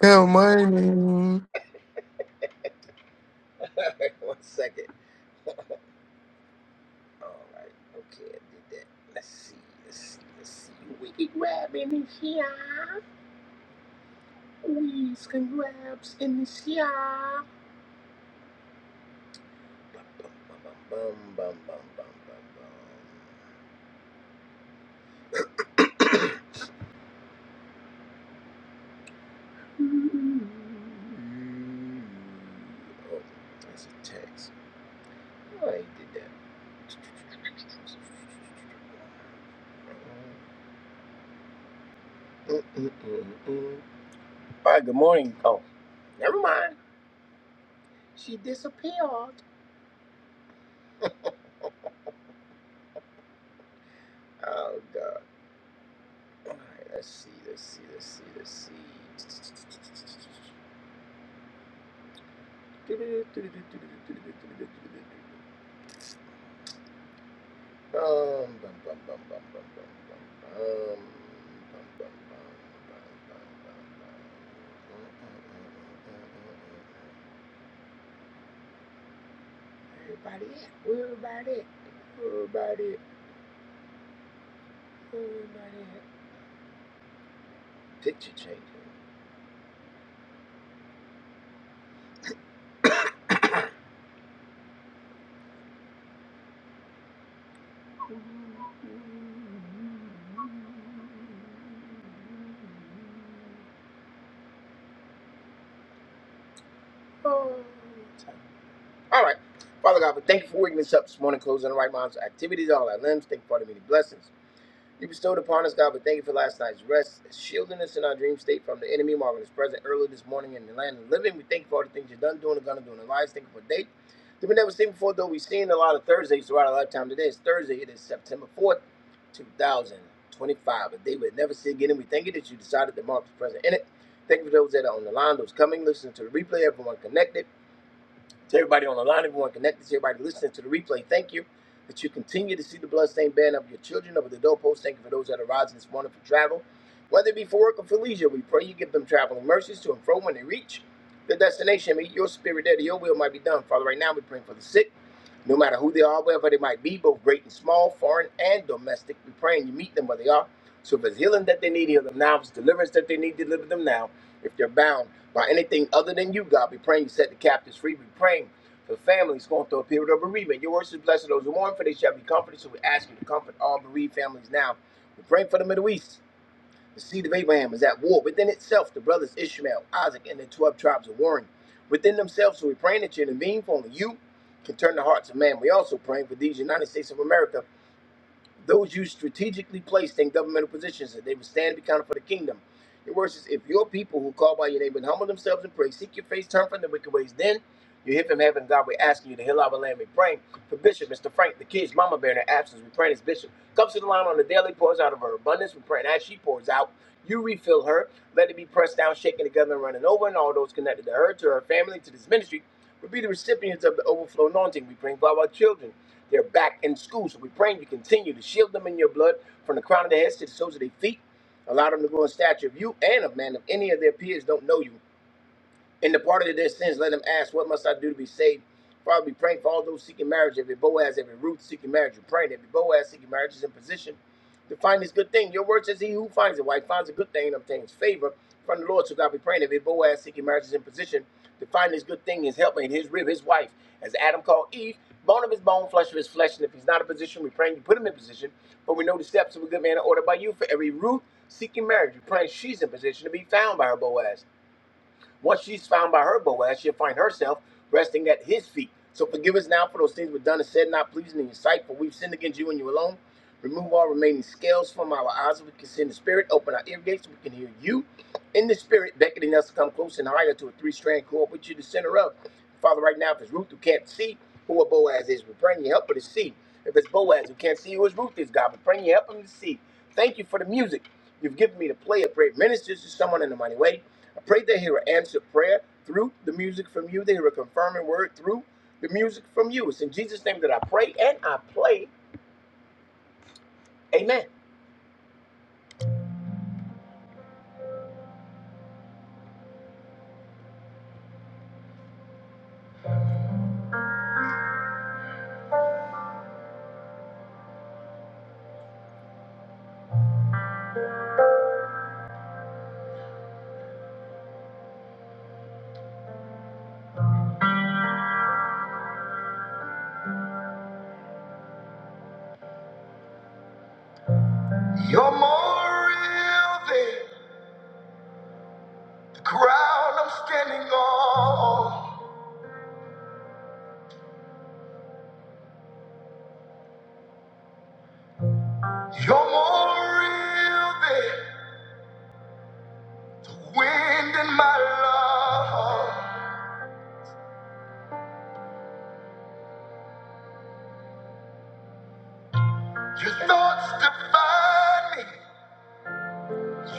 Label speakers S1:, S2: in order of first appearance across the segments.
S1: Good morning.
S2: You're more real than the ground I'm standing on. You're more real than the wind in my lungs. Your thoughts define me.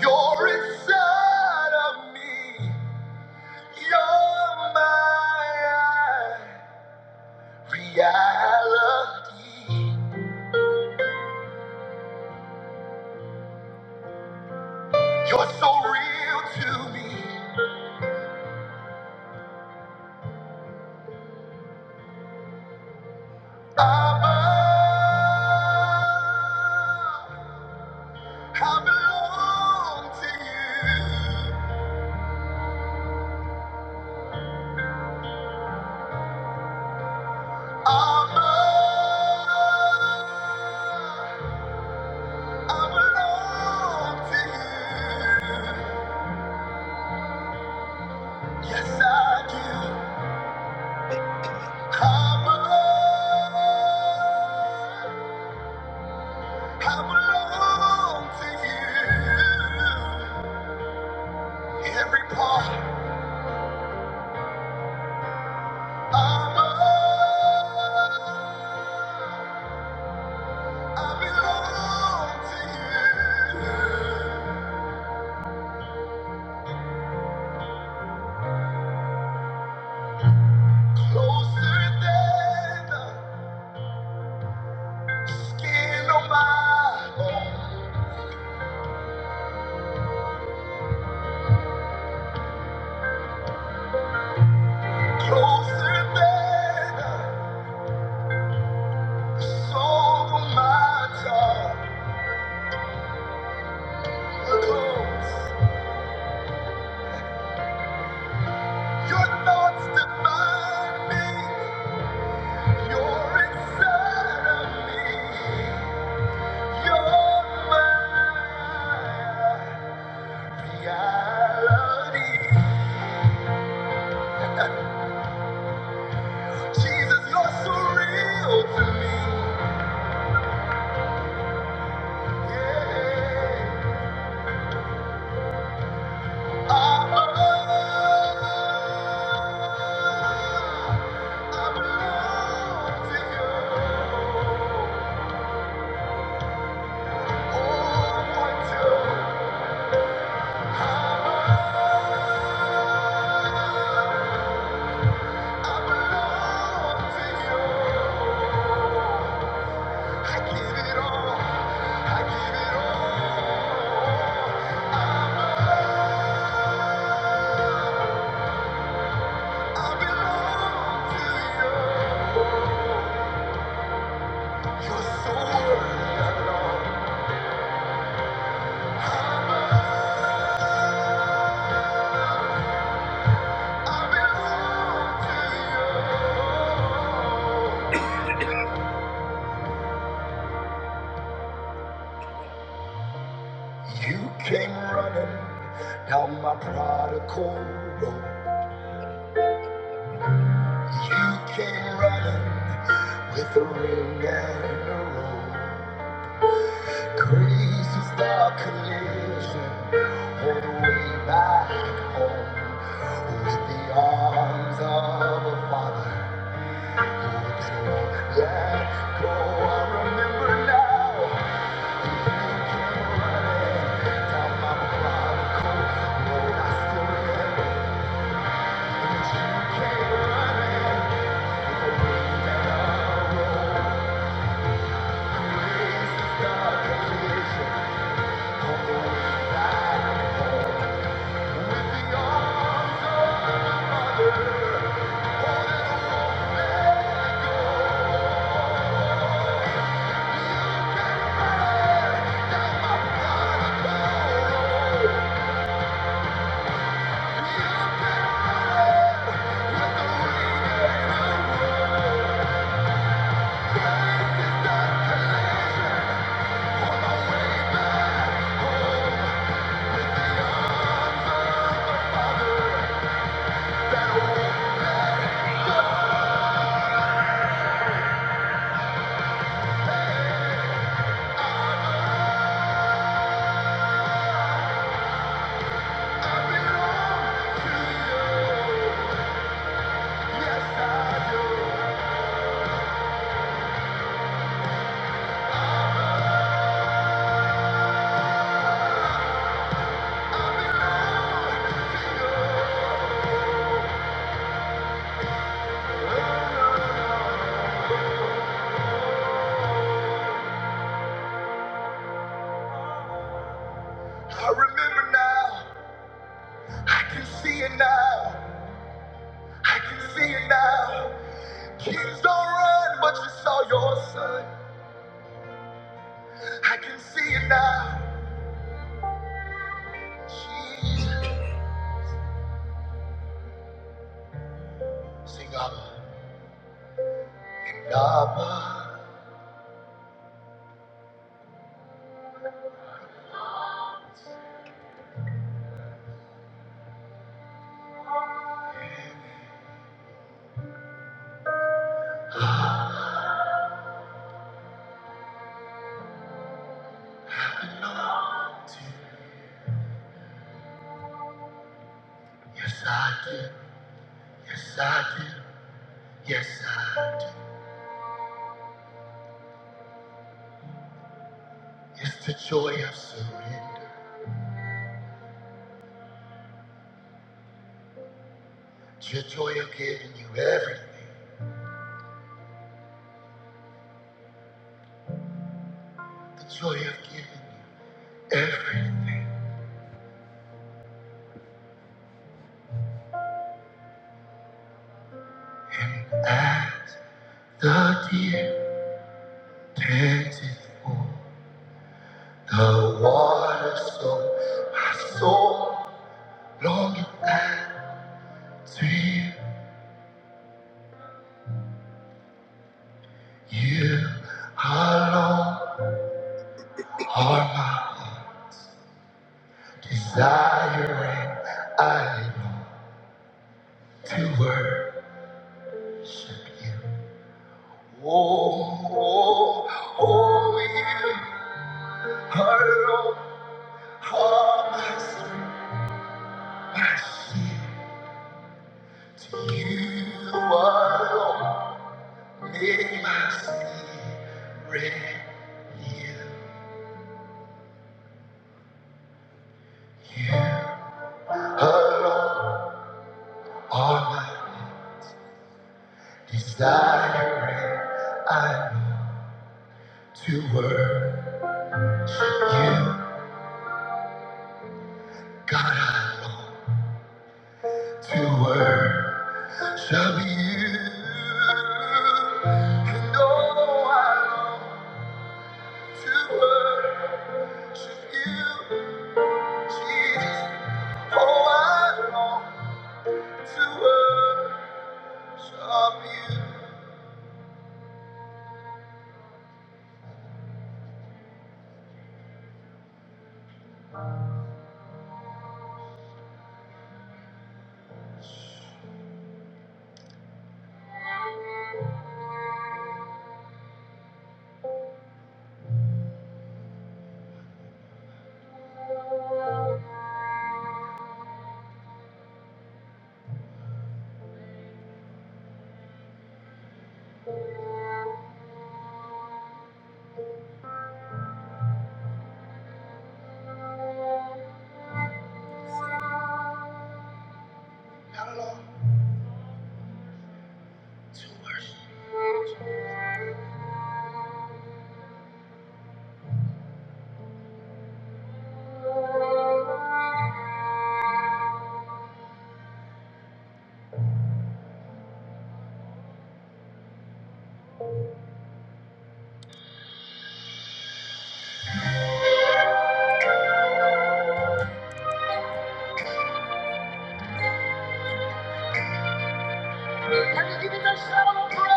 S2: You're inside of me. You're my reality. You're so real to me. I'm I belong to you. I'm a- I belong to you. Yes, I do. I'm a- I belong to you. Every part. I'm a- I belong to you. Closer than the skin on my bone. Jesus, you're so real to me. Yeah. I'm I belong to you. You came running down my prodigal road. You came running with a ring and a roll. Crazy star collision on the way back home with the arms of a father. Let go, I remember now. You came running down my prodigal road. I still remember that you came running the way that I rode. Grace is on the way back. With the arms of my mother, holding on, let go. I remember now. I can see it now. I can see it now. Kings don't run, but you saw your son. I can see it now. Jesus, sing up. And Abba, I belong to you. Yes, I do. Yes, I do. Yes, I do. It's the joy of surrender. It's your joy of giving you everything. The joy of giving you everything. And as the deer panted for the water, so my soul longeth after you. You alone are my desire, and I long to worship. Oh, oh, oh, you alone are my strength, my shield. To you alone may my spirit yield. You alone are my desire, I know to worship you, God alone. You were shall be you. And oh, I long to worship you, Jesus. Oh, I long to worship you. I long to worship. Can you give me that shout of praise?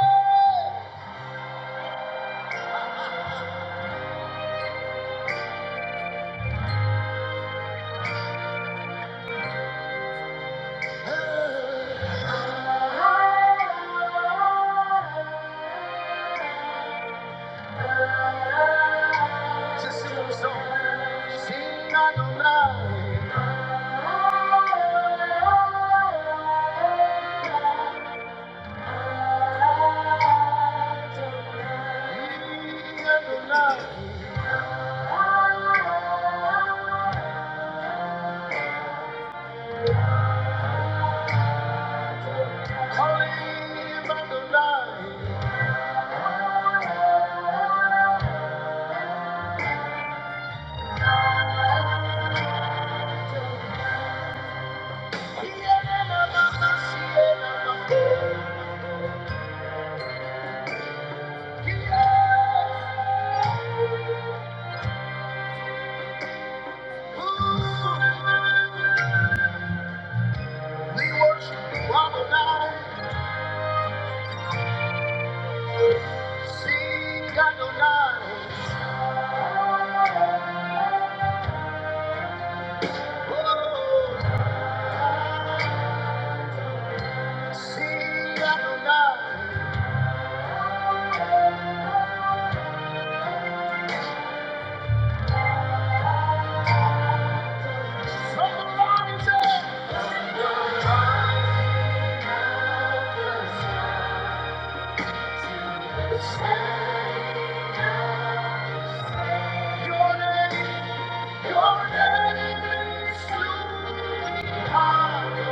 S2: Just sing a song. Sing Adonai. Sing Adonai. Calling Adonai. Seek Adonai, seek Adonai. Somebody say, Your name, your name is truly Adonai.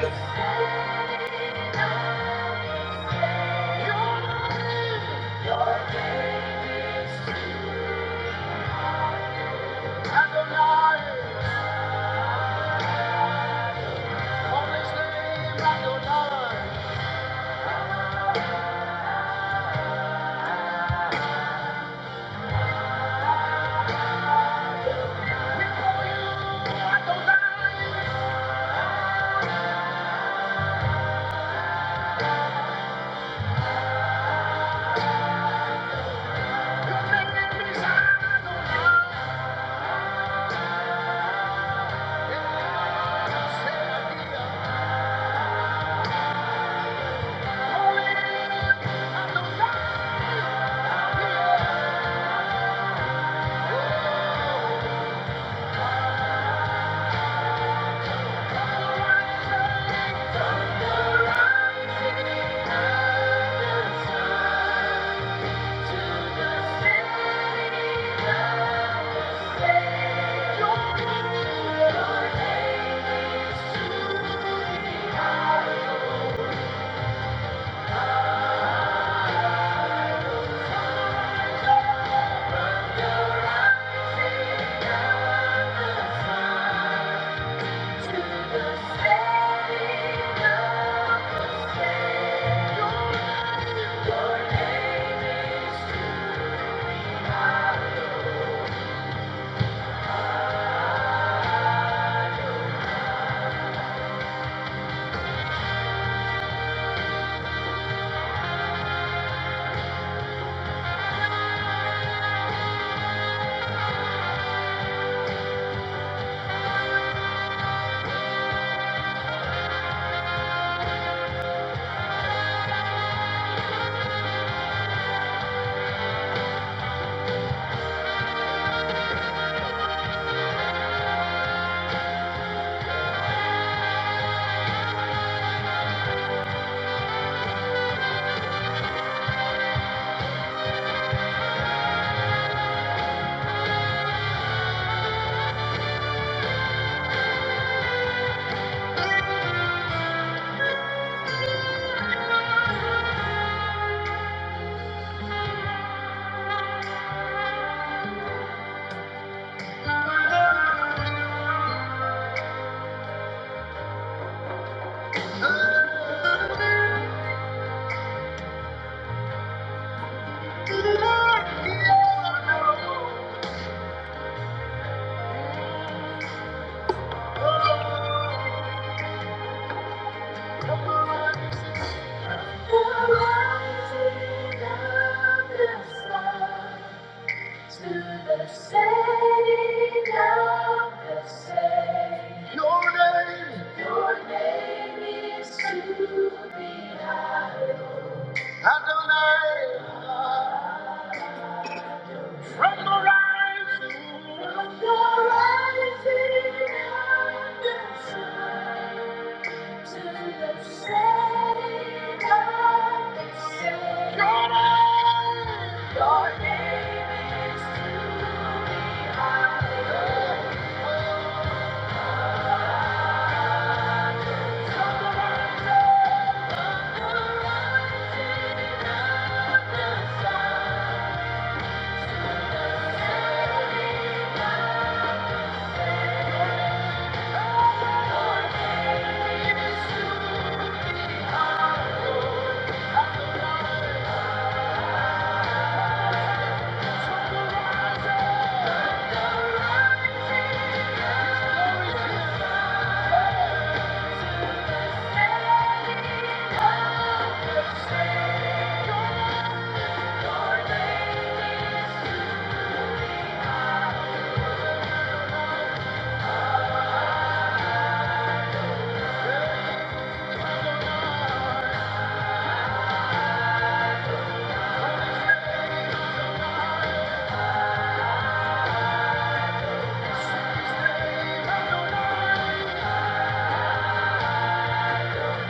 S2: Somebody say, Yeah. Thank you. the rising of the you. To the sake of the same. Your name. Your name is to be hallowed. Adonai. From the rising. From the rising of the sun. Thank you.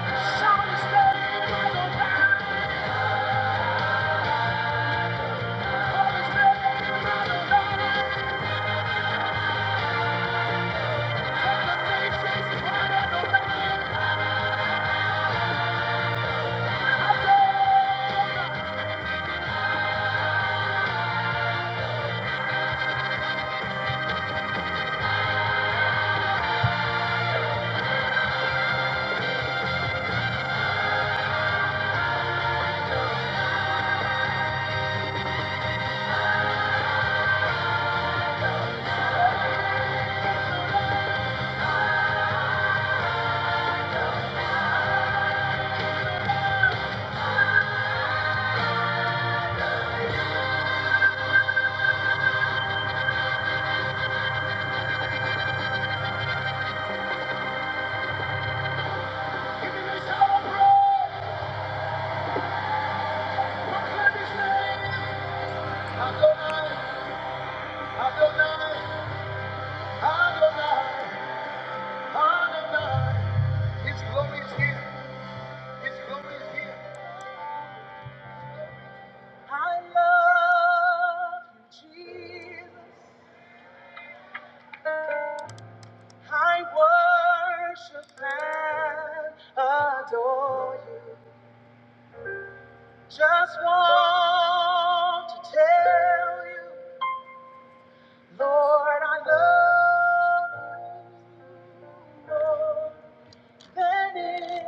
S2: Shout his name, Adonai! Call his name, Adonai! Just want to tell you, Lord, I love you. And in the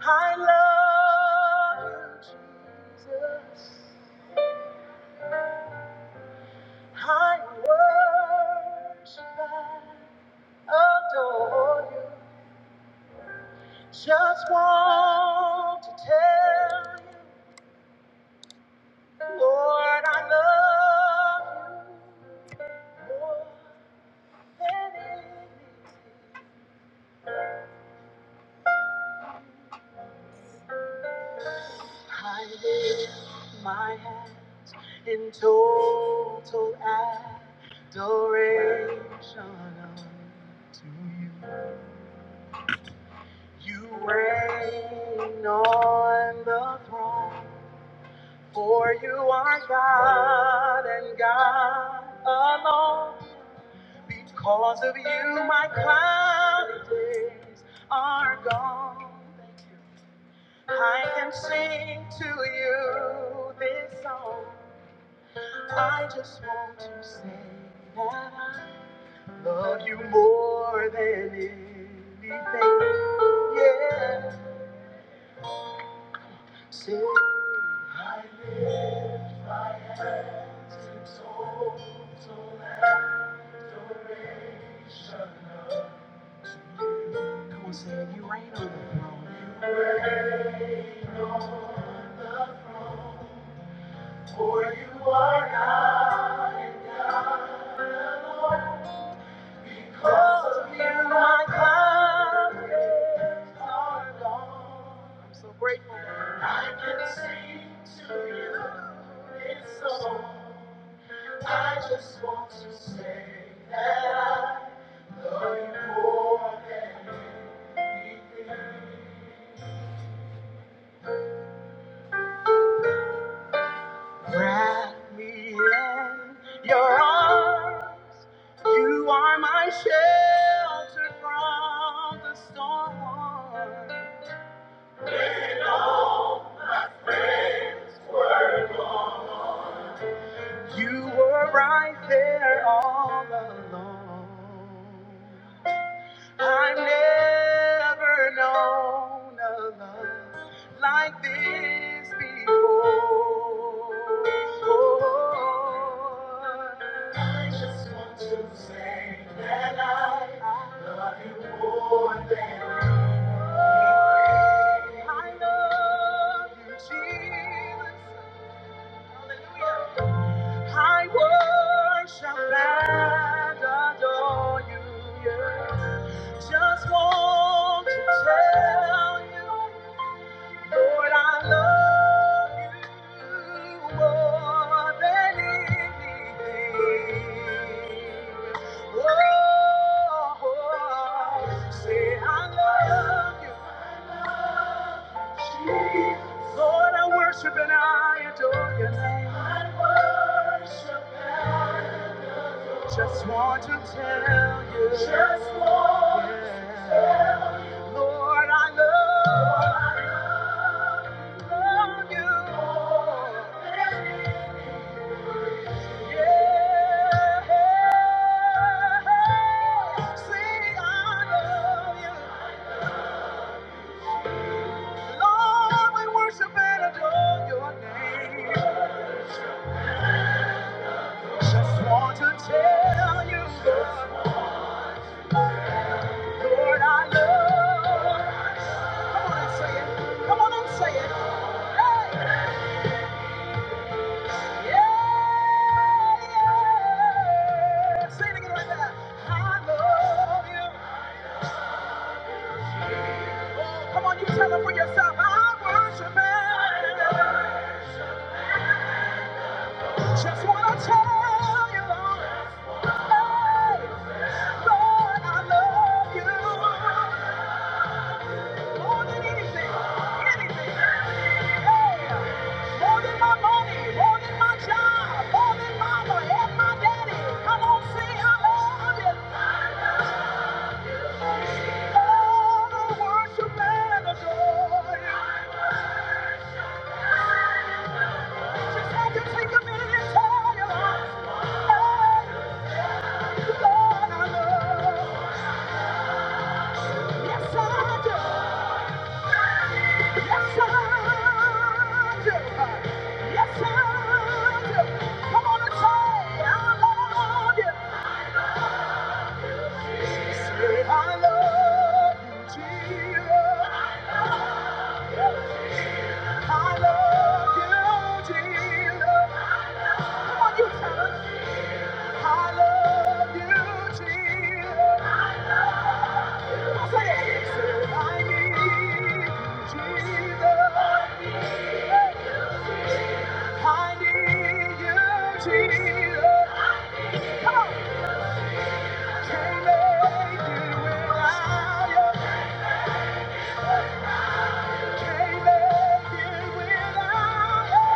S2: I love you, Jesus. I worship and adore you. Just want to tell you, Lord, I love you more than anything. I lift my hands in total adoration to you. You reign on the throne, for you are God and God alone. Because of you, my cloudy days are gone. I can sing to you this song. I just want to say, love you. For you are God, Lord. Because of you, my clouds are gone. I can sing to you this song. I just want to say that I love you more than. you. You're Never known a love like this before. I just want to say that I love you more than I love you, Jesus. Hallelujah. I worship and adore you. Yeah. Just want to tell you. Lord, I love you more than anything. Oh, say I love you. Jesus. Lord, I worship and I adore your name. I worship and I adore your name. Just want to tell you. Just want yeah. to tell you. Lord, I love, Lord, I love you. love you. Yeah. See, I love you. Lord, we worship and adore your name. Just want to tell you. Lord. Lord, I love. Come on and say it. Come on and say it. Hey! Yeah, yeah. Say it again like that. I love you. Come on, you tell it for yourself. I worship him. Just wanna tell you, Lord. Hey! Lord, I love you. More than anything, anything. Yeah. More than my money, more than my job, more than mama and my daddy. Come on, sing hallelujah. All the worship and adore you. Just had to take a minute and tell you. Hey, Lord, I love Yes, I do. I need you, Jesus. Hey. I need you, Jesus. Come on. Can't make it without you. Can't make it without you.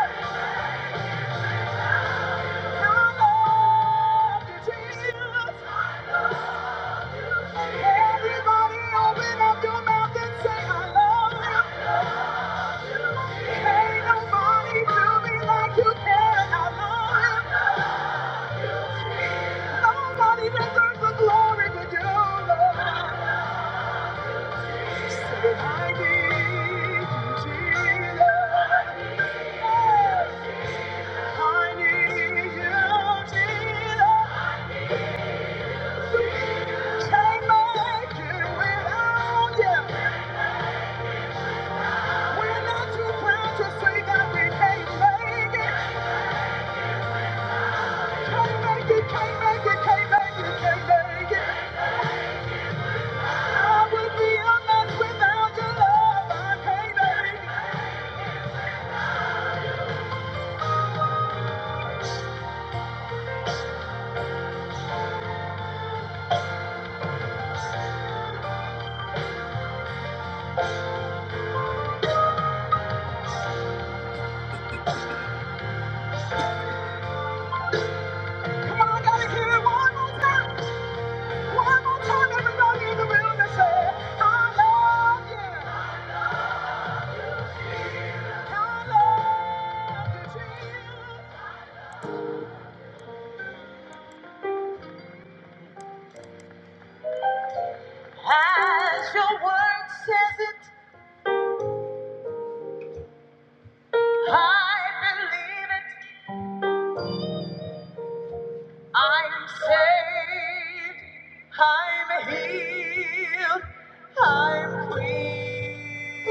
S2: Your love, dear Jesus. Everybody open up your mouth and say, I love you. Can't nobody do me like you can. I love you. Nobody deserves the glory but you, Lord. Say, I need you, Jesus. I need you, Jesus. Can't make it without you. We're not too proud to say that we can't make it. Can't make it, can't make it, can't make it, can't make it. I would be a mess without your love. I can't make it. Come on, I gotta hear it one more time. One more time, everybody in the room and say, I love you. I love you, Jesus. Says it, I believe it. I'm saved. I'm healed. I'm free.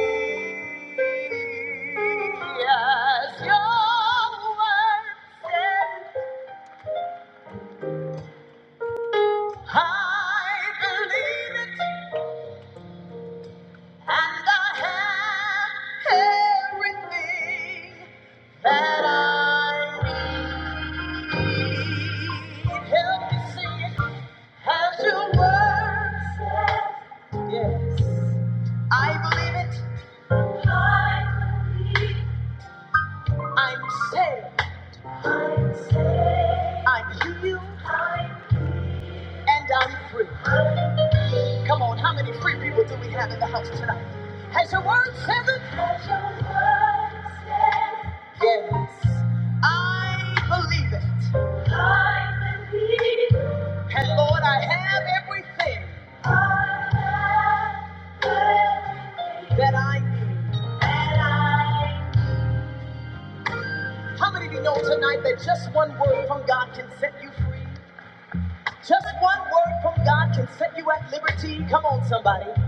S2: Yes, your word says, I believe it. And I have everything that I need. Help me sing it as your word says. Yes, I believe it. I believe I'm saved. I'm saved. I'm healed. I'm And I'm free. Come on, how many free people do we have in the house tonight? Has your word says it? Yes, I believe it. I believe it. And Lord, I have everything that I need. How many of you know tonight that just one word from God can set you free? Just one word from God can set you at liberty. Come on, somebody.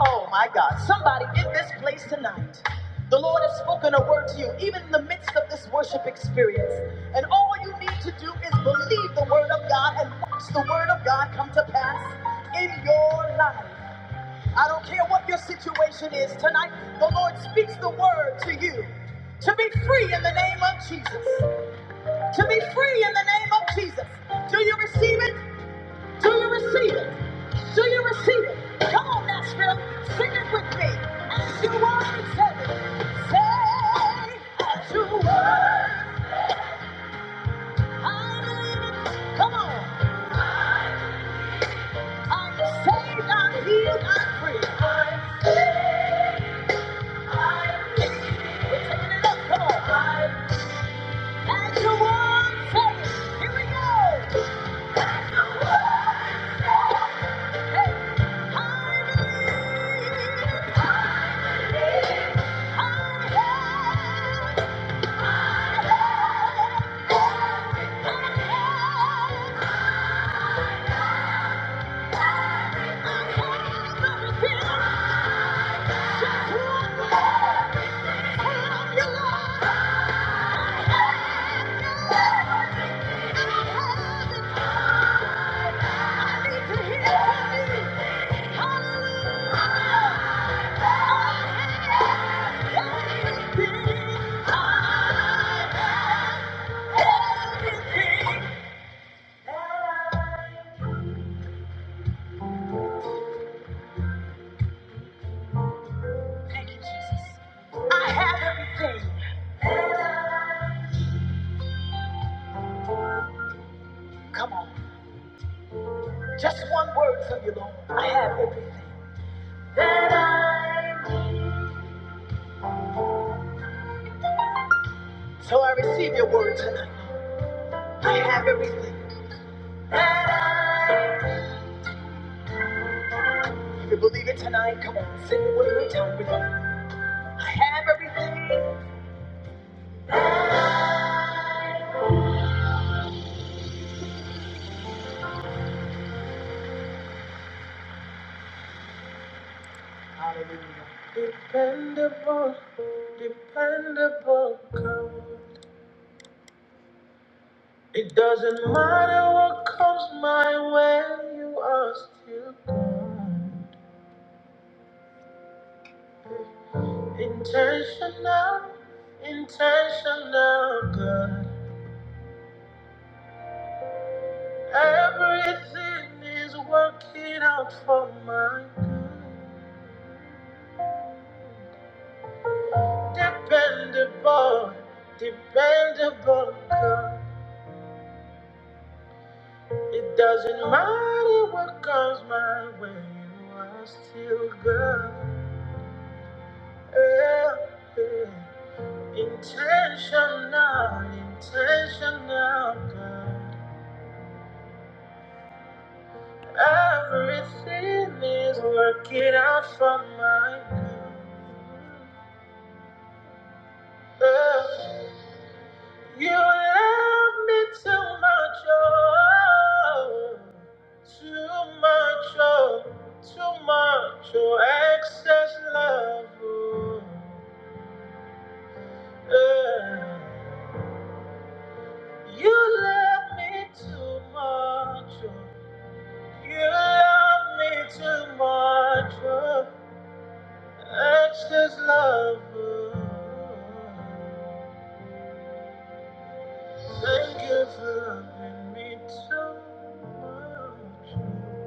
S2: Oh my God, somebody in this place tonight. The Lord has spoken a word to you, even in the midst of this worship experience. And all you need to do is believe the word of God and watch the word of God come to pass in your life. I don't care what your situation is tonight, the Lord speaks the word to you to be free in the name of Jesus. To be free in the name of Jesus. Do you receive it? Do you receive it? Do you receive it? Come on, Nashville. Sing it with me. As you are in heaven, say, as you were. I believe it. Come on. I'm saved, I'm healed, I'm free. I'm We're taking it up. Come on. I have your love. I have your love. I have it. I need to hear from you. Hallelujah. I have everything. Come on. Just one word from you, Lord. I have everything. So I receive your word tonight. I have everything. If you believe it tonight, come on, sing it with me, time with me. I have everything. It doesn't matter what comes my way, you are still God. Intentional, intentional, God. Everything is working out for my good. Dependable, dependable girl. It doesn't matter what comes my way, you are still girl. Yeah, yeah. Intentional, intentional girl. Everything is working out for my good. Yeah. You love me too much, oh, too much, oh, too much, oh, excess love. Oh, yeah. You love me too much, oh, you love me too much, oh, excess love. Oh. Thank you for loving me too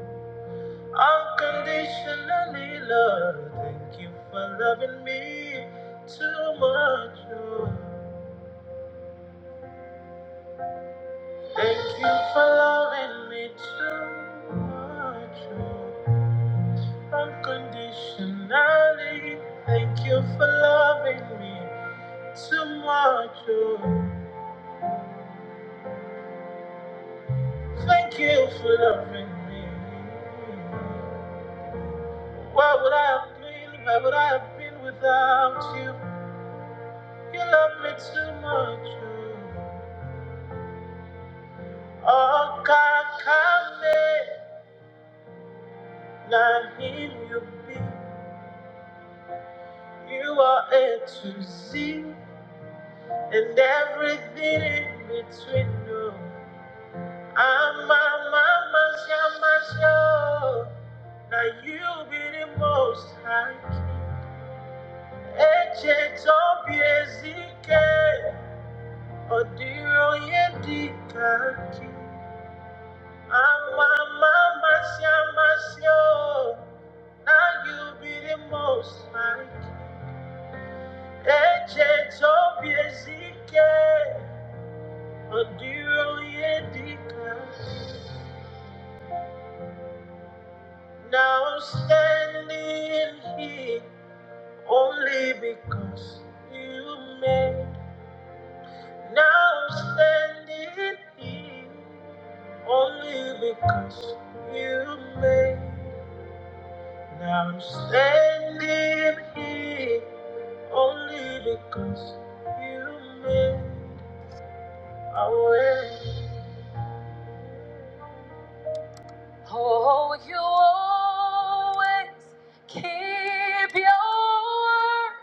S2: much. Unconditionally, Lord, thank you for loving me too much. oh. Thank you for loving me too much. oh. Unconditionally, thank you for loving me too much. oh. Thank you for loving me. Where would I have been? Where would I have been without you? You love me too much. oh. Okakame, na him you be. You are A to Z and everything in between. No, I'm a mama, shamasho. Now you be the most high. Eche tobi ezike, odiro yedikaki. Amamamasyamasyo, Now you be the most high. Agent of Ezekiel, Now I'm standing here only because you made. Now I'm standing here only because you made. Now I'm standing here Only because you made a way. Oh, you always keep your word.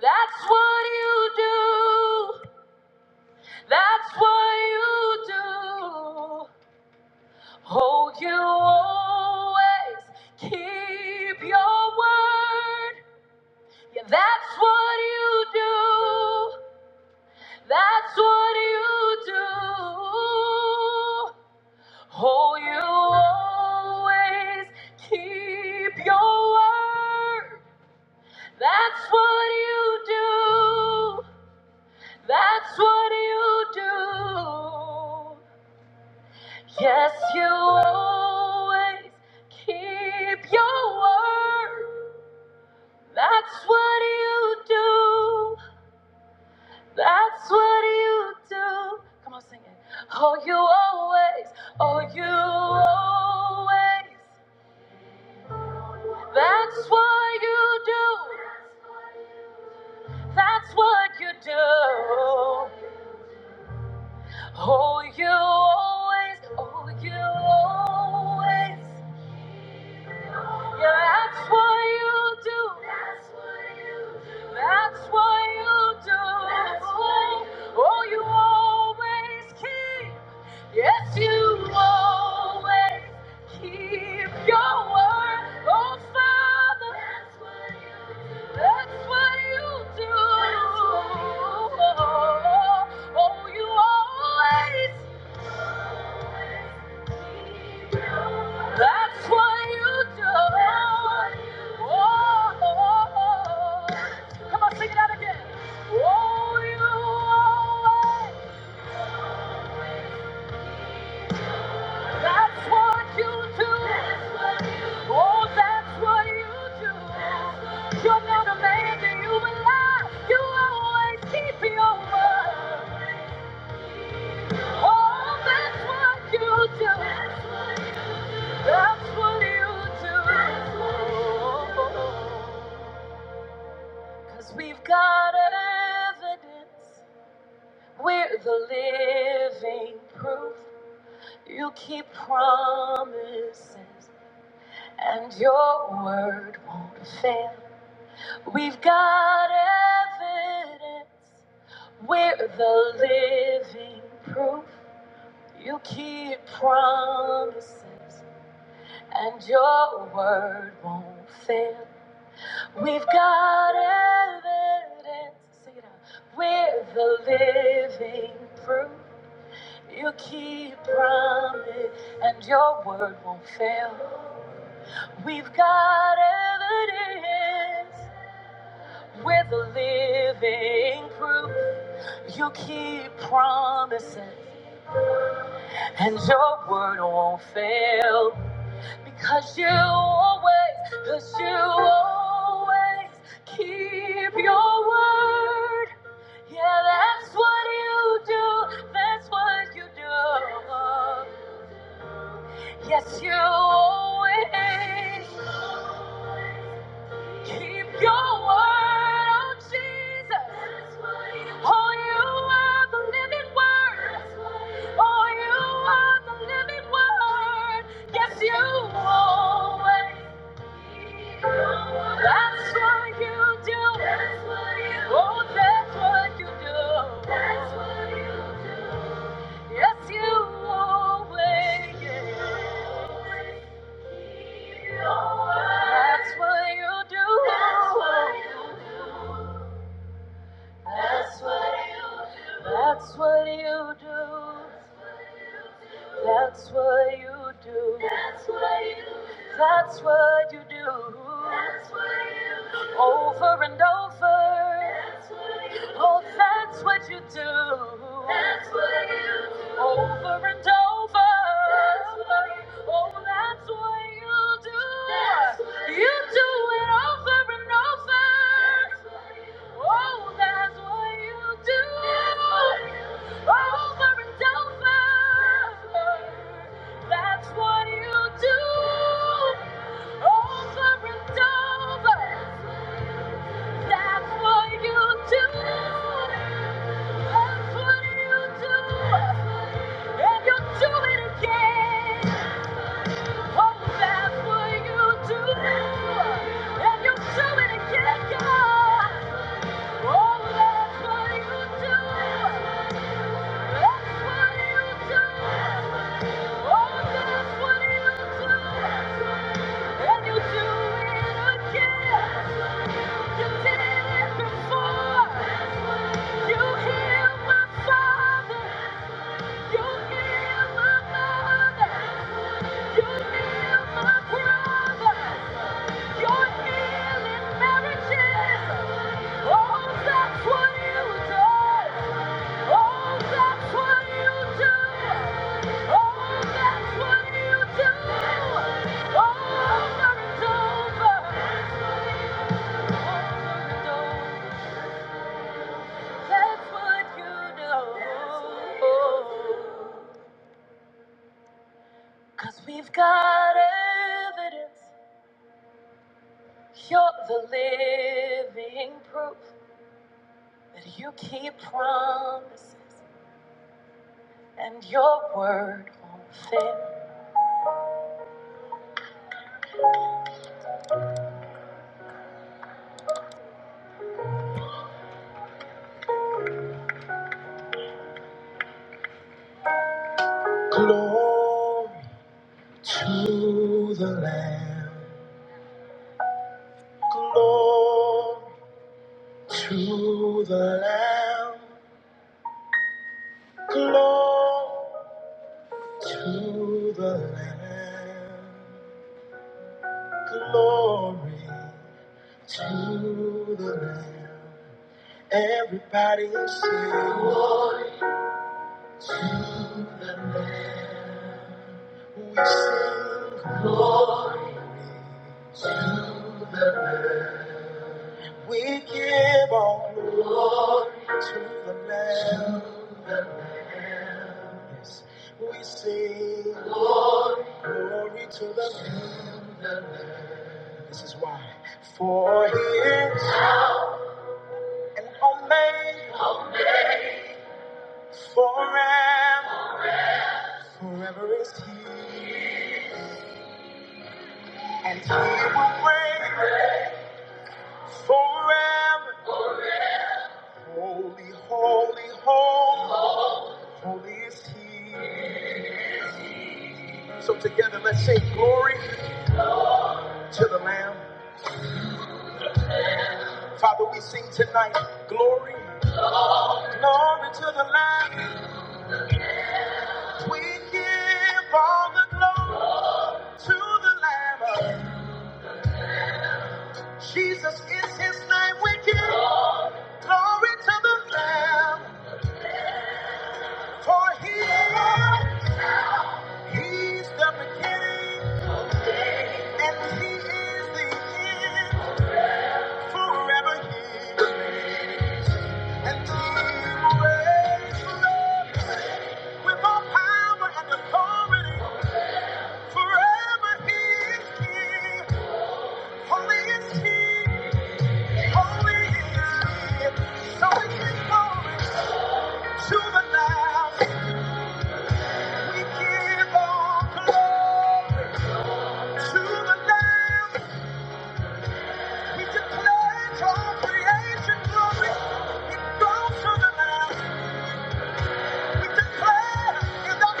S2: That's what you do. That's what you do. Oh, you always keep your word. Yeah, that's what you do. That's what you do. Oh, you always keep your word. That's what you do. That's what you do. Yes, you always keep your word. That's what you do. That's what you do. Come on, sing it. Oh, you always, oh, you always. That's what you do. That's what you do. Oh, you always, oh, you always. Yeah, that's what you do. That's what you do. That's what you do. That's what you do. Oh, you always keep. Yes, you always keep your word. Oh, Father. That's what you do. That's what you do. Oh, you always. That's what you do. Oh, come on, sing it out again. Oh, you always. That's what you do. Oh, that's what you do. You're not a man that you will lie. You always keep your word. Oh, that's what you do. That's what you do. Cause we've got evidence. We're the living proof. You keep promises, and your word won't fail. We've got evidence. We're the living proof. You keep promises, and your word won't fail. We've got evidence. Sing it out. We're the living proof. You keep promise, and your word won't fail. We've got evidence. We're the living proof. You keep promises, and your word won't fail. Because you always, because you always keep your word. Yeah, that's what you do. That's what you do. Yes, you always keep your word. Oh, Jesus. Oh, you are the living word. Oh, you are the living word. Yes, you always. That's what you do. That's what you do. Oh, that's what you do. That's what you do. Yes, you always. That's what you do. That's what you do. That's what you do. That's what you do. That's what you do. That's what you do. That's what you do. That's what you do. Over and over. That's what you do. Oh, that's what you do. That's what you do. Over and over. That's what you do. Oh, that's what you do. That's what you, you do. do it over and over. That's what you do. Oh, that's what you do. That's what you do. Over and over, that's what you do. Over and over, that's what you do. That's what you do, and you do it again. Oh, that's what you do, and you do it again, Oh, that's what you do. That's what you do. You heal my father, you heal my mother. That's what you know. Cause we've got evidence. You're the living proof that you keep promises and your word won't fail. Glory to the Lamb. Glory to the Lamb. Glory to the Lamb. Glory to the Lamb. Everybody say, glory We sing glory to the Lamb. We give all glory to the Lamb. Yes, we sing glory to the Lamb. This is why. For he is an omega forever. Forever is he. And he will reign forever. Holy, holy, holy, holy is He. So together, let's say glory to the Lamb. Father, we sing tonight, glory, glory to the Lamb. We give all the glory to the Lamb. Jesus is His name. We give glory to the Lamb, for He, He's the beginning and He is the end. Forever He. And he reigns forever with all power and authority. Forever he is king. Holy is he, holy is he. So we give glory to the Lamb. We give all glory to the Lamb. We declare all creation glory. It goes to the Lamb. We declare it does glory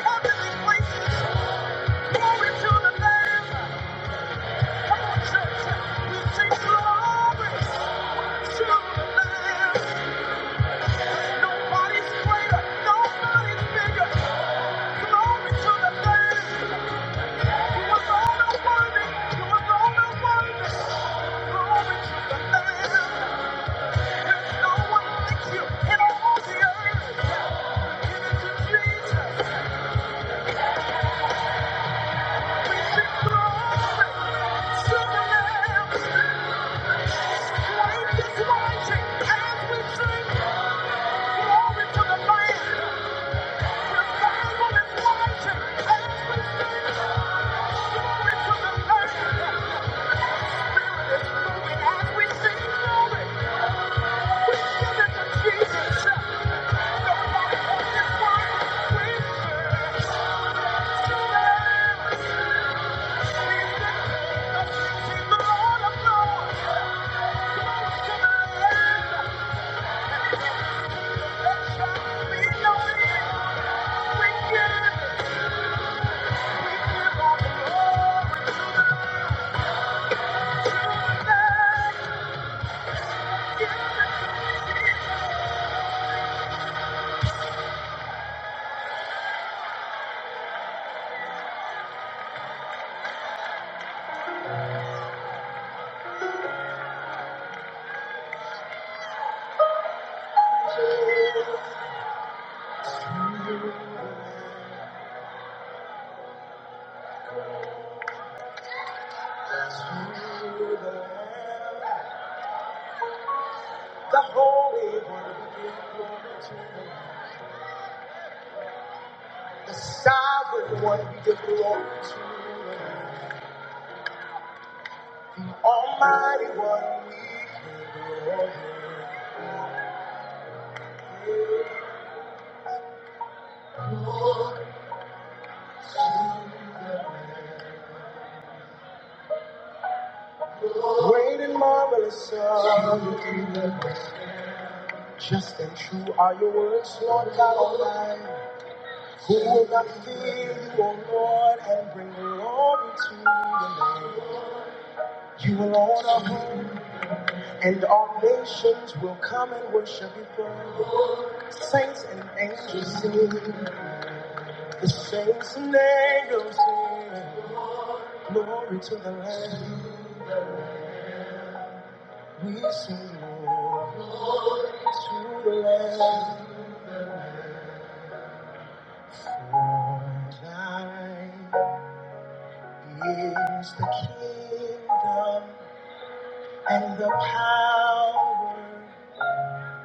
S2: to the Lamb, to the Lamb. Nobody's greater, nobody's bigger. Glory to the Lamb. You alone are worthy. You are worthy. Glory to the Lamb. There's no one like you in all the earth. Give to Jesus. We sing glory to the Lamb. is rising as we sing glory to the The Lamb is rising as we sing. The Holy Sovereign one, we give glory to Almighty one, great and marvelous Son. Just and true are your words, Lord God Almighty. Who will not fear you, O Lord, and bring glory to your name? You alone are holy, and all nations will come and worship before you. Saints and angels sing, the saints and angels sing, glory to the Lamb. We sing, Lord. is the kingdom and the power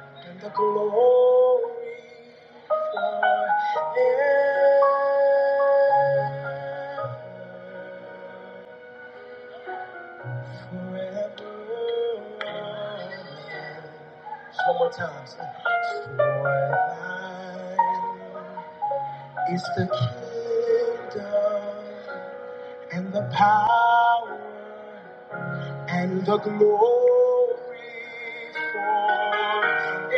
S2: and the glory forever. Just One more time. say, For thine is the kingdom and the power and the glory forever.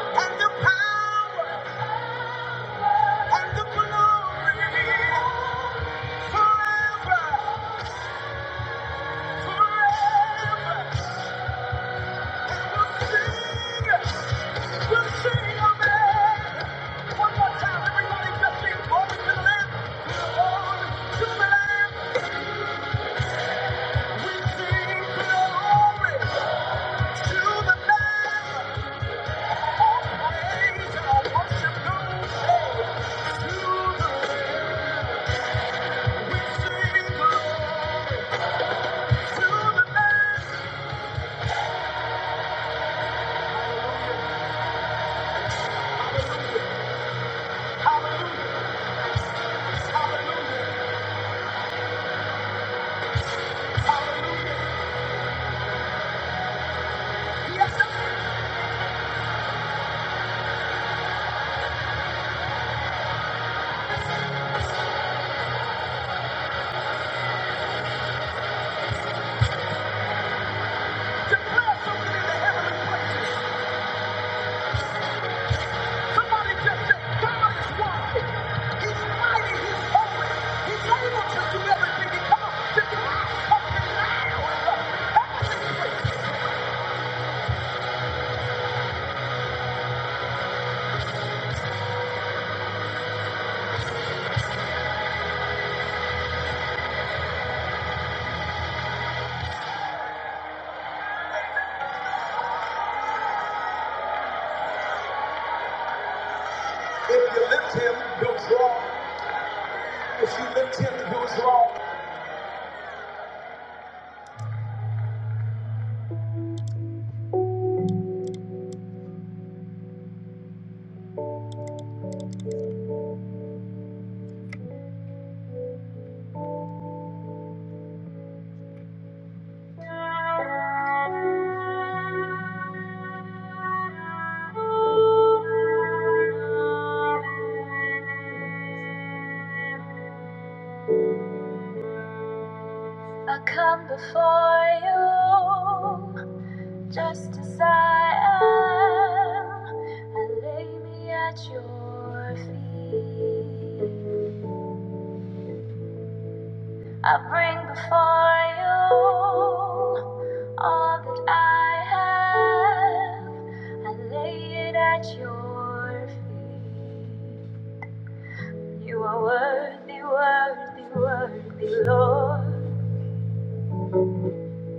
S2: And the power and the glory forever, forever. And we'll sing, we'll sing, amen. One more time, everybody, just sing glory to the Lamb, glory to the Lamb. If you lift him, you'll draw. I come before you just as I am. I lay me at your feet. I bring before you all that I have. I lay it at your feet. You are worthy, worthy, worthy, Lord.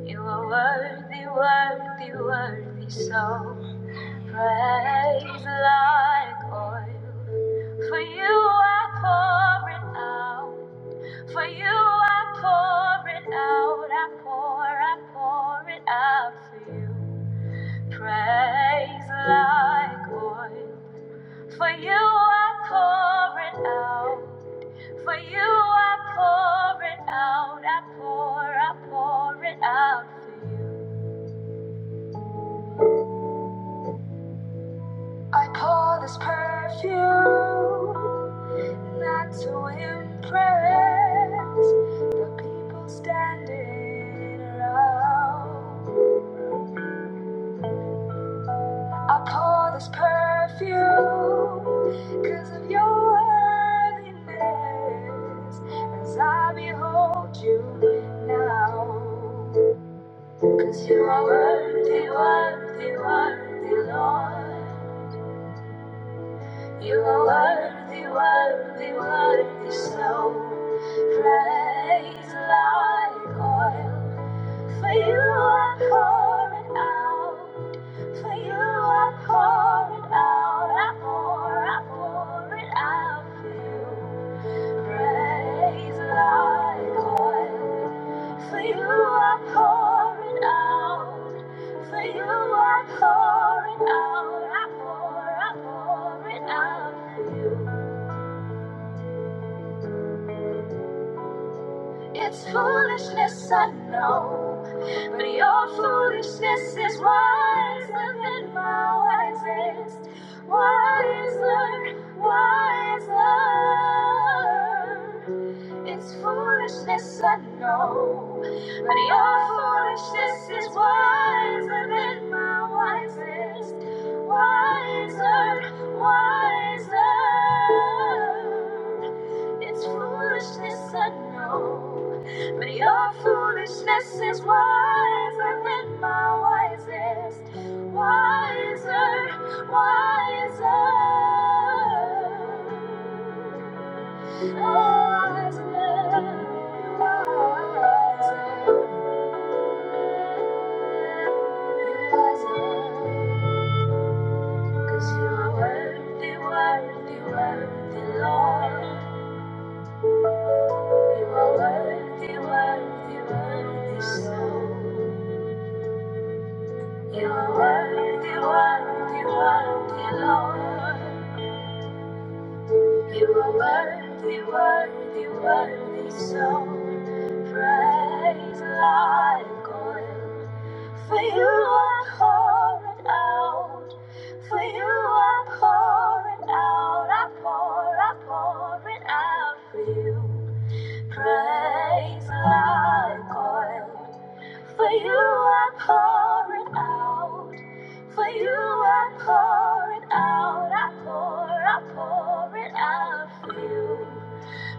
S2: You are worthy, worthy, worthy, so praise like oil. For you I pour it out. For you I pour it out. I pour, I pour it out for you. Praise like oil. For you I pour it out. For you I pour it out. I pour, I pour it out for you. I pour this perfume not to impress the people standing around. I pour this perfume because of your worthiness as I behold you now. Because you are worthy, worthy, worthy, Lord. You are worthy, worthy, worthy, so praise like oil. For you are pouring out, for you are pouring out, I pour, I pour it out for you praise like oil. For you are pouring out. For you are pouring out. I pour, I pour it out for you. It's foolishness, I know, but your foolishness is wiser than my wisest, wiser, wiser. It's foolishness, I know, but your foolishness is wiser than my wisest, wiser, wiser. It's foolishness, I know, but your foolishness is wiser than my wisest, wiser, wiser, wiser, wiser. Cause you are worthy, worthy, worthy, Lord. You are worthy, worthy, worthy, so. You are worthy, worthy, worthy, Lord. You are worthy, worthy, worthy, so praise like oil. For you are pouring out, for you are pouring out, I pour, I pour it out for you. Praise like oil, for you are pouring out. For you I pour it out, I pour, I pour it out for you.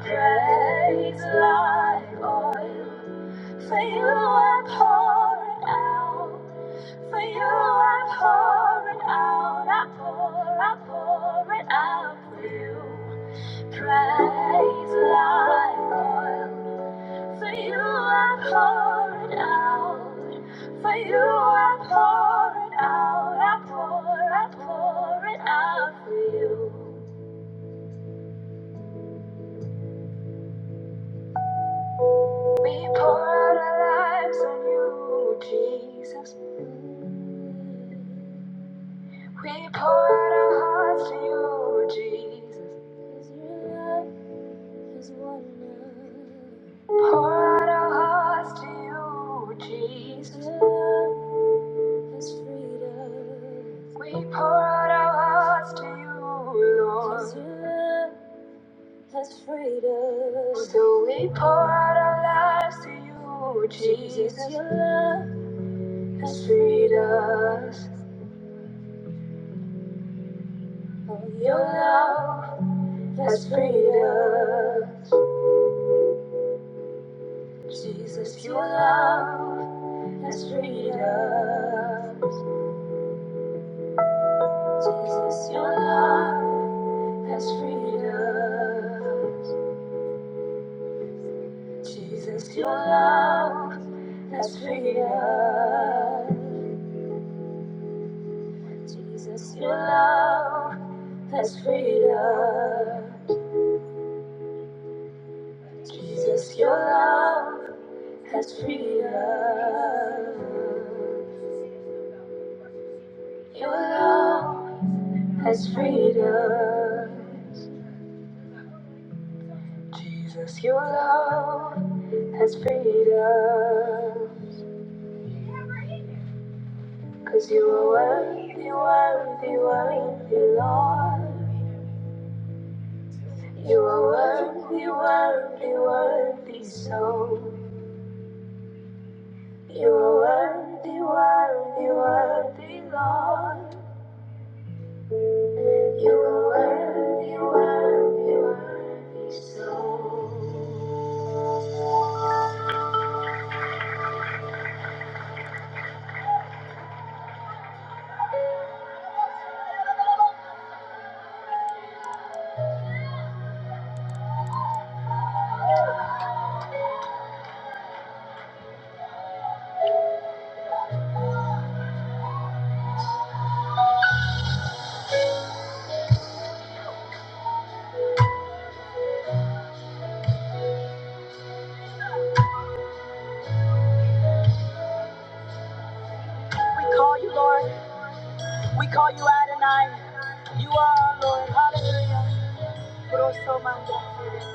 S2: Praise like oil. For you I pour it out. For you I pour it out, I pour, I pour it out for you. Praise like oil. For you I poured out. For you I pour it out. I pour, I pour it out for you. We pour out our lives on you, Jesus. We pour out our hearts to you, Jesus. Pour out our hearts to you, Jesus. We pour out our hearts to you, Lord. So we pour out our lives to you, Jesus. Your love has freed us. Your love has freed us. Jesus, your love has freed us. Jesus, your love has freed us. Jesus, your love has freed us. Jesus, your love has freed us. Jesus, your love has freedom. Your love has freedom. Jesus, your love has freedom. Lord, we call you Lord. We call you Adonai. You are our Lord. Hallelujah. Grosso manda.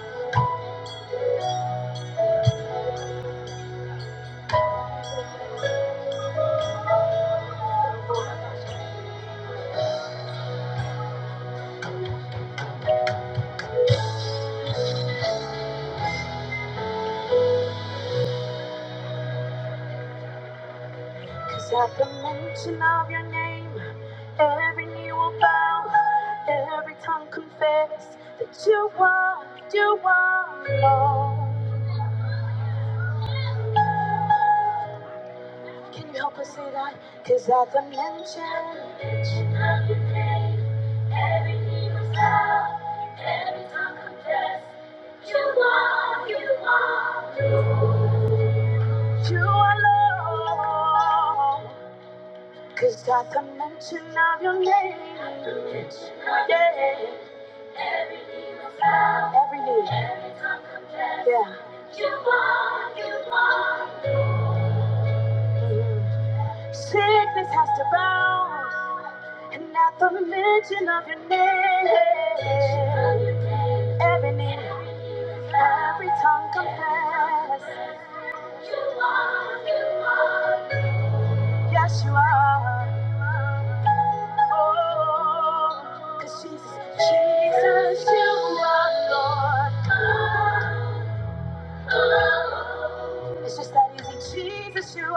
S2: El- El- can you help me? Cause you have everything was every time confess. You are, you are. You are Lord. Cause at the mention of your name, every knee, yeah. Mhm. Sickness has to end. Jesus, Jesus, you Lord,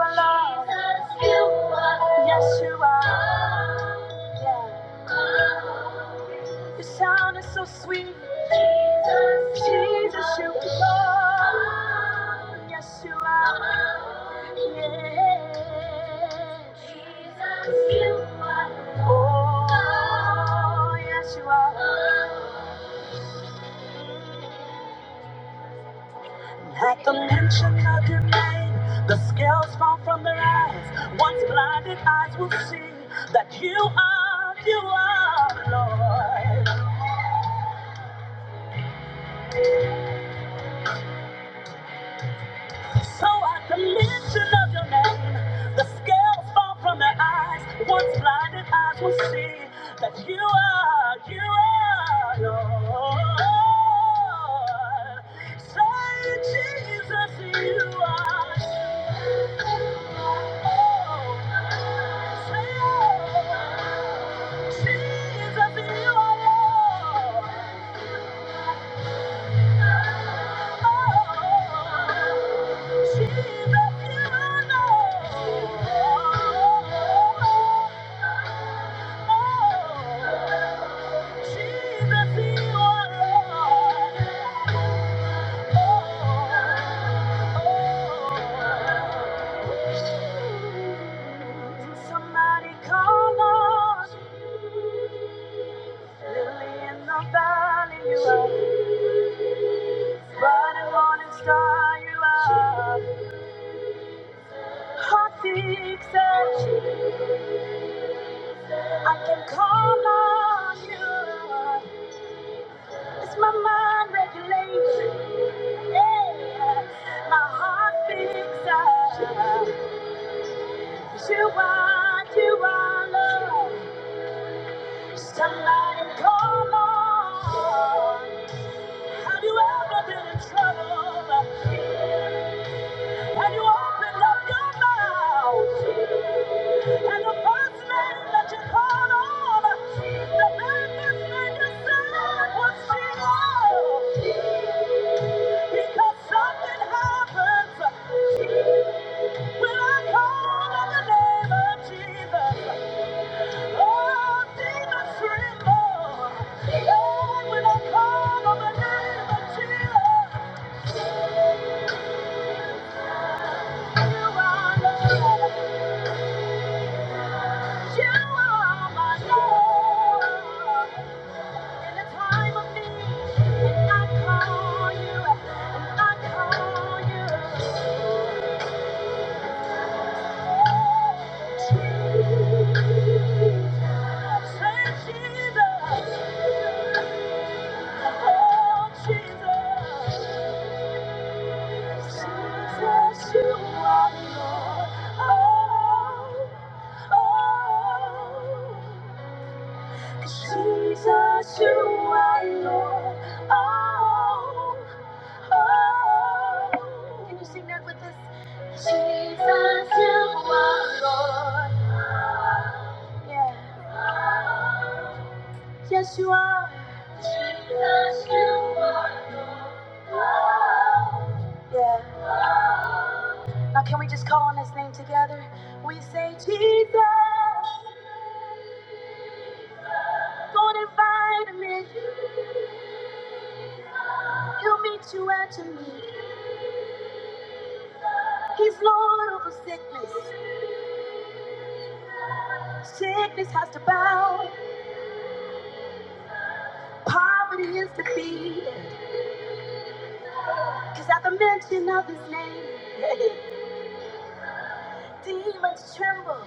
S2: my Lord. Shout Jesus, you are Lord. At the mention of your name, the scales fall from their eyes. Once blinded eyes will see that you are, you are Lord. So at the mention of your name, the scales fall from their eyes. Once blinded eyes will see that you are, you are Lord. Say, Jesus, you are. Oh, say, oh, Jesus, you are Lord. Oh. Somebody call on Lily in the valley, you are. Bright morning star, you are. Heart seeks it. I can call on you. It's my mind regulates. Yeah. My heart picks up. You are, you are love. Somebody call on. Have you ever been in trouble? And you opened up your mouth. And the first name that you called on, the very first name you said was Jesus. Because something happens. When I call on the name of Jesus, all demons tremble. Lord, when I call on the name of Jesus, you are Lord. You are my Lord. In the time of need, I call you. I call you. Jesus, you are Lord. Oh, oh. Can you sing that with us? Jesus, you are Lord. Yeah. Yes, you are. Yeah. Now can we just call on his name together? We say, Jesus, go and invite him in. He'll meet you at your need. He's Lord over sickness. Sickness has to bow. Poverty is defeated. Cause at the mention of his name, demons tremble.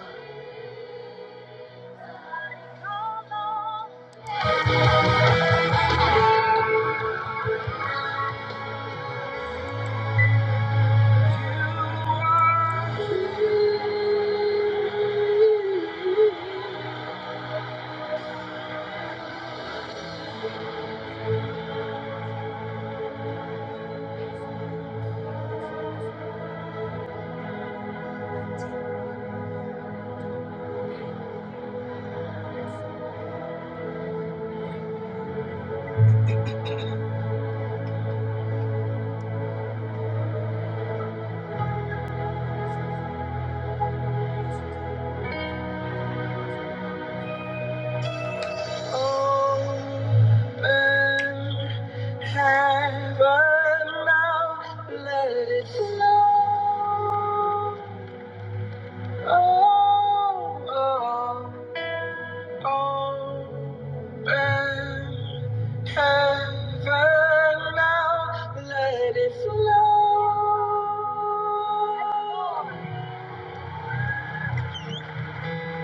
S2: Lord,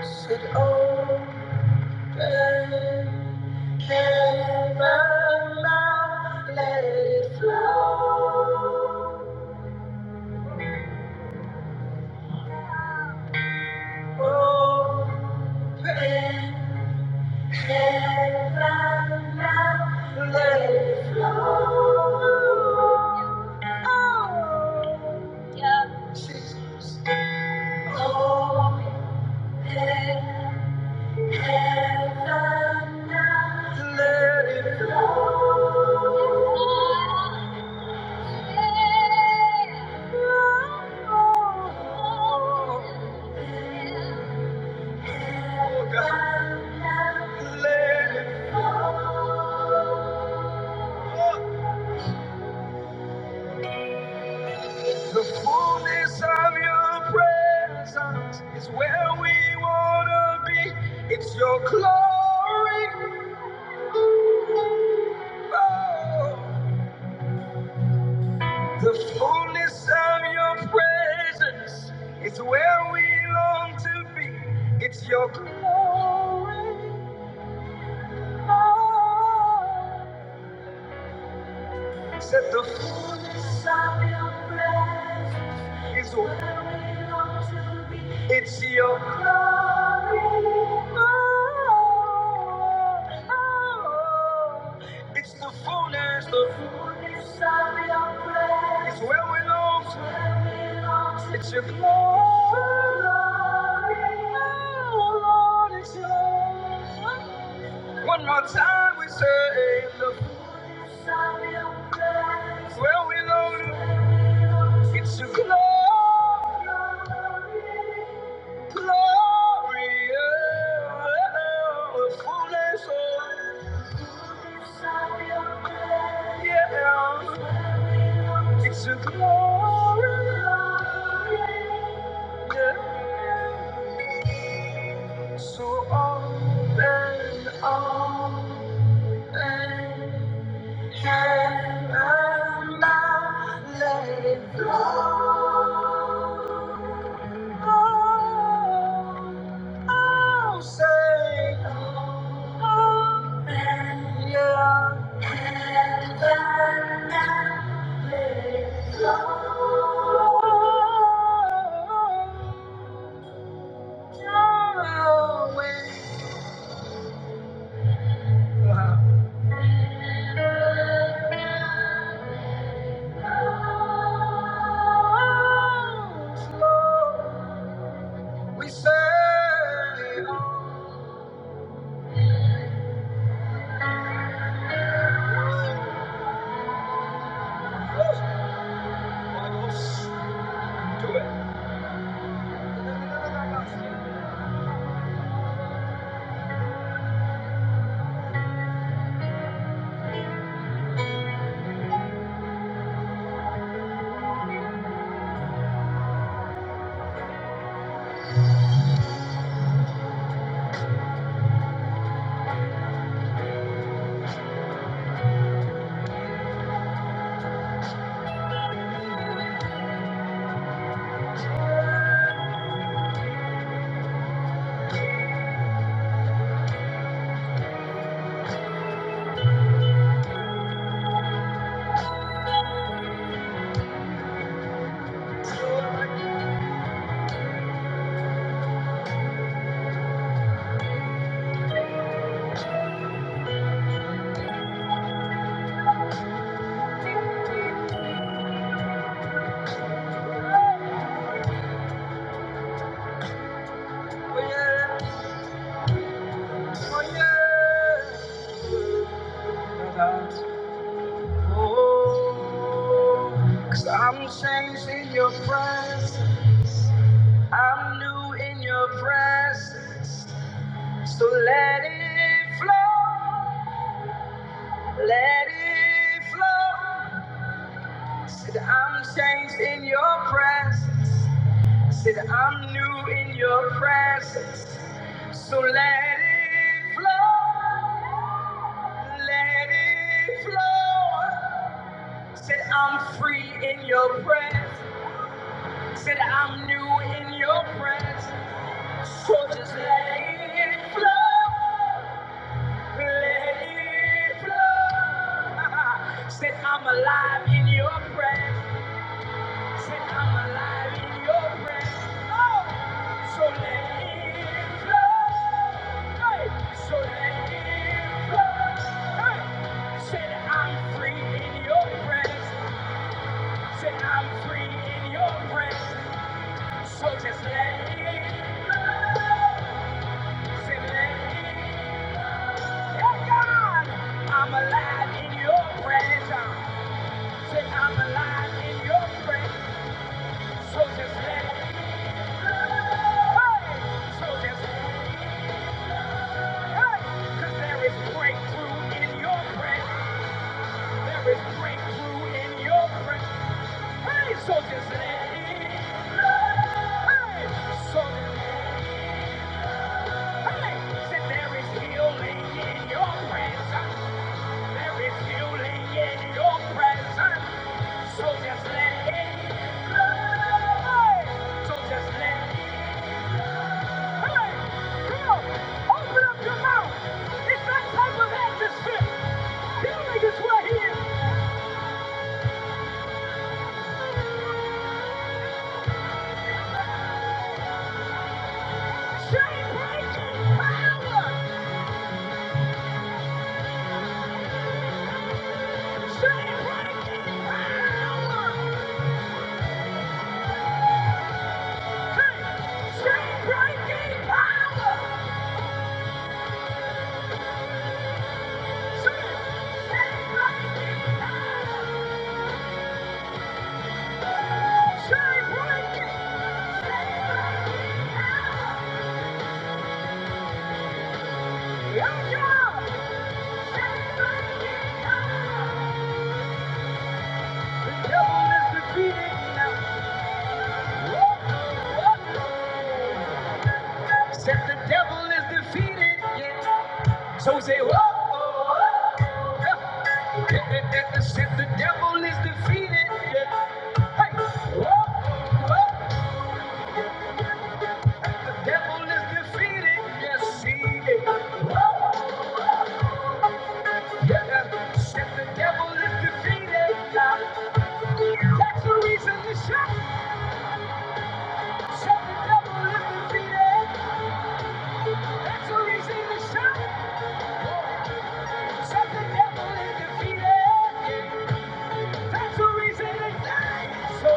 S2: should open heaven mouth, let it flow. The fullness of your presence is where we want to be. It's your glory. Oh, the fullness of your presence is where we long to be. It's your One more time we say the well we know. it's your glory, glory, yeah, the fullness of yeah, it's your glory, yeah. So all and all and Can't cannot let it go. Oh, I'll say, oh, and yeah. and then, Oh, yeah, that's oh. Cause I'm changed in your presence. I'm new in your presence. So let it flow. Let it flow. Said I'm changed in your presence. Said I'm new in your presence. So let it flow. Let it flow. Said I'm free in your presence. Said I'm new in your presence. So just let it flow. Let it flow. Said I'm alive in your presence. Just let it flow. Say, let it Hey God, I'm alive in your presence. Say I'm alive in your presence. So just let it. Hey! So just Because there is breakthrough in your prayer. There is breakthrough in your prayer. Hey, so just Hey, so Hey, say there is healing in your presence. There is healing in your presence. So just let it. Hey, so just let it. breaking power. The Said the devil is defeated, yeah. So say, whoa, whoa, whoa. Yeah. Yeah. Said the devil is defeated, yeah. Hey, whoa, whoa. The devil is defeated, yes, he is. Whoa. Yeah. Said the devil is defeated now. That's the reason to shout. Said the devil is defeated. That's the reason to shout. Said the devil is defeated. That's the reason to die. So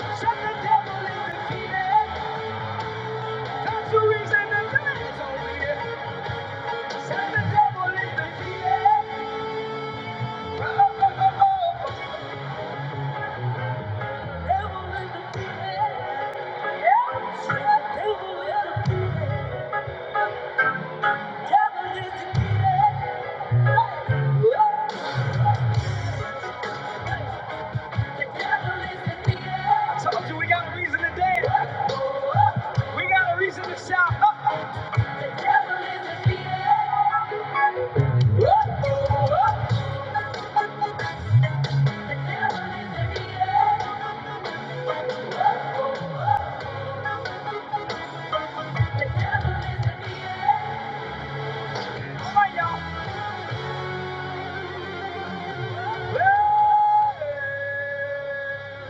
S2: said the devil is defeated. That's the reason to die. So yeah. Said the devil is defeated. I told you we got a reason to dance. We got a reason to shout. All right, y'all.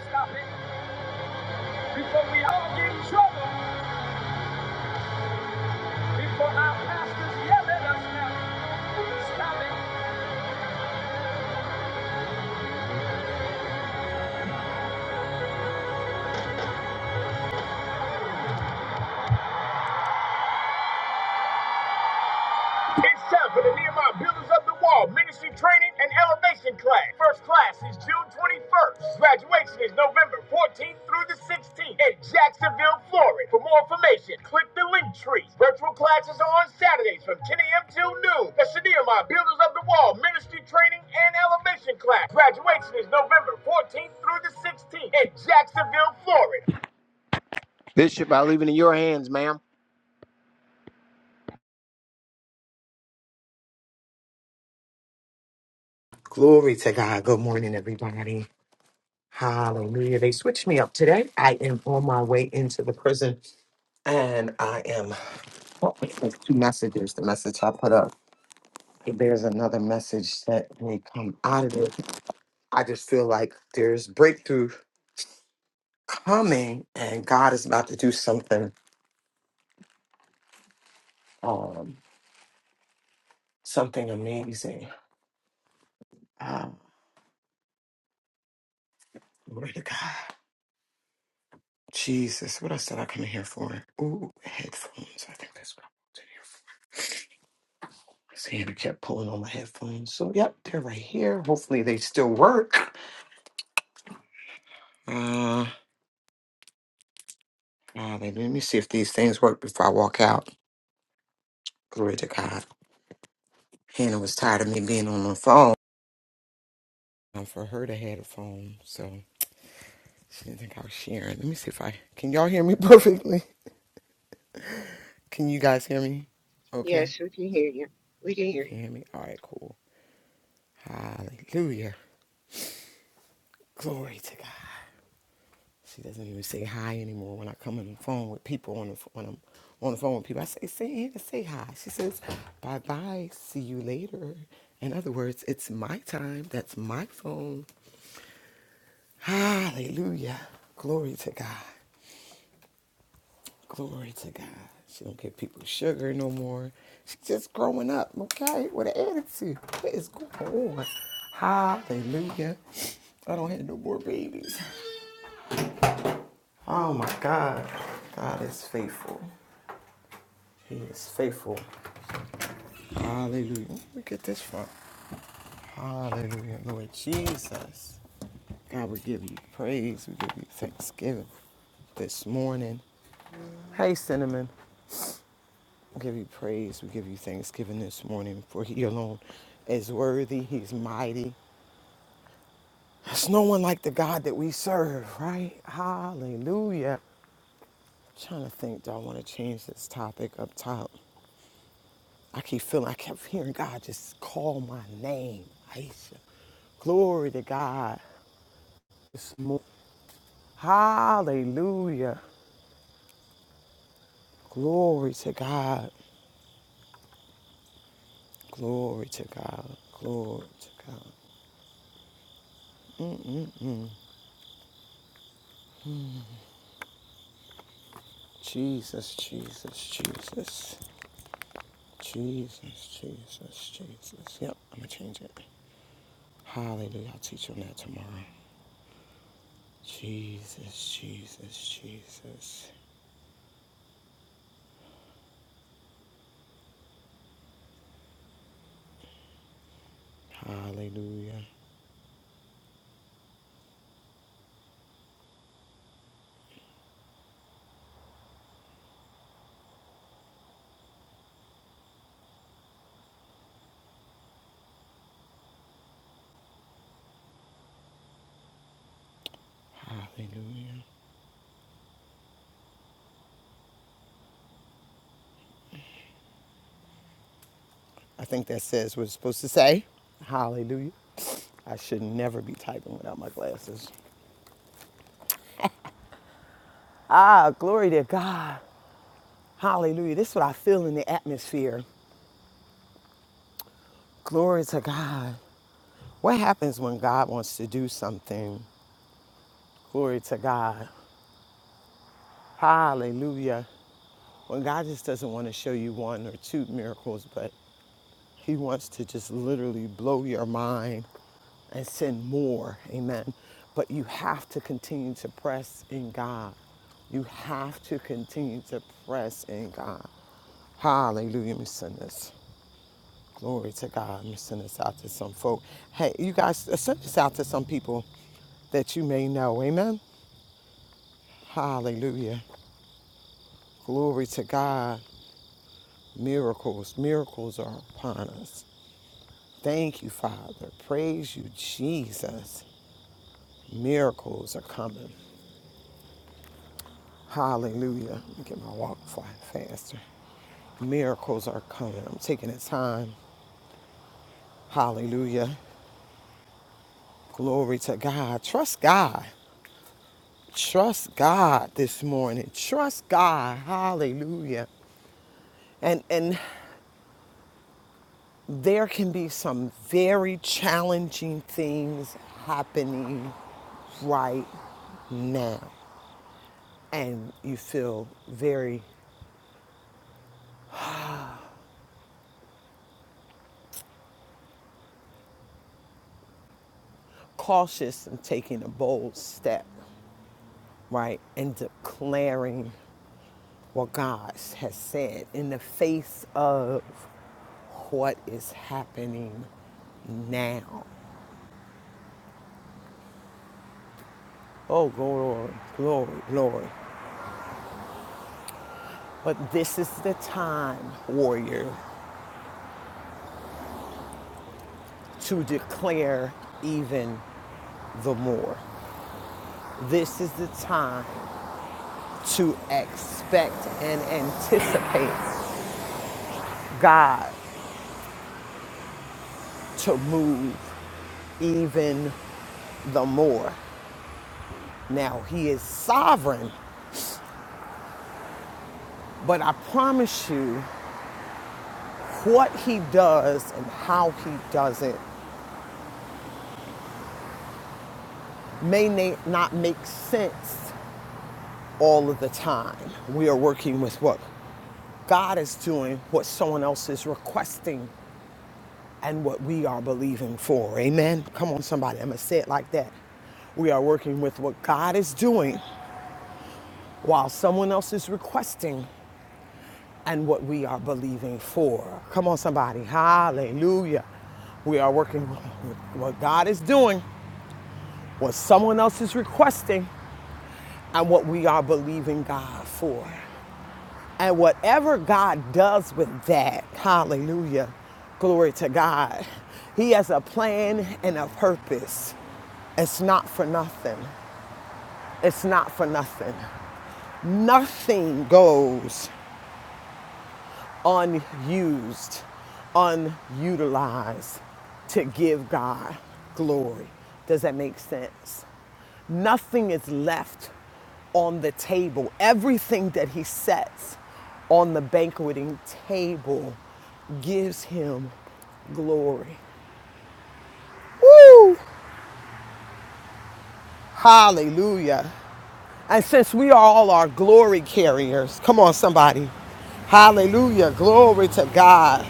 S2: Stop it. Before we all get in trouble, before our pastors yell at us now, stop it.
S1: Glory to God. Good morning, everybody. Hallelujah. They switched me up today. I am on my way into the prison and I am oh, there's two messages. The message I put up. If there's another message that may come out of it, I just feel like there's breakthrough coming and God is about to do something, um, something amazing. Uh, glory to God. Jesus, what else did I come in here for? Ooh, headphones. I think that's what. Sandra kept pulling on my headphones. So, yep, they're right here. Hopefully, they still work. Uh, uh, baby, let me see if these things work before I walk out. Glory to God. Hannah was tired of me being on the phone. And for her to have a phone, so she didn't think I was sharing. Let me see if I can y'all hear me perfectly. Can you guys hear me? Okay,
S3: Yes, we can hear you. We can
S1: you
S3: hear you.
S1: can hear me. All right, cool. Hallelujah. Glory to God. She doesn't even say hi anymore when I come on the phone with people on the when I'm on the phone with people. I say, "Say in and say hi." She says, "Bye bye, see you later." In other words, it's my time. That's my phone. Hallelujah, glory to God, glory to God. She don't give people sugar no more. She's just growing up, okay, with an attitude. What is going on? Hallelujah. I don't have no more babies. Oh my God, God is faithful. He is faithful. Hallelujah. Where we get this from? Hallelujah. Lord Jesus. God, we give you praise. We give you thanksgiving this morning. Hey, Cinnamon. We give you praise. We give you thanksgiving this morning, for He alone is worthy. He's mighty. There's no one like the God that we serve, right? Hallelujah. I'm trying to think, do I want to change this topic up top? I keep feeling, I kept hearing God just call my name, Aisha. Glory to God. Hallelujah. Glory to God. Glory to God. Glory to God. Jesus, Jesus, Jesus. Jesus, Jesus, Jesus. Yep, I'm going to change it. Hallelujah. I'll teach on that tomorrow. Jesus, Jesus, Jesus. Hallelujah. Hallelujah. I think that says what it's supposed to say. Hallelujah. I should never be typing without my glasses. Ah, glory to God. Hallelujah. This is what I feel in the atmosphere. Glory to God. What happens when God wants to do something? Glory to God. Hallelujah. When God just doesn't want to show you one or two miracles, but He wants to just literally blow your mind and send more. Amen. But you have to continue to press in God. You have to continue to press in God. Hallelujah. Let me send this. Glory to God. Let me send this out to some folk. Hey, you guys, send this out to some people that you may know. Amen. Hallelujah. Glory to God. Miracles. Miracles are upon us. Thank you, Father. Praise you, Jesus. Miracles are coming. Hallelujah. Let me get my walk flying faster. Miracles are coming. I'm taking the time. Hallelujah. Glory to God. Trust God. Trust God this morning. Trust God. Hallelujah. And and there can be some very challenging things happening right now. and you feel very cautious in taking a bold step, right? And declaring what God has said in the face of what is happening now. Oh, glory, glory, glory. But this is the time, warrior, to declare even the more. This is the time to expect and anticipate God to move even the more. Now, He is sovereign, but I promise you, what He does and how He does it may not make sense all of the time. We are working with what God is doing, what someone else is requesting, and what we are believing for. Amen? Come on, somebody, I'm gonna say it like that. We are working with what God is doing while someone else is requesting and what we are believing for. Come on, somebody. Hallelujah. We are working with what God is doing, what someone else is requesting, and what we are believing God for. And whatever God does with that, hallelujah, glory to God, He has a plan and a purpose. It's not for nothing. It's not for nothing. Nothing goes unused, unutilized to give God glory. Does that make sense? Nothing is left on the table. Everything that he sets on the banqueting table gives him glory. Woo! Hallelujah. And since we are all our glory carriers, come on, somebody. Hallelujah. Glory to God.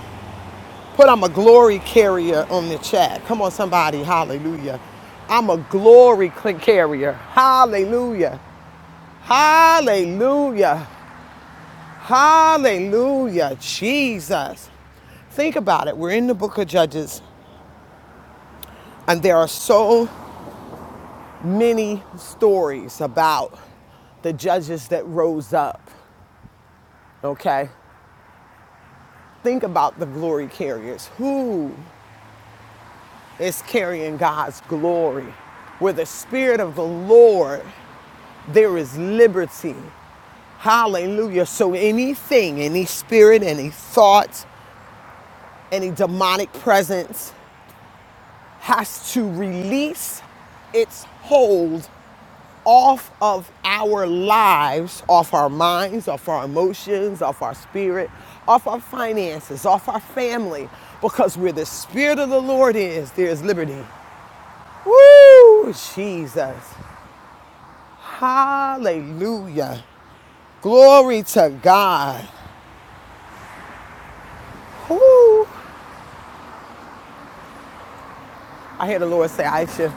S1: But I'm a glory carrier on the chat. Come on, somebody. Hallelujah. I'm a glory cl- carrier. Hallelujah. Hallelujah. Hallelujah. Jesus. Think about it. We're in the book of Judges, and there are so many stories about the judges that rose up. Okay? Think about the glory carriers. Who is carrying God's glory? Where the Spirit of the Lord there is liberty. Hallelujah. So anything, any spirit, any thought, any demonic presence has to release its hold off of our lives, off our minds, off our emotions, off our spirit, off our finances, off our family. Because where the spirit of the Lord is, there is liberty. Woo! Jesus. Hallelujah. Glory to God. Whew. I hear the Lord say, Aisha,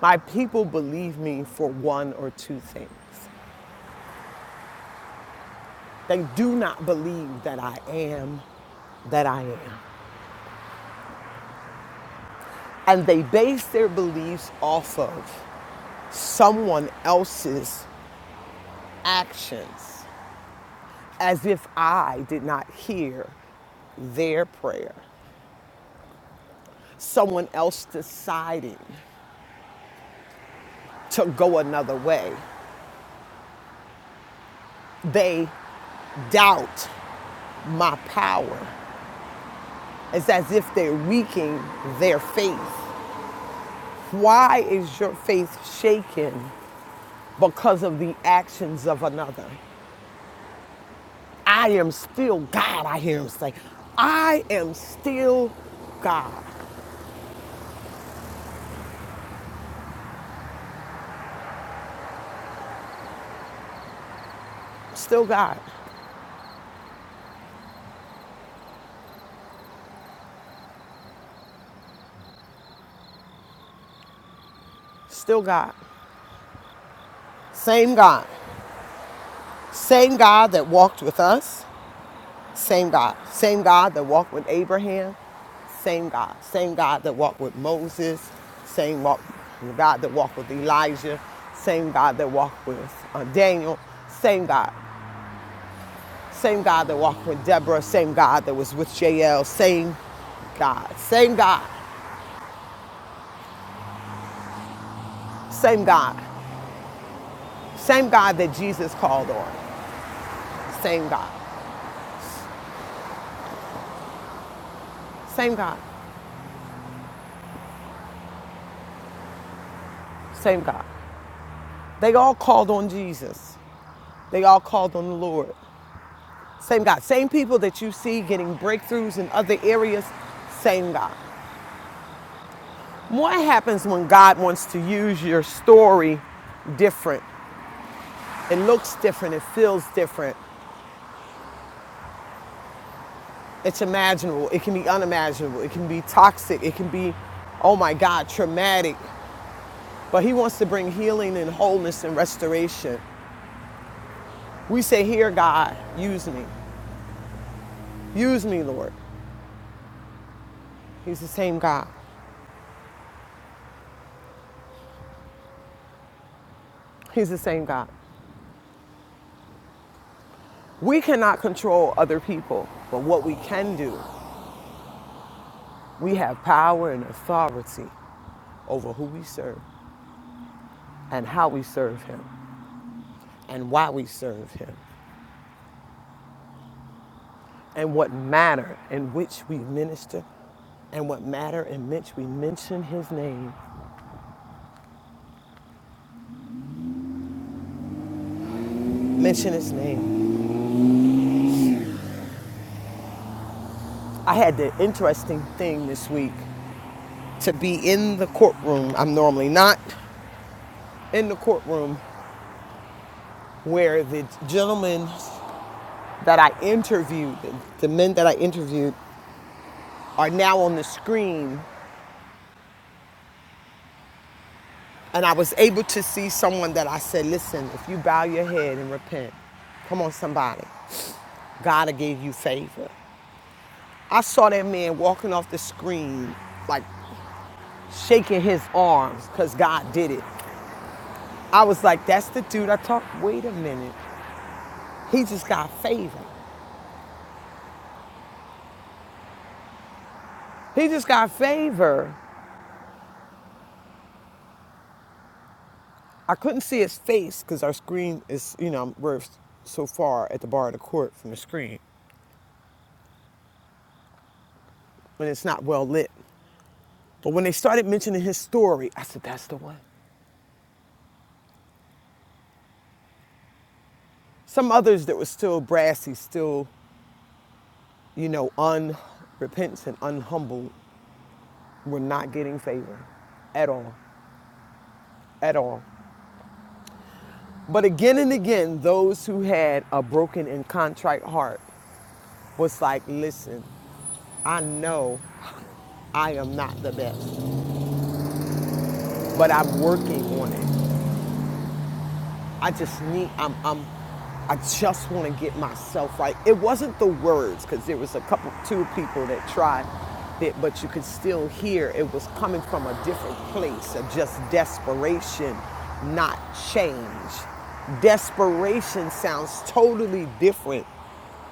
S1: my people believe me for one or two things. They do not believe that I am that I am. And they base their beliefs off of someone else's actions as if I did not hear their prayer. Someone else deciding to go another way. They doubt my power It's as if they're weakening their faith. Why is your faith shaken because of the actions of another? I am still God, I hear him say. I am still God. Still God. Still God. Same God. Same God that walked with us, Same God. Same God that walked with Abraham. Same God. Same God that walked with Moses. Same walk, God that walked with Elijah. Same God that walked with uh, Daniel. Same God. Same God that walked with Deborah. Same God that was with Jael. Same God. Same God. Same God. Same God that Jesus called on. Same God. Same God. Same God. They all called on Jesus. They all called on the Lord. Same God. Same people that you see getting breakthroughs in other areas, same God. What happens when God wants to use your story different? It looks different, it feels different, it's imaginable, it can be unimaginable, it can be toxic, it can be, oh my God, traumatic. But He wants to bring healing and wholeness and restoration. We say, Here, God, use me. Use me, Lord. He's the same God. He's the same God. We cannot control other people, but what we can do, we have power and authority over who we serve and how we serve Him and why we serve Him and what matter in which we minister and what matter in which we mention His name. Mention His name. I had the interesting thing this week to be in the courtroom. I'm normally not in the courtroom where the gentleman that I interviewed, the men that I interviewed, are now on the screen. And I was able to see someone that I said, listen, if you bow your head and repent, come on, somebody, God will give you favor. I saw that man walking off the screen, like shaking his arms because God did it. I was like, that's the dude I talked. Wait a minute. He just got favor. He just got favor. I couldn't see his face because our screen is, you know, we're so far at the bar of the court from the screen, but it's not well lit. But when they started mentioning his story, I said, that's the one. Some others that were still brassy, still, you know, unrepentant and unhumbled were not getting favor at all, at all. But again and again, those who had a broken and contrite heart was like, listen, I know I am not the best, but I'm working on it. I just need, I'm, I'm, I just want to get myself right. It wasn't the words, because there was a couple, two people that tried it, but you could still hear it was coming from a different place of just desperation, not change. Desperation sounds totally different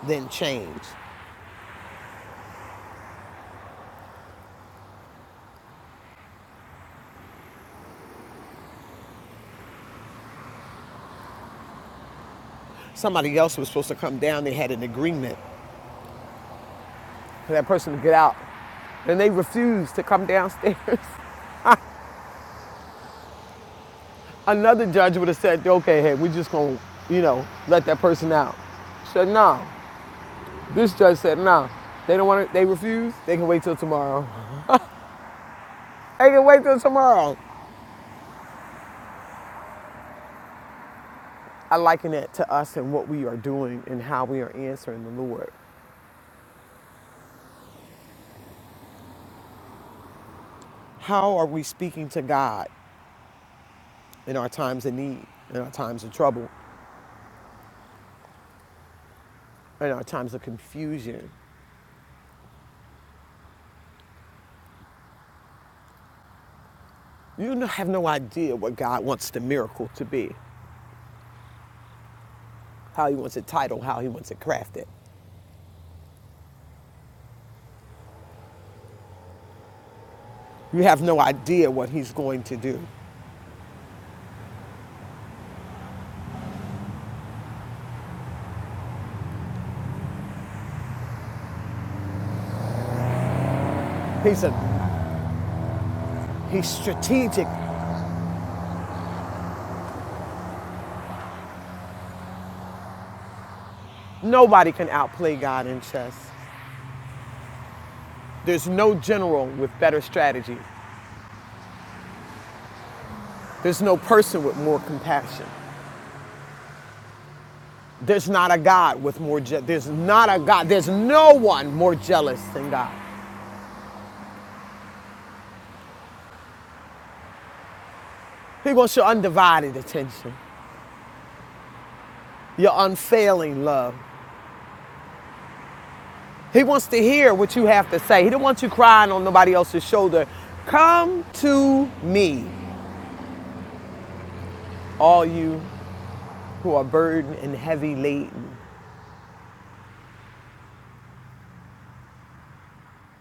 S1: than change. Somebody else was supposed to come down, they had an agreement for that person to get out, and they refused to come downstairs. Another judge would have said, okay, hey, we're just going to, you know, let that person out. She Said, no. This judge said, no. They don't want to, they refuse. They can wait till tomorrow. They can wait till tomorrow. I liken it to us and what we are doing and how we are answering the Lord. How are we speaking to God in our times of need, in our times of trouble, in our times of confusion? You no- have no idea what God wants the miracle to be, how He wants it titled, how He wants it crafted. You have no idea what he's going to do. He's a he's strategic. Nobody can outplay God in chess. There's no general with better strategy. There's no person with more compassion. There's not a God with more je- there's not a God. There's no one more jealous than God. He wants your undivided attention, your unfailing love. He wants to hear what you have to say. He don't want you crying on nobody else's shoulder. Come to me, all you who are burdened and heavy laden.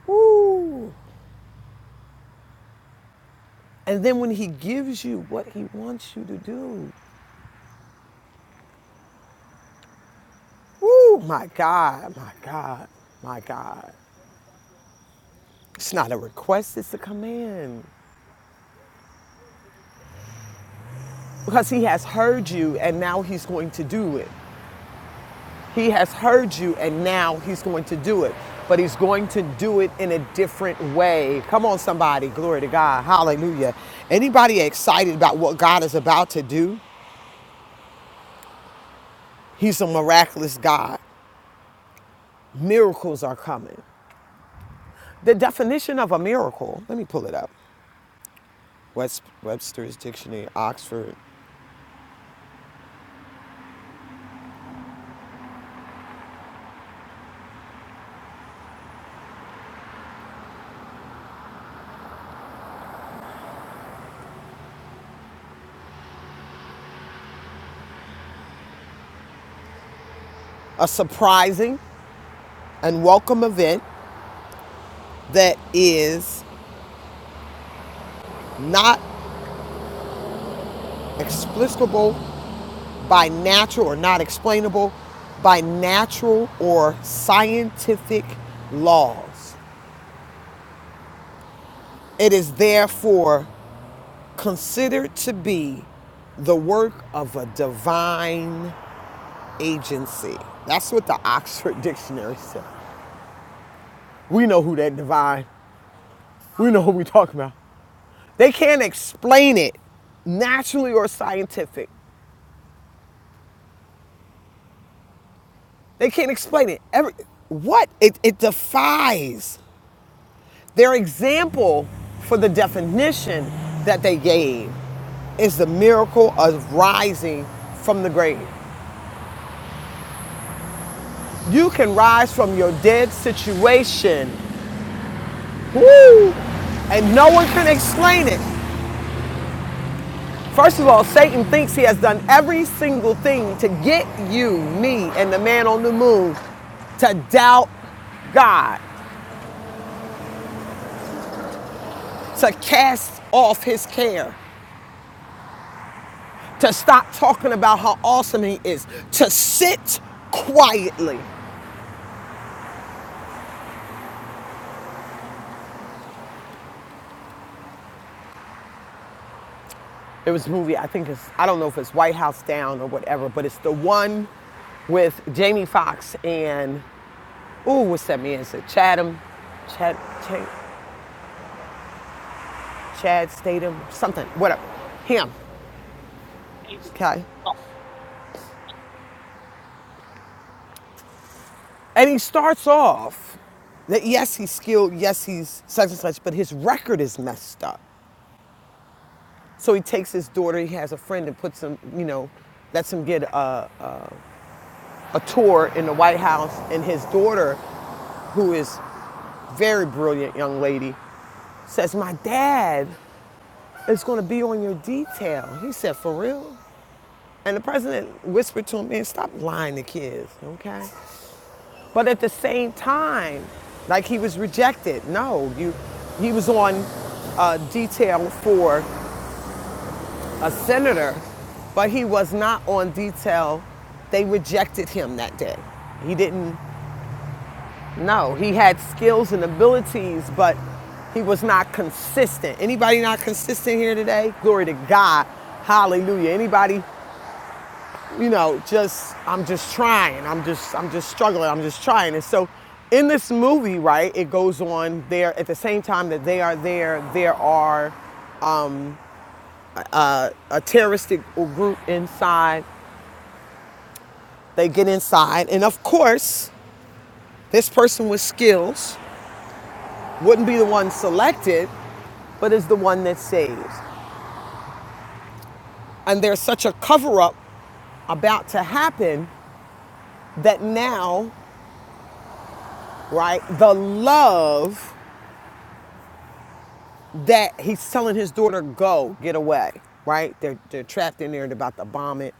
S1: Woo! And then when he gives you what he wants you to do, woo, my God, my God, my God. It's not a request, it's a command. Because he has heard you and now he's going to do it. He has heard you and now he's going to do it. But he's going to do it in a different way. Come on, somebody. Glory to God. Hallelujah. Anybody excited about what God is about to do? He's a miraculous God. miracles are coming. The definition of a miracle, let me pull it up. West, Webster's Dictionary, Oxford. A surprising and welcome event that is not explicable by natural or not explainable by natural or scientific laws. It is therefore considered to be the work of a divine agency. That's what the Oxford Dictionary says. We know who that divine. We know who we talking about. They can't explain it naturally or scientific. They can't explain it. Every what? It it defies their example for the definition that they gave is the miracle of rising from the grave. You can rise from your dead situation. Woo! And no one can explain it. First of all, Satan thinks he has done every single thing to get you, me, and the man on the moon to doubt God, to cast off his care, to stop talking about how awesome he is, to sit quietly. There was a movie, I think it's, I don't know if it's White House Down or whatever, but it's the one with Jamie Foxx and, ooh, what's that man? Is it Chatham? Chad, Chad, Chad Statham? Something, whatever. Him. Okay. And he starts off that yes, he's skilled, yes, he's such and such, but his record is messed up. So he takes his daughter, he has a friend, and puts him, you know, lets him get a, a tour in the White House. And his daughter, who is a very brilliant young lady, says, My dad is going to be on your detail. He said, For real? And the president whispered to him, Man, stop lying to kids, okay? But at the same time, like he was rejected. No, you, he was on uh, detail for a senator, but he was not on detail. They rejected him that day. He didn't. No, he had skills and abilities, but he was not consistent. Anybody not consistent here today? Glory to God. Hallelujah. Anybody you know, just I'm just trying. I'm just I'm just struggling. I'm just trying. And so in this movie, right, it goes on there at the same time that they are there, there are uh, a terroristic group inside. They get inside, and of course, this person with skills wouldn't be the one selected, but is the one that saves. And there's such a cover up about to happen that now, right, the love that he's telling his daughter, go, get away, right? They're, they're trapped in there and about to bomb it.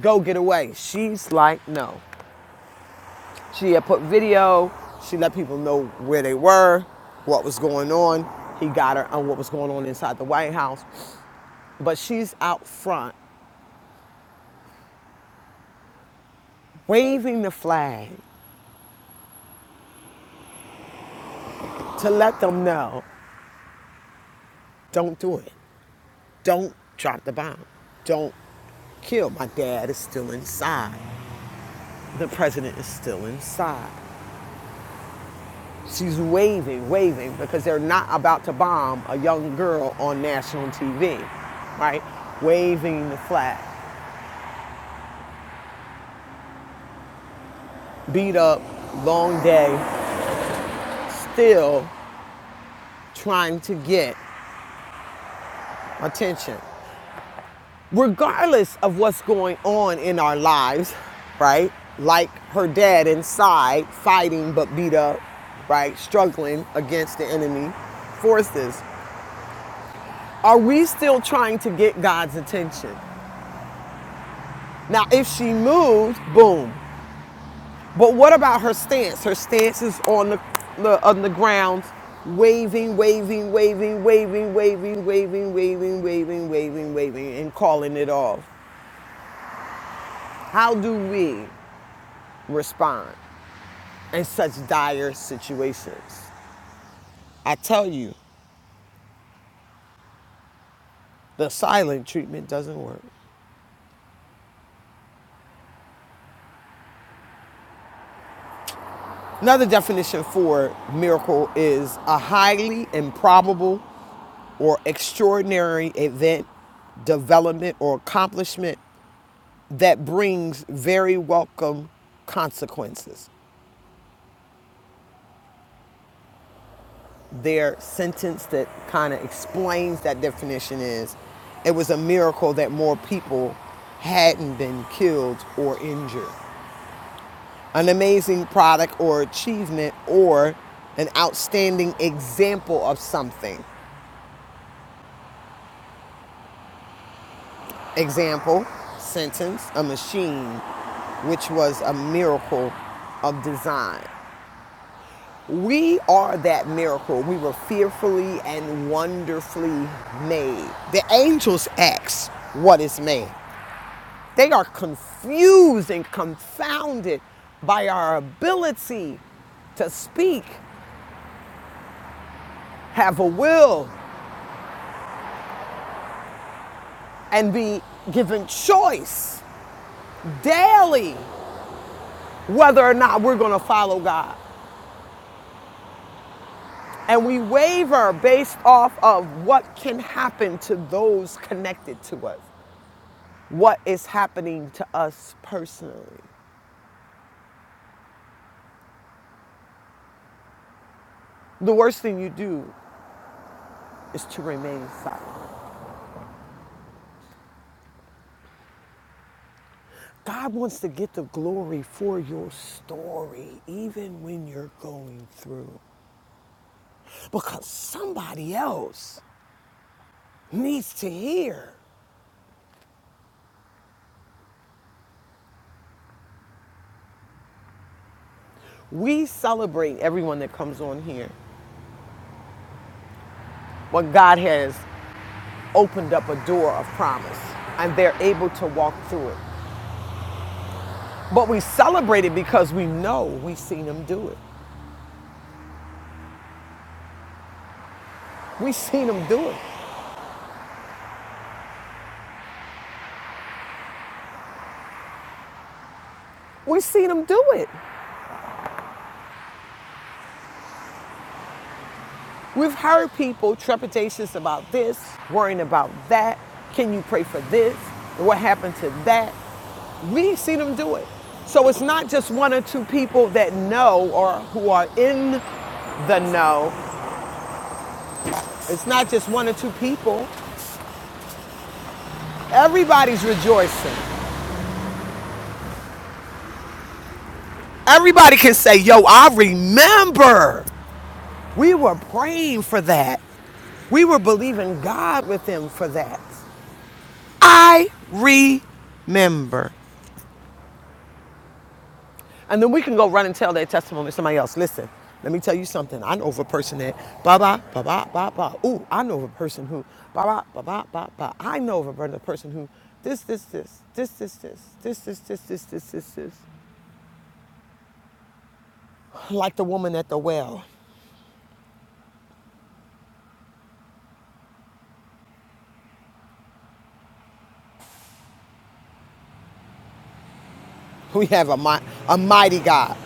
S1: Go, get away. She's like, no. She had put video, she let people know where they were, what was going on. He got her on what was going on inside the White House. But she's out front waving the flag to let them know don't do it. Don't drop the bomb. Don't kill. My dad is still inside. The president is still inside. She's waving, waving, because they're not about to bomb a young girl on national TV, right? Waving the flag. Beat up, long day, still trying to get attention. Regardless of what's going on in our lives, right? Like her dad inside, fighting but beat up, right? Struggling against the enemy forces. Are we still trying to get God's attention? Now, if she moved, boom, But what about her stance? Her stance is on the, the on the ground, waving, waving, waving, waving, waving, waving, waving, waving, waving, waving, and calling it off. How do we respond in such dire situations? I tell you, the silent treatment doesn't work. Another definition for miracle is a highly improbable or extraordinary event development or accomplishment that brings very welcome consequences. Their sentence that kind of explains that definition is it was a miracle that more people hadn't been killed or injured. An amazing product or achievement or an outstanding example of something. Example, sentence, a machine which was a miracle of design. We are that miracle. We were fearfully and wonderfully made. The angels ask, What is man? They are confused and confounded by our ability to speak, have a will, and be given choice daily whether or not we're going to follow God. And we waver based off of what can happen to those connected to us. what is happening to us personally. The worst thing you do is to remain silent. God wants to get the glory for your story, even when you're going through, because somebody else needs to hear. We celebrate everyone that comes on here, but God has opened up a door of promise, and they're able to walk through it. But we celebrate it because we know we've seen them do it. We've seen them do it. We've seen them do it. We've heard people trepidatious about this, worrying about that. Can you pray for this? What happened to that? We've seen them do it. So it's not just one or two people that know or who are in the know. It's not just one or two people. Everybody's rejoicing. Everybody can say, Yo, I remember we were praying for that. We were believing God with them for that. I remember. And then we can go run and tell their testimony to somebody else. Listen, let me tell you something. I know of a person that ba ba ba ba ba ba. Ooh, I know of a person who ba ba ba ba ba ba. I know of a person who this this this this this this this this this this this this this. Like the woman at the well, we have a mi- a mighty God.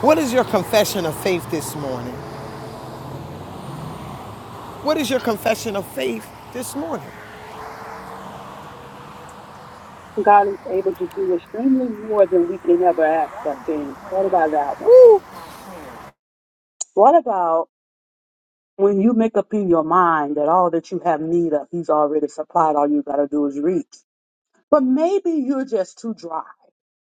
S1: What is your confession of faith this morning? What is your confession of faith this morning?
S4: God is able to do extremely more than we can ever ask or think. What about that one?
S1: Woo!
S4: What about when you make up in your mind that all that you have need of, He's already supplied, all you got to do is reach? But maybe you're just too dry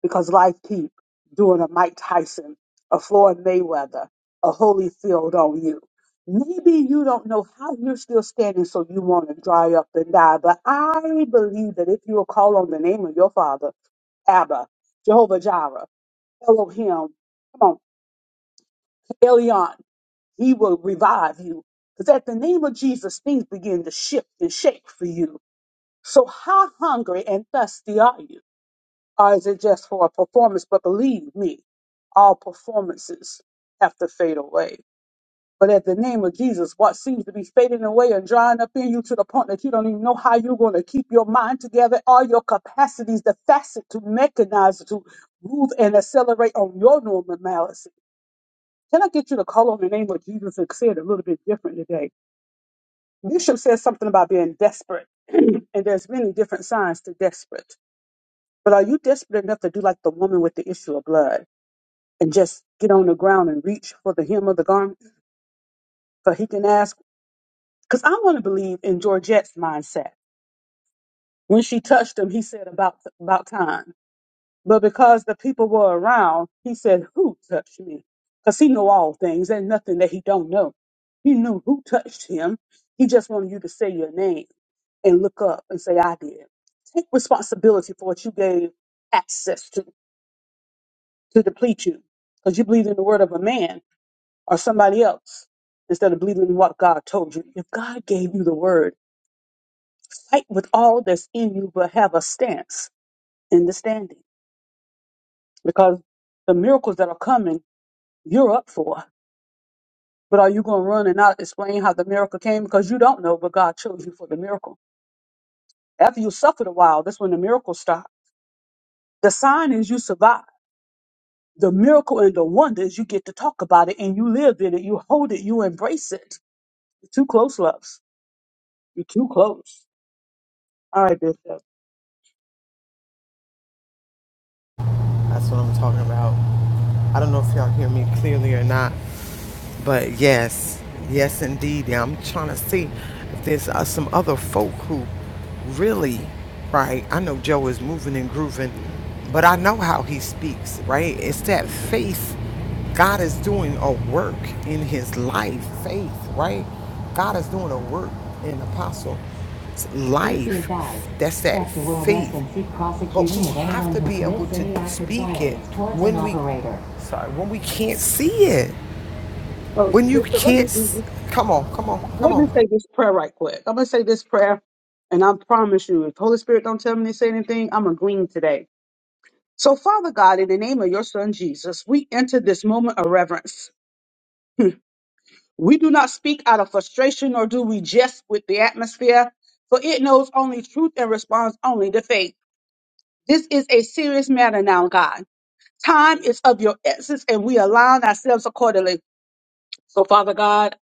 S4: because life keep doing a Mike Tyson, a Floyd Mayweather, a Holyfield on you. Maybe you don't know how you're still standing, so you want to dry up and die. But I believe that if you will call on the name of your Father, Abba, Jehovah Jireh, Elohim. Come on, Elion. He will revive you. Because at the name of Jesus, things begin to shift and shake for you. So how hungry and thirsty are you? Or is it just for a performance? But believe me, all performances have to fade away. But at the name of Jesus, what seems to be fading away and drying up in you to the point that you don't even know how you're going to keep your mind together, all your capacities, the facet to mechanize, to move and accelerate on your normalcy. Can I get you to call on the name of Jesus and say it a little bit different today? Bishop says something about being desperate, and there's many different signs to desperate. But are you desperate enough to do like the woman with the issue of blood and just get on the ground and reach for the hem of the garment? For he can ask. Because I want to believe in Georgette's mindset. When she touched him, he said about about time. But because the people were around, he said, "Who touched me?" Because he know all things. There's nothing that he don't know. He knew who touched him. He just wanted you to say your name and look up and say, "I did." Take responsibility for what you gave access to to deplete you, because you believed in the word of a man or somebody else instead of believing in what God told you. If God gave you the word fight with all that's in you, but have a stance in the standing. Because the miracles that are coming, you're up for. But are you going to run and not explain how the miracle came? Because you don't know, but God chose you for the miracle. After you suffered a while, that's when the miracles start. The sign is you survive. The miracle and the wonder is you get to talk about it and you live in it. You hold it. You embrace it. You're too close, loves. You're too close. All right, Bishop.
S1: That's what I'm talking about. I don't know if y'all hear me clearly or not. But yes, yes, indeed. Yeah, I'm trying to see if there's uh, some other folk who really, right? I know Joe is moving and grooving, but I know how he speaks, right? It's that faith. God is doing a work in his life, faith, right? God is doing a work in Apostle Dear life. God, That's that Dr. Will faith. Benson, Chief But prosecution we of have anyone to who be able commits to any act of speak it as towards an when we operator. sorry, when we can't see it.
S4: Oh,
S1: When you
S4: Bishop, let me
S1: can't,
S4: do this.
S1: s- come on, come on, come
S4: Let me
S1: on.
S4: say this prayer right quick. I'm gonna say this prayer, and I promise you, if Holy Spirit don't tell me to say anything, I'm agreeing today. So, Father God, in the name of your Son Jesus, we enter this moment of reverence. We do not speak out of frustration, nor do we jest with the atmosphere, for it knows only truth and responds only to faith. This is a serious matter now, God. Time is of your essence, and we align ourselves accordingly. So, Father God,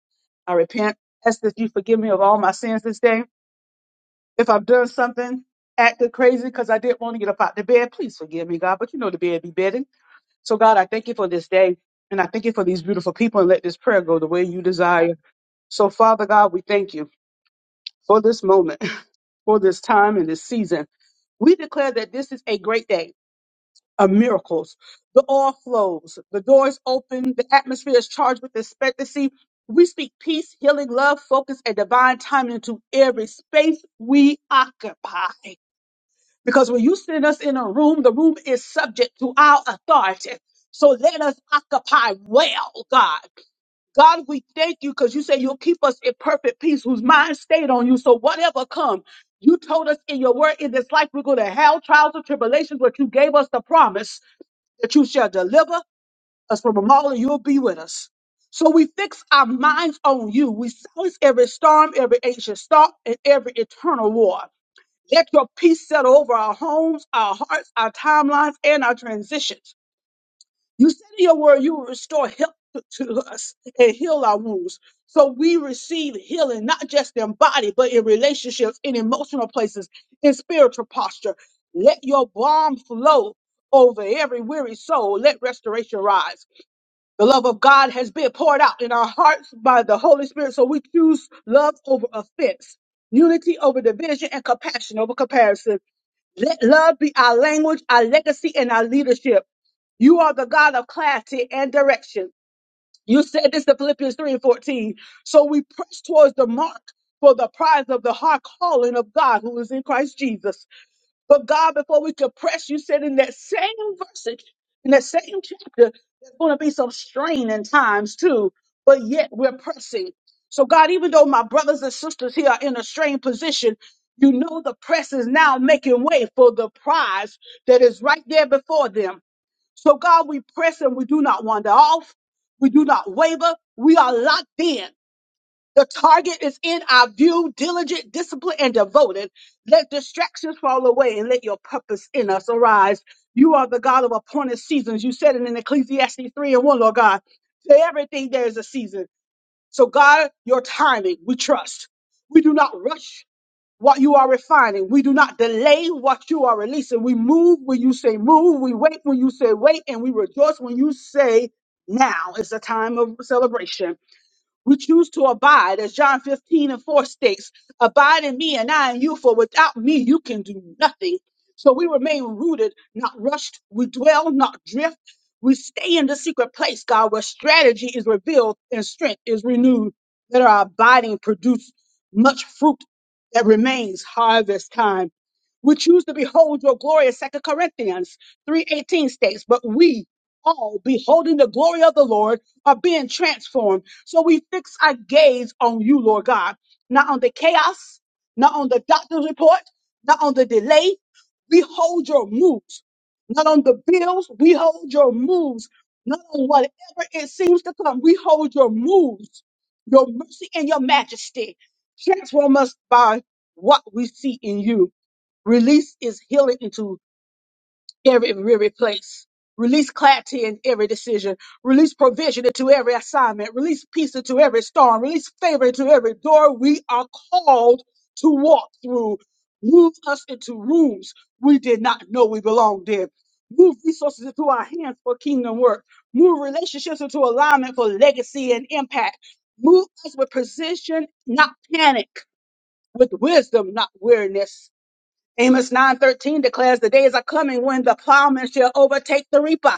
S4: I repent. Ask that you forgive me of all my sins this day. If I've done something, acted crazy because I didn't want to get up out the bed, please forgive me, God. But you know the bed be bedding. So, God, I thank you for this day. And I thank you for these beautiful people and let this prayer go the way you desire. So, Father God, we thank you for this moment, for this time and this season. We declare that this is a great day of miracles. The oil flows, the doors open, the atmosphere is charged with expectancy. We speak peace, healing, love, focus, and divine timing into every space we occupy. Because when you send us in a room, the room is subject to our authority. So let us occupy well, God. God, we thank you because you say you'll keep us in perfect peace whose mind stayed on you. So whatever come, you told us in your word in this life we go to hell, trials, and tribulations, but you gave us the promise that you shall deliver us from them all and you'll be with us. So we fix our minds on you. We silence every storm, every ancient storm, and every eternal war. Let your peace settle over our homes, our hearts, our timelines, and our transitions. You said in your word you will restore health to to us and heal our wounds. So we receive healing, not just in body, but in relationships, in emotional places, in spiritual posture. Let your balm flow over every weary soul. Let restoration rise. The love of God has been poured out in our hearts by the Holy Spirit. So we choose love over offense, unity over division, and compassion over comparison. Let love be our language, our legacy, and our leadership. You are the God of clarity and direction. You said this in Philippians 3 and 14. So we press towards the mark for the prize of the high calling of God who is in Christ Jesus. But God, before we could press, you said in that same verse, in that same chapter, there's going to be some strain in times too, but yet we're pressing. So, God, even though my brothers and sisters here are in a strained position, you know the press is now making way for the prize that is right there before them. So, God, we press and we do not wander off. We do not waver. We are locked in. The target is in our view, diligent, disciplined, and devoted. Let distractions fall away and let your purpose in us arise. You are the God of appointed seasons. You said it in Ecclesiastes 3 and 1, Lord God. To everything there is a season. So, God, your timing, we trust. We do not rush what you are refining. We do not delay what you are releasing. We move when you say move. We wait when you say wait. And we rejoice when you say now is the time of celebration. We choose to abide, as John 15 and 4 states, abide in me and I in you, for without me you can do nothing. So we remain rooted, not rushed. We dwell, not drift. We stay in the secret place, God, where strategy is revealed and strength is renewed. That our abiding produce much fruit that remains harvest time. We choose to behold your glory, as 2 Corinthians 3.18 states, but we all beholding the glory of the Lord are being transformed so we fix our gaze on you, Lord God, not on the chaos, not on the doctor's report, not on the delay. We hold your moves, not on the bills. We hold your moves, not on whatever it seems to come. We hold your moves, your mercy and your majesty. Transform us by what we see in you. Release is healing into every weary place. Release clarity in every decision. Release provision into every assignment. Release peace into every storm. Release favor into every door we are called to walk through. Move us into rooms we did not know we belonged in. Move resources into our hands for kingdom work. Move relationships into alignment for legacy and impact. Move us with precision, not panic, with wisdom, not weariness. Amos 9:13 declares the days are coming when the plowman shall overtake the reaper.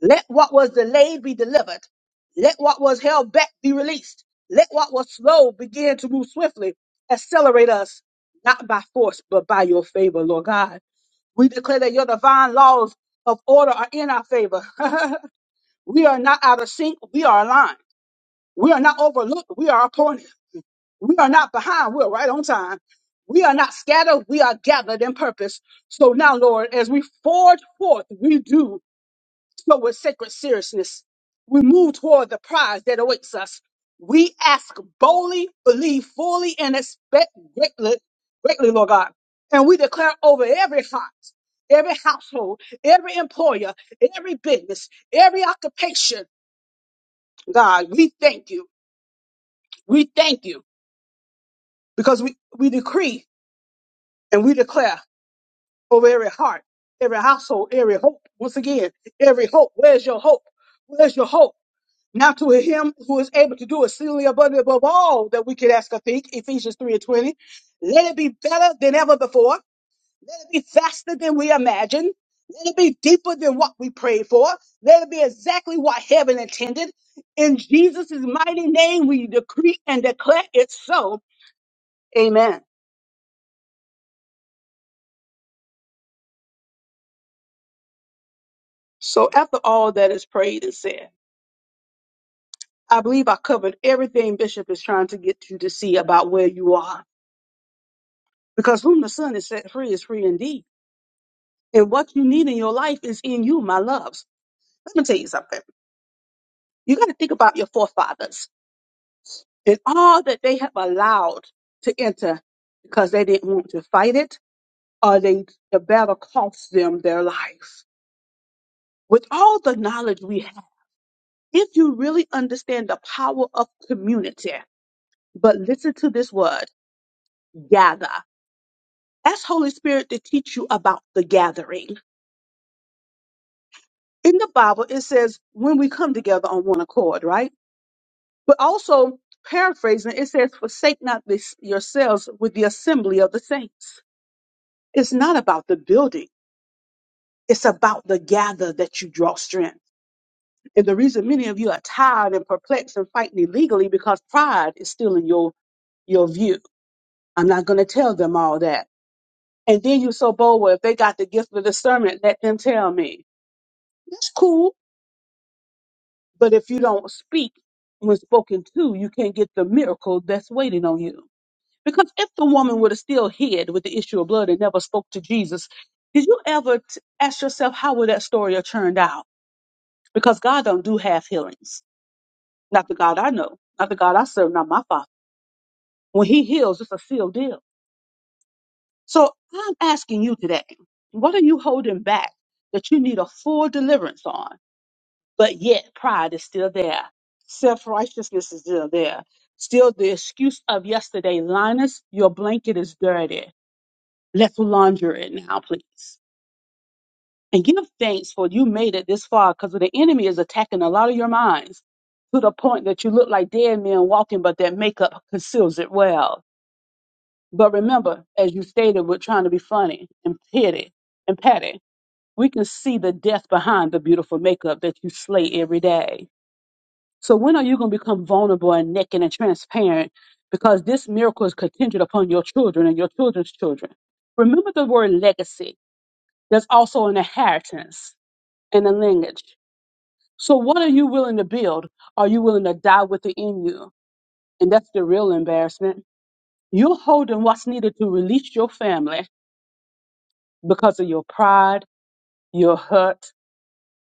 S4: Let what was delayed be delivered. Let what was held back be released. Let what was slow begin to move swiftly. Accelerate us, not by force, but by your favor, Lord God. We declare that your divine laws of order are in our favor. we are not out of sync. We are aligned. We are not overlooked. We are appointed. We are not behind, we're right on time. We are not scattered, we are gathered in purpose. So now, Lord, as we forge forth, we do so with sacred seriousness. We move toward the prize that awaits us. We ask boldly, believe fully, and expect greatly, greatly, Lord God. And we declare over every heart, every household, every employer, every business, every occupation, God, we thank you. We thank you because we, we decree and we declare over every heart, every household, every hope. Once again, every hope. Where's your hope? Where's your hope? Now to him who is able to do exceedingly abundantly above all that we could ask or think, Ephesians 3 and 20. Let it be better than ever before. Let it be faster than we imagined. Let it be deeper than what we prayed for. Let it be exactly what heaven intended. In Jesus' mighty name, we decree and declare it so. Amen. So after all that is prayed and said, I believe I covered everything Bishop is trying to get you to see about where you are. Because whom the Son is set free is free indeed. And what you need in your life is in you, my loves. Let me tell you something. You got to think about your forefathers and all that they have allowed to enter because they didn't want to fight it or they, the battle cost them their life. With all the knowledge we have, if you really understand the power of community, but listen to this word, gather. Ask Holy Spirit to teach you about the gathering. In the Bible, it says when we come together on one accord, right? But also, paraphrasing, it says, forsake not this yourselves with the assembly of the saints. It's not about the building. It's about the gather that you draw strength. And the reason many of you are tired and perplexed and fighting illegally because pride is still in your, your view. I'm not going to tell them all that. And then you're so bold, well, if they got the gift of discernment, let them tell me. That's cool But if you don't speak when spoken to, you can't get the miracle that's waiting on you. Because if the woman would have still hid with the issue of blood and never spoke to Jesus, did you ever t- ask yourself how would that story have turned out? Because God don't do half healings. Not the God I know, not the God I serve, not my Father. When He heals, it's a sealed deal. So I'm asking you today, what are you holding back that you need a full deliverance on? but yet pride is still there. Self righteousness is still there. Still the excuse of yesterday, Linus, your blanket is dirty. Let's launder it now, please. And give thanks for you made it this far because the enemy is attacking a lot of your minds to the point that you look like dead men walking, but that makeup conceals it well. But remember, as you stated, we're trying to be funny and petty and petty. We can see the death behind the beautiful makeup that you slay every day. So when are you going to become vulnerable and naked and transparent? Because this miracle is contingent upon your children and your children's children. Remember the word legacy. There's also an inheritance and a lineage. So what are you willing to build? Are you willing to die with it in you? And that's the real embarrassment. You're holding what's needed to release your family because of your pride, your hurt,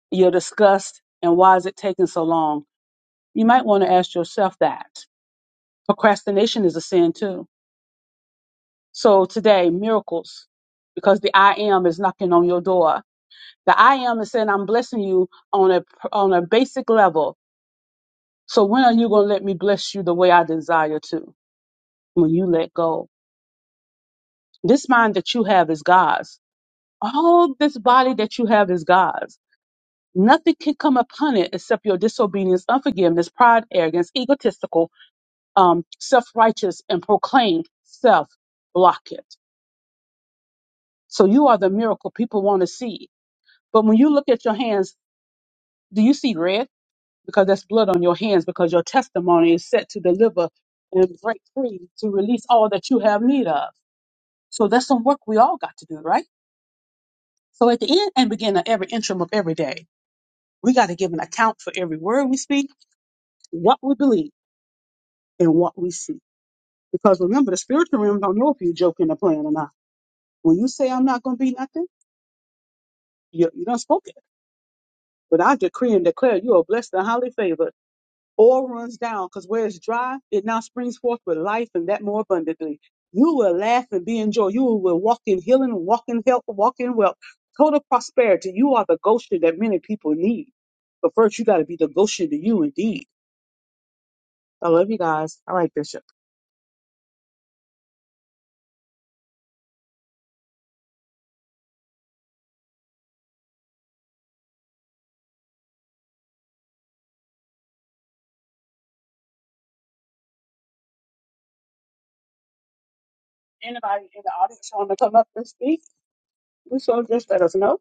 S4: your disgust, and why is it taking so long? You might want to ask yourself that. Procrastination is a sin too So today, miracles, because the I am is knocking on your door. The I am is saying, I'm blessing you on a, on a basic level. So when are you going to let me bless you the way I desire to? When you let go. This mind that you have is God's. All this body that you have is God's. Nothing can come upon it except your disobedience, unforgiveness, pride, arrogance, egotistical, um, self-righteous, and proclaimed self block it. So you are the miracle people want to see But when you look at your hands, do you see red? Because that's blood on your hands, because your testimony is set to deliver and break free to release all that you have need of. So that's some work we all got to do, right? So at the end and beginning of every interim of every day, we got to give an account for every word we speak, what we believe, and what we see. Because remember, the spiritual realm don't know if you're joking or playing or not. When you say I'm not going to be nothing, you, you don't spoke it. But I decree and declare you are blessed and highly favored All runs down, because where it's dry, it now springs forth with life and that more abundantly. You will laugh and be in joy. You will walk in healing, walk in health, walk in wealth, total prosperity. You are the Goshen that many people need. But first, you got to be the Goshen to you indeed. I love you guys. All right, Bishop. Anybody in the audience want to come up and speak? We so just let us know.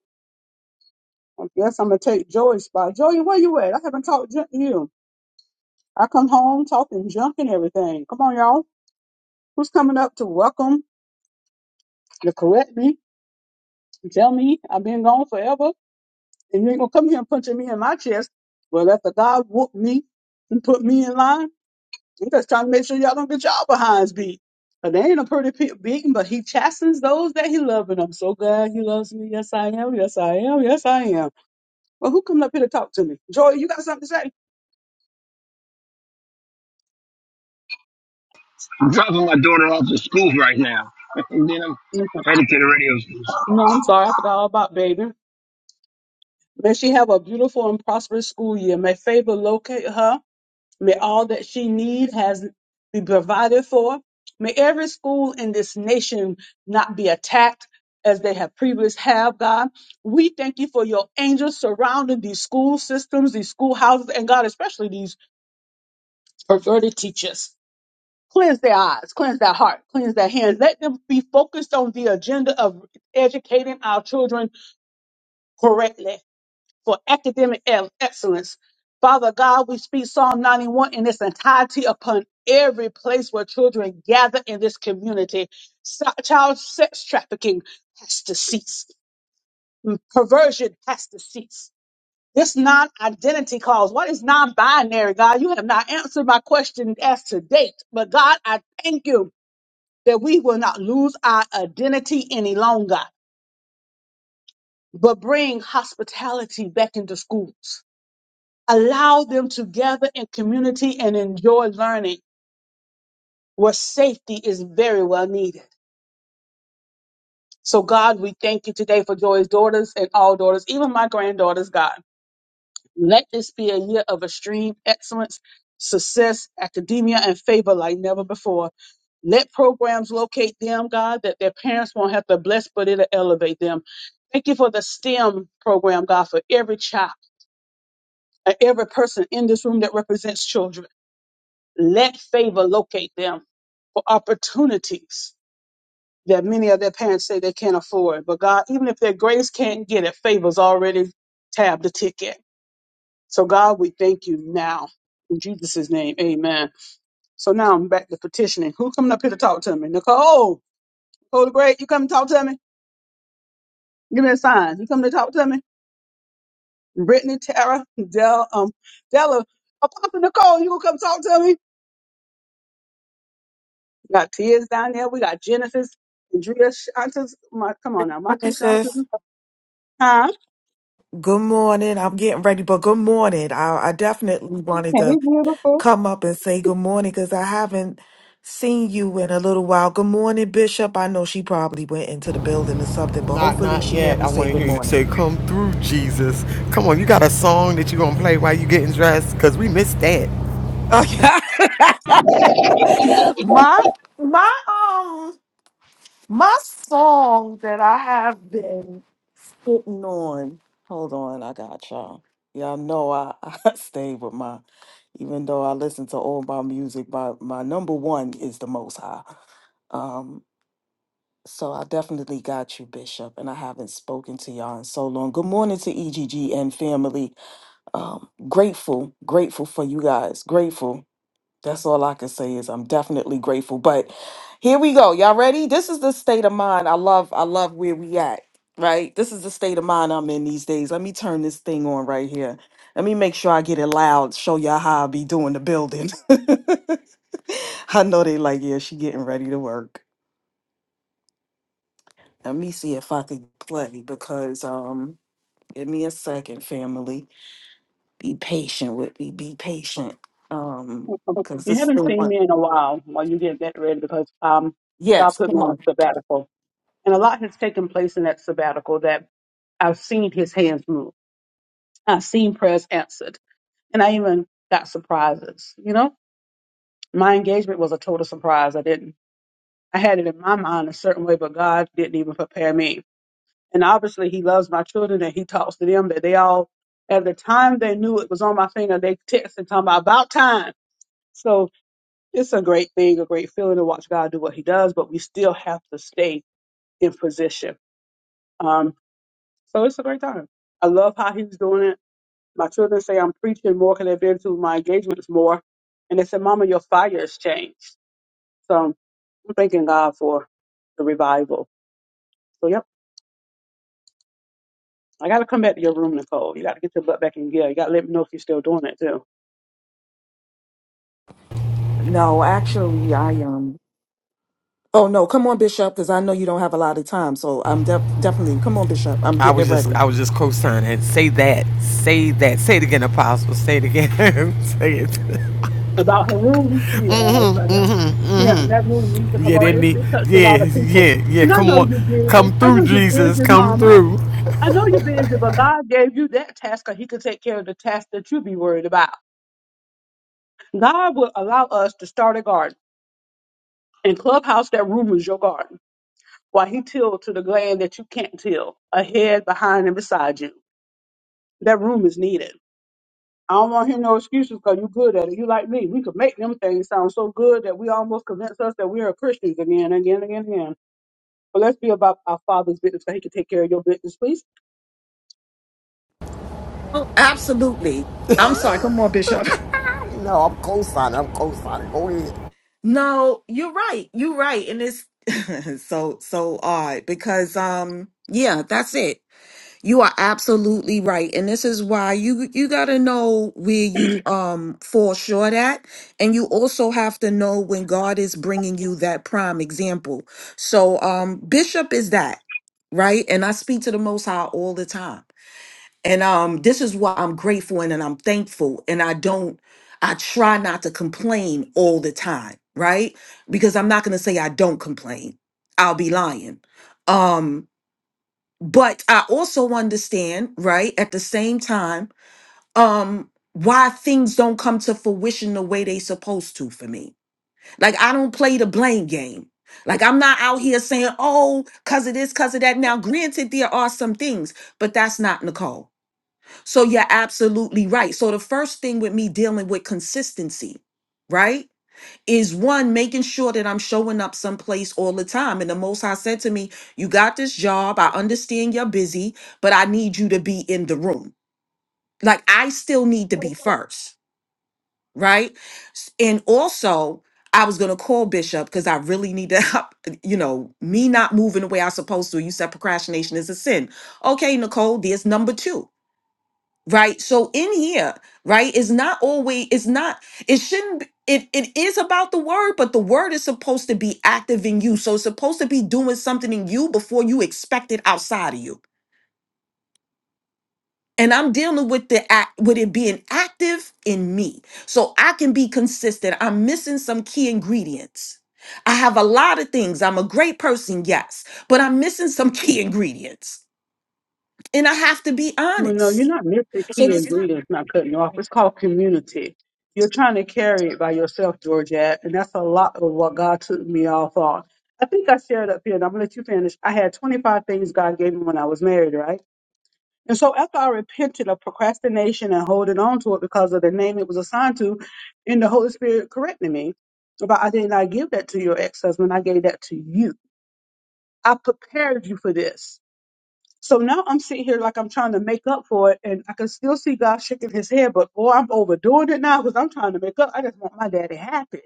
S4: I guess I'm gonna take Joey's spot. Joey, where you at? I haven't talked junk to you. I come home talking junk and everything. Come on, y'all. Who's coming up to welcome to correct me? Tell me I've been gone forever, and you ain't gonna come here and punching me in my chest. Well, if the God whoop me and put me in line, I'm just trying to make sure y'all don't get y'all behinds beat. But they ain't a pretty pe- beating, but he chastens those that he loves, and I'm so glad he loves me. Yes, I am. Yes, I am. Yes, I am. Well, who coming up here to talk to me? Joy, you got something to say?
S5: I'm dropping my daughter off to school right now. and then I'm
S4: No,
S5: headed to the radio station.
S4: No, I'm sorry. I forgot all about baby. May she have a beautiful and prosperous school year. May favor locate her May all that she needs has be provided for. May every school in this nation not be attacked as they have previously have, God. We thank you for your angels surrounding these school systems, these schoolhouses, and God, especially these perverted teachers. Cleanse their eyes, cleanse their heart, cleanse their hands. Let them be focused on the agenda of educating our children correctly for academic ex- excellence. Father God, we speak Psalm 91 in its entirety upon every place where children gather in this community. Sa- Child sex trafficking has to cease. M- Perversion has to cease. This non-identity cause. What is non-binary, God? You have not answered my question as to date. But God, I thank you that we will not lose our identity any longer, but bring hospitality back into schools allow them to gather in community and enjoy learning where safety is very well needed. So, God, we thank you today for Joy's daughters and all daughters, even my granddaughters, God. Let this be a year of extreme excellence, success, academia, and favor like never before. Let programs locate them, God, that their parents won't have to bless, but it'll elevate them. Thank you for the STEM program, God, for every child, and every person in this room that represents children. Let favor locate them for opportunities that many of their parents say they can't afford. But God, even if their grace can't get it, favor's already tabbed the ticket. So God, we thank you now. In Jesus' name, amen. So now I'm back to petitioning. Who coming up here to talk to me? Nicole, Nicole the Great, you come to talk to me? Give me a sign. You come to talk to me? Brittany, Tara, Del, um, Della, Apostle Nicole, you gonna come talk to me? We got Tia's down there. We got Genesis and Drea Shantas. My, come on now, my two Shantas.
S6: Princess,
S4: Huh?
S6: good morning. I'm getting ready, but good morning. I, I definitely wanted
S4: Hey,
S6: to
S4: beautiful.
S6: come up and say good morning because I haven't seen you in a little while. Good morning, Bishop. I know she probably went into the building or something, but
S1: Not,
S6: hopefully
S1: not
S6: she hear
S1: yet. I
S6: me
S1: want
S6: say
S1: to hear
S6: good
S1: you
S6: morning.
S1: say, "Come through, Jesus." Come on, you got a song that you gonna play while you getting dressed? Cause we missed that.
S6: Okay. my my um, My song that I have been sitting on. Hold on, I got y'all. Y'all know I, I stay with my, even though I listen to all my music, my, my number one is the Most High. Um, so I definitely got you, Bishop, and I haven't spoken to y'all in so long. Good morning to EGG and family. Um, grateful, grateful for you guys. Grateful that's all I can say is I'm definitely grateful. But here we go. Y'all ready? This is the state of mind. I love I love where we at, right? This is the state of mind I'm in these days. Let me turn this thing on right here. Let me make sure I get it loud, show y'all how I be doing the building. I know they like, yeah, she getting ready to work. Let me see if I could play because um give me a second, family. Be patient with me. Be patient. Um, because
S4: You
S6: this
S4: haven't
S6: thing
S4: seen
S6: wa-
S4: me in a while while you get that ready because um, God
S6: yes,
S4: put me
S6: come on.
S4: on a sabbatical. And a lot has taken place in that sabbatical that I've seen his hands move. I've seen prayers answered. And I even got surprises. You know, my engagement was a total surprise. I didn't, I had it in my mind a certain way, but God didn't even prepare me. And obviously, he loves my children and he talks to them that they all, at the time they knew it was on my finger, they text and talking about, about time. So it's a great thing, a great feeling to watch God do what he does, but we still have to stay in position. Um, so it's a great time. I love how he's doing it. My children say I'm preaching more than I've been to my engagements more. And they said, Mama, your fire has changed. So I'm thanking God for the revival. So, yep. I gotta come back to your room, Nicole. You gotta get your butt back in gear. You gotta let me know if you're still doing it too.
S6: No, actually, I um. Oh no, come on, Bishop, because I know you don't have a lot of time. So I'm def- definitely come on, Bishop. I'm
S1: I
S6: getting
S1: was
S6: it
S1: just,
S6: ready.
S1: I was just co-signing. Say that, say that, say it again, Apostle. Say it again. say it.
S4: About her room, yes,
S1: hmm
S4: I got,
S1: hmm
S4: yeah, that room needs to come
S1: Yeah,
S4: on.
S1: didn't
S4: It's,
S1: he?
S4: it touched a
S1: Yeah,
S4: lot of people,
S1: yeah, yeah.
S4: and I
S1: Come
S4: know
S1: on,
S4: you're busy.
S1: come
S4: I
S1: through,
S4: know you're
S1: Jesus.
S4: busy,
S1: Come
S4: Mama.
S1: through.
S4: I know you're busy, but God gave you that task, so He could take care of the task that you be worried about. God will allow us to start a garden. In Clubhouse, that room is your garden. While He tilled to the land that you can't till, ahead, behind, and beside you. That room is needed. I don't want to hear no excuses because you good at it. You like me. We could make them things sound so good that we almost convince us that we are Christians again, again, again, again. But let's be about our Father's business so He can take care of your business, please.
S6: Oh, absolutely. I'm sorry. Come on, Bishop.
S1: No, I'm co-signing. I'm co-signing. Go ahead.
S6: No, you're right. You're right. And it's so so odd because um yeah, that's it. You are absolutely right. And this is why you you got to know where you um fall short at and you also have to know when God is bringing you that prime example. So um bishop is that, right? And I speak to the most high all the time. And um this is why I'm grateful and, and I'm thankful and I don't I try not to complain all the time, right? Because I'm not going to say I don't complain. I'll be lying. Um but i also understand right at the same time um why things don't come to fruition the way they supposed to for me like i don't play the blame game like i'm not out here saying oh cuz of this cuz of that now granted there are some things but that's not nicole so you're absolutely right so the first thing with me dealing with consistency right is one making sure that I'm showing up someplace all the time. And the Most High said to me, You got this job. I understand you're busy, but I need you to be in the room. Like, I still need to be first, right? S- And also, I was going to call Bishop because I really need to, you know, me not moving the way I'm supposed to. You said procrastination is a sin. Okay, Nicole, there's number two right so in here right is not always it's not it shouldn't be- it, it is about the word but the word is supposed to be active in you so it's supposed to be doing something in you before you expect it outside of you and i'm dealing with the act with it being active in me so i can be consistent i'm missing some key ingredients i have a lot of things i'm a great person yes but i'm missing some key ingredients and i have to be
S4: You know, you're
S6: honest
S4: not missing the
S6: so
S4: key
S6: this
S4: ingredients, not cutting you off. It's called community. You're trying to carry it by yourself, Georgette, and that's a lot of what God took me off on. I think I shared up here, and I'm going to let you finish. I had 25 things God gave me when I was married, right? And so after I repented of procrastination and holding on to it because of the name it was assigned to, and the Holy Spirit corrected me about I did not give that to your ex-husband, I gave that to you. I prepared you for this. So now I'm sitting here like I'm trying to make up for it, and I can still see God shaking his head, but boy, I'm overdoing it now because I'm trying to make up. I just want my daddy happy.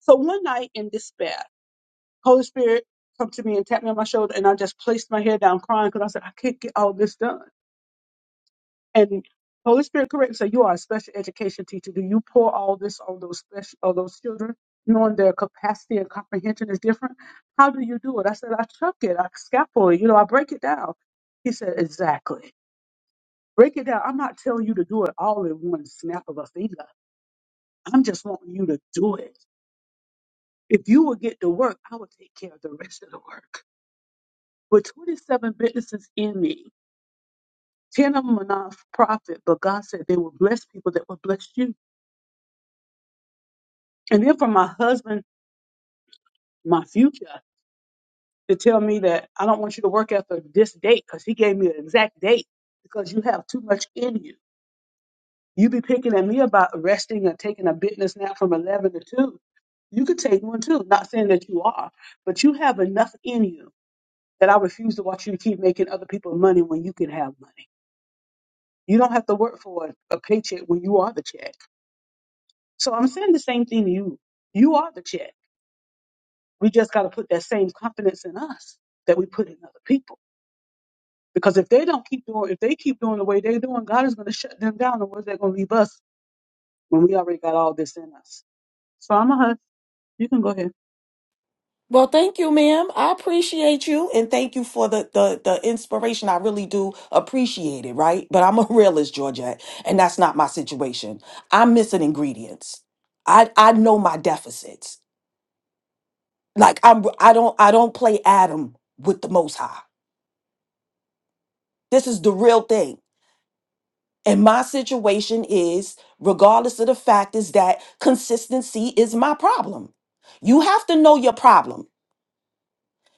S4: So one night in despair, Holy Spirit come to me and tapped me on my shoulder, and I just placed my head down crying because I said, I can't get all this done. And Holy Spirit, correct. So you are a special education teacher. Do you pour all this on those special on those children, knowing their capacity and comprehension is different? How do you do it? I said, I chuck it, I scaffold it, you know, I break it down. He said, Exactly. Break it down. I'm not telling you to do it all in one snap of a finger. I'm just wanting you to do it. If you will get to work, I will take care of the rest of the work. With 27 businesses in me, 10 of them are nonprofit, but God said they will bless people that will bless you. And then for my husband, my future, to tell me that I don't want you to work after this date because he gave me an exact date because you have too much in you. You be picking at me about resting or taking a business nap from 11 to 2. You could take one too. Not saying that you are, but you have enough in you that I refuse to watch you to keep making other people money when you can have money. You don't have to work for a, a paycheck when you are the check. So I'm saying the same thing to you. You are the check. We just got to put that same confidence in us that we put in other people. Because if they don't keep doing, if they keep doing the way they're doing, God is going to shut them down. And where's that going to leave us when we already got all this in us? So I'm a hush. You can go ahead.
S6: Well, thank you, ma'am. I appreciate you and thank you for the, the, the inspiration. I really do appreciate it, right? But I'm a realist, Georgette, and that's not my situation. I'm missing ingredients. I, I know my deficits. Like I'm I don't I don't play Adam with the most high. This is the real thing. And my situation is, regardless of the fact, is that consistency is my problem. You have to know your problem.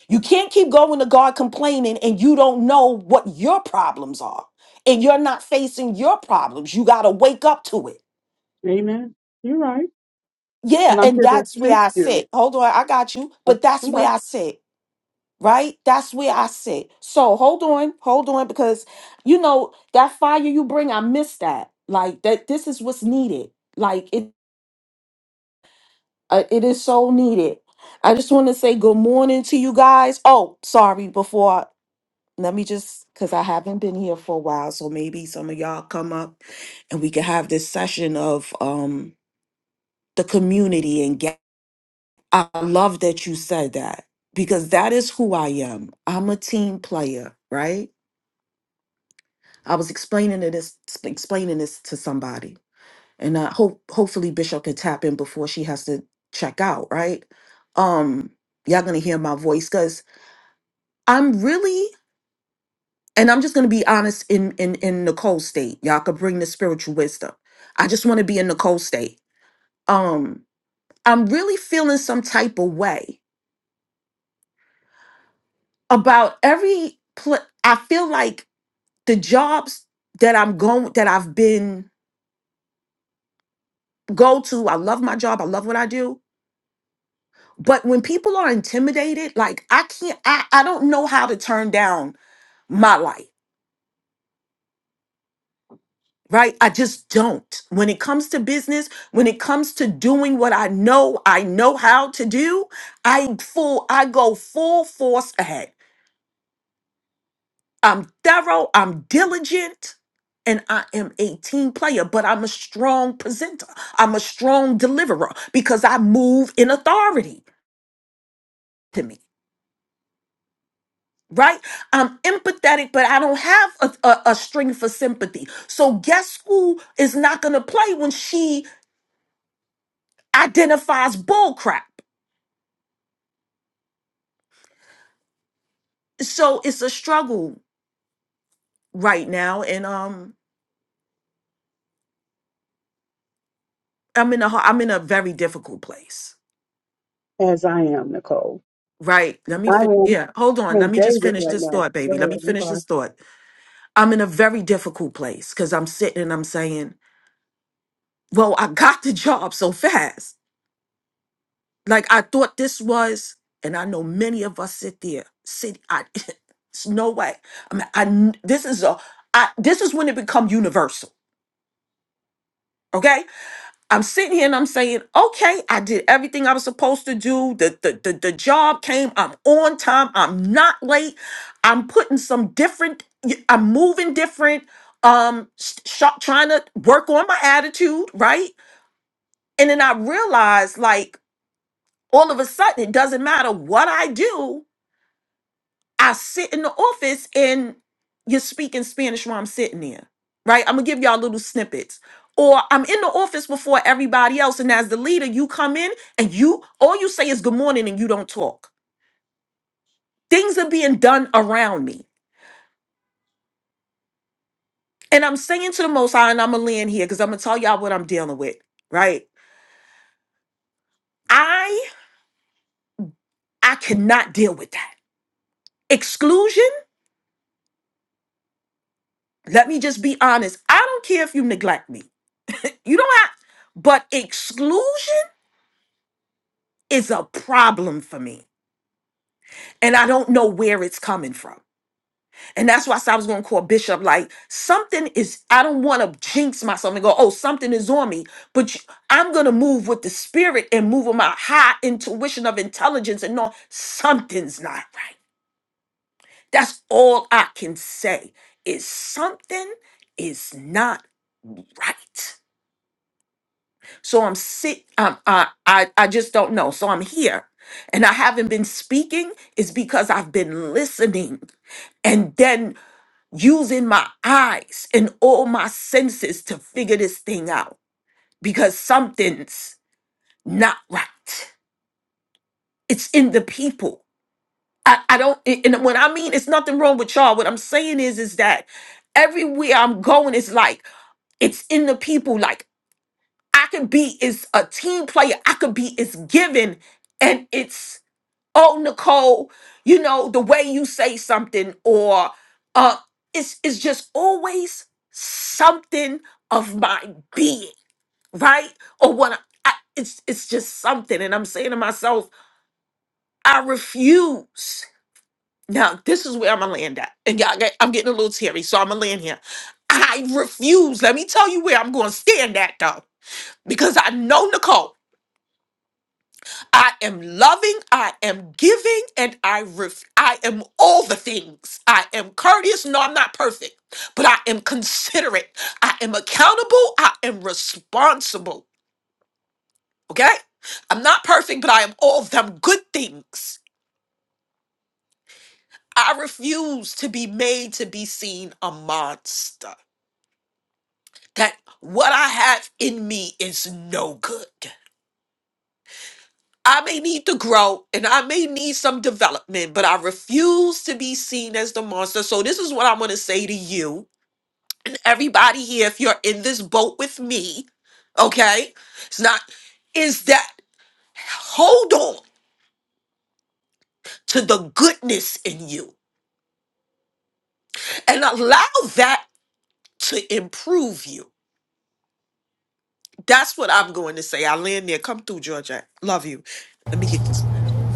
S6: You can't keep going to God complaining and you don't know what your problems are and you're not facing your problems. You got to wake up to it.
S4: Amen. You're right.
S6: Yeah,
S4: But I'm
S6: and
S4: here to
S6: that's where
S4: assist
S6: I
S4: you
S6: sit. Hold on, I got you, but that's
S4: Okay.
S6: where I sit, right? That's where I sit. So hold on, hold on, because you know that fire you bring, I miss that. Like that, this is what's needed. Like it, uh, it is so needed. I just want to say good morning to you guys. Oh, sorry, before let me just because I haven't been here for a while, so maybe some of y'all come up and we can have this session of um the community and get I love that you said that because that is who I am. I'm a team player, right? I was explaining it this explaining this to somebody. And I hope hopefully Bishop can tap in before she has to check out, right? Um, y'all gonna hear my voice because I'm really and I'm just gonna be honest in in in Nicole's state. Y'all could bring the spiritual wisdom. I just want to be in Nicole's state. Um, I'm really feeling some type of way about every. Pl- I feel like the jobs that I'm going that I've been go to. I love my job. I love what I do. But when people are intimidated, like I can't. I I don't know how to turn down my life. right? I just don't. When it comes to business, when it comes to doing what I know I know how to do, I full I go full force ahead. I'm thorough, I'm diligent, and I am a team player, but I'm a strong presenter. I'm a strong deliverer because I move in authority to me. Right? I'm empathetic, but I don't have a, a, a string for sympathy. So guess who is not gonna play when she identifies bull crap? so it's a struggle right now and um i'm in a ho- i'm in a very difficult place
S4: as I am, Nicole.
S6: right let me
S4: I
S6: fin-
S4: am
S6: yeah hold on let
S4: in
S6: me just
S4: David
S6: finish
S4: right
S6: this
S4: now.
S6: thought
S4: Go
S6: baby let
S4: ahead.
S6: me
S4: I'm
S6: finish
S4: sorry.
S6: this thought i'm in a very difficult place because i'm sitting and i'm saying well i got the job so fast like i thought this was and i know many of us sit there sit i it's no way i mean i kn- this is a I, this is when it become universal okay I'm sitting here and I'm saying, okay, I did everything I was supposed to do. The, the, the, the job came. I'm on time. I'm not late. I'm putting some different, I'm moving different, um, sh- sh- trying to work on my attitude, right? And then I realized, like, all of a sudden, it doesn't matter what I do. I sit in the office and you're speaking Spanish while I'm sitting there, right? I'm gonna give y'all little snippets. Or I'm in the office before everybody else, and as the leader, you come in and you all you say is good morning and you don't talk. Things are being done around me. And I'm saying to the most high, and I'm gonna land here because I'm gonna tell y'all what I'm dealing with, right? I I cannot deal with that. Exclusion, let me just be honest. I don't care if you neglect me. You don't have but exclusion is a problem for me. And I don't know where it's coming from. And that's why I said I was going to call Bishop like, something is, I don't want to jinx myself and go, oh, something is on me. But you- I'm going to move with the spirit and move with my high intuition of intelligence and know something's not right. That's all I can say is something is not right. So I'm sick. Um, I, I I just don't know. So I'm here, and I haven't been speaking is because I've been listening and then using my eyes and all my senses to figure this thing out because something's not right. It's in the people. I, I don't. And when I mean it's nothing wrong with y'all, what I'm saying is is that everywhere I'm going, it's like it's in the people. Like I can be is a team player. I could be is giving, and it's oh Nicole, you know the way you say something, or uh, it's it's just always something of my being, right? Or what I, I it's it's just something, and I'm saying to myself, I refuse. Now this is where I'm gonna land at, and y'all, get- I'm getting a little teary, so I'm gonna land here. I refuse. Let me tell you where I'm gonna stand at though, because I know Nicole. I am loving, I am giving, and I ref- I am all the things. I am courteous. No, I'm not perfect, but I am considerate. I am accountable. I am responsible. Okay? I'm not perfect, but I am all of them good things. I refuse to be made to be seen a monster. That what I have in me is no good. I may need to grow and I may need some development, but I refuse to be seen as the monster. So, this is what I want to say to you. Everybody here, if you're in this boat with me, okay, it's not, is that hold on to the goodness in you and allow that to improve you. That's what I'm going to say. I land there. Come through, Georgia. Love you. Let me get this.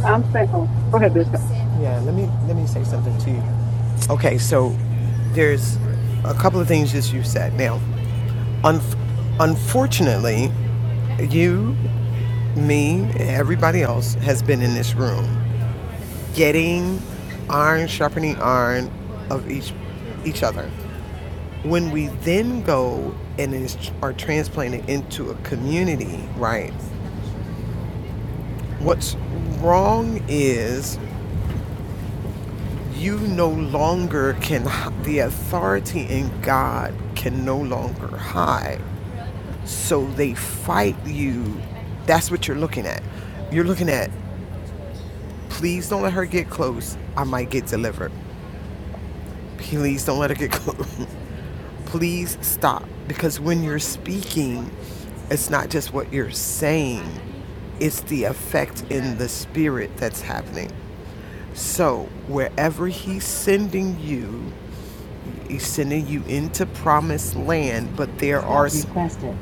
S4: I'm saying, oh, go ahead, Bishop.
S1: Yeah, let me let me say something to you. Okay, so there's a couple of things that you said. Now, un- unfortunately, you, me, and everybody else has been in this room getting iron sharpening iron of each each other. When we then go and is, are transplanted into a community, right? What's wrong is You no longer can, the authority in God can no longer hide. So they fight you. That's what you're looking at. You're looking at, please don't let her get close. I might get delivered. Please don't let her get close. please stop. Because when you're speaking, it's not just what you're saying, it's the effect in the spirit that's happening. So, wherever he's sending you, He's sending you into promised land, but there are Stop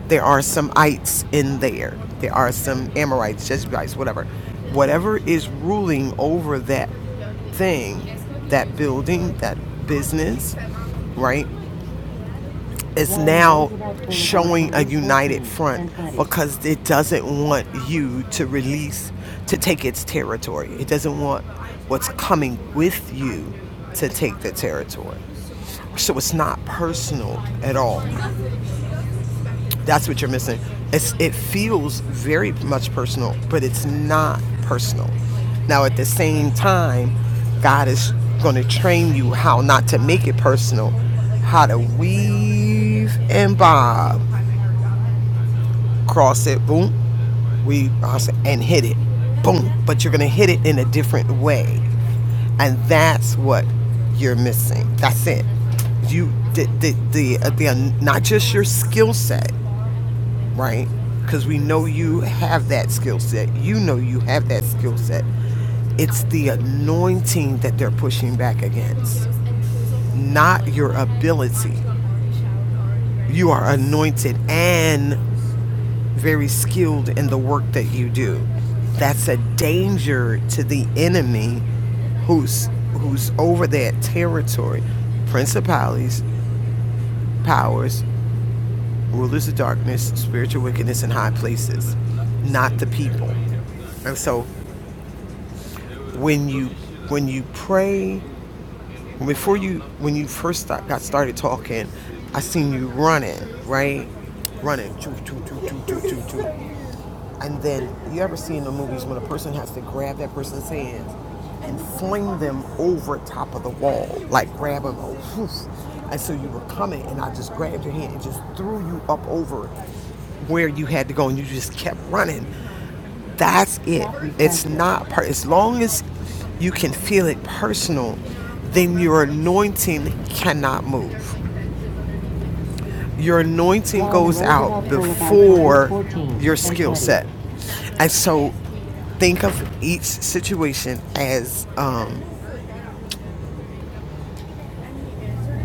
S1: there are some ites in there. There are some Amorites, Jebusites, whatever. Whatever is ruling over that thing, that building, that business, right, is now showing a united front because it doesn't want you to release, to take its territory. It doesn't want what's coming with you to take the territory. So it's not personal at all. That's what you're missing. It's, it feels very much personal, but it's not personal. Now, at the same time, God is going to train you how not to make it personal, how to weave and bob, cross it, boom, we and hit it boom but you're going to hit it in a different way and that's what you're missing that's it you the the the, uh, the uh, not just your skill set right because we know you have that skill set you know you have that skill set it's the anointing that they're pushing back against not your ability you are anointed and. very skilled in the work that you do. That's a danger to the enemy who's who's over that territory. Principalities, powers, rulers of darkness, spiritual wickedness in high places, not the people. And so when you when you pray before you when you first start, got started talking, I seen you running, right? Running. Choo, choo, choo, choo, choo, choo, choo. And then you ever see in the movies when a person has to grab that person's hands and fling them over top of the wall, like grab them, oh, whew. and so you were coming, and I just grabbed your hand and just threw you up over where you had to go, and you just kept running. That's it. It's not per- as long as you can feel it personal, then your anointing cannot move your anointing goes out before your skill set. And so think of each situation as um,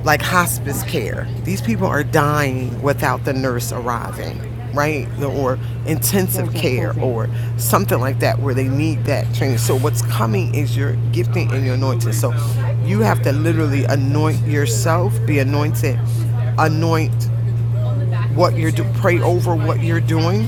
S1: like hospice care. These people are dying without the nurse arriving, right? Or intensive care or something like that where they need that training. So what's coming is your gifting and your anointing. So you have to literally anoint yourself, be anointed, anoint what you're do, pray over what you're doing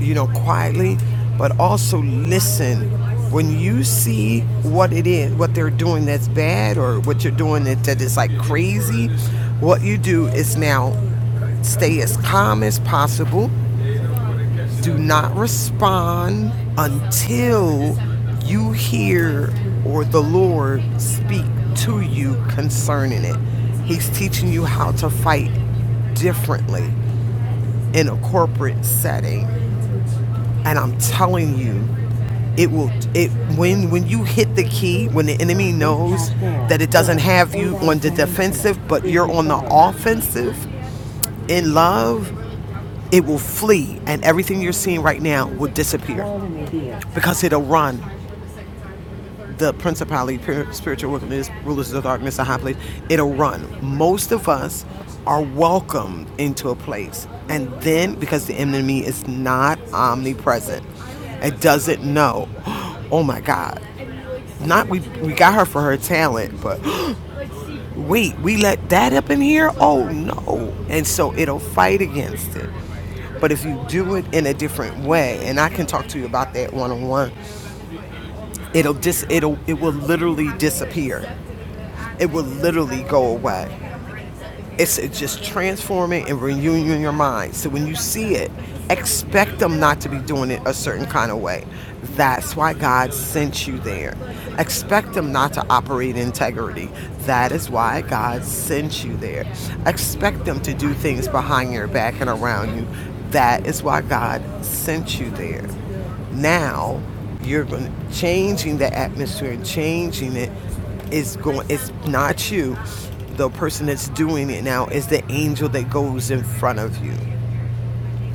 S1: you know, quietly, but also listen. When you see what it is, what they're doing that's bad, or what you're doing that, that is like crazy, what you do is now stay as calm as possible. Do not respond until you hear or the Lord speak to you concerning it. He's teaching you how to fight differently in a corporate setting and I'm telling you, it will it when when you hit the key, when the enemy knows that it doesn't have you on the defensive, but you're on the offensive in love, it will flee and everything you're seeing right now will disappear because it'll run the principality, spiritual wickedness, rulers of darkness, and high place, it'll run. Most of us are welcomed into a place. And then, because the enemy is not omnipresent, it doesn't know, oh my God, not we, we got her for her talent, but wait, we let that up in here? Oh no. And so it'll fight against it. But if you do it in a different way, and I can talk to you about that one on one, it'll dis it'll it will literally disappear it will literally go away. It's just transforming and renewing your mind. So when you see it, expect them not to be doing it a certain kind of way. That's why God sent you there. Expect them not to operate in integrity. That is why God sent you there. Expect them to do things behind your back and around you. That is why God sent you there. Now you're going to changing the atmosphere and changing it is going. It's not you. The person that's doing it now is the angel that goes in front of you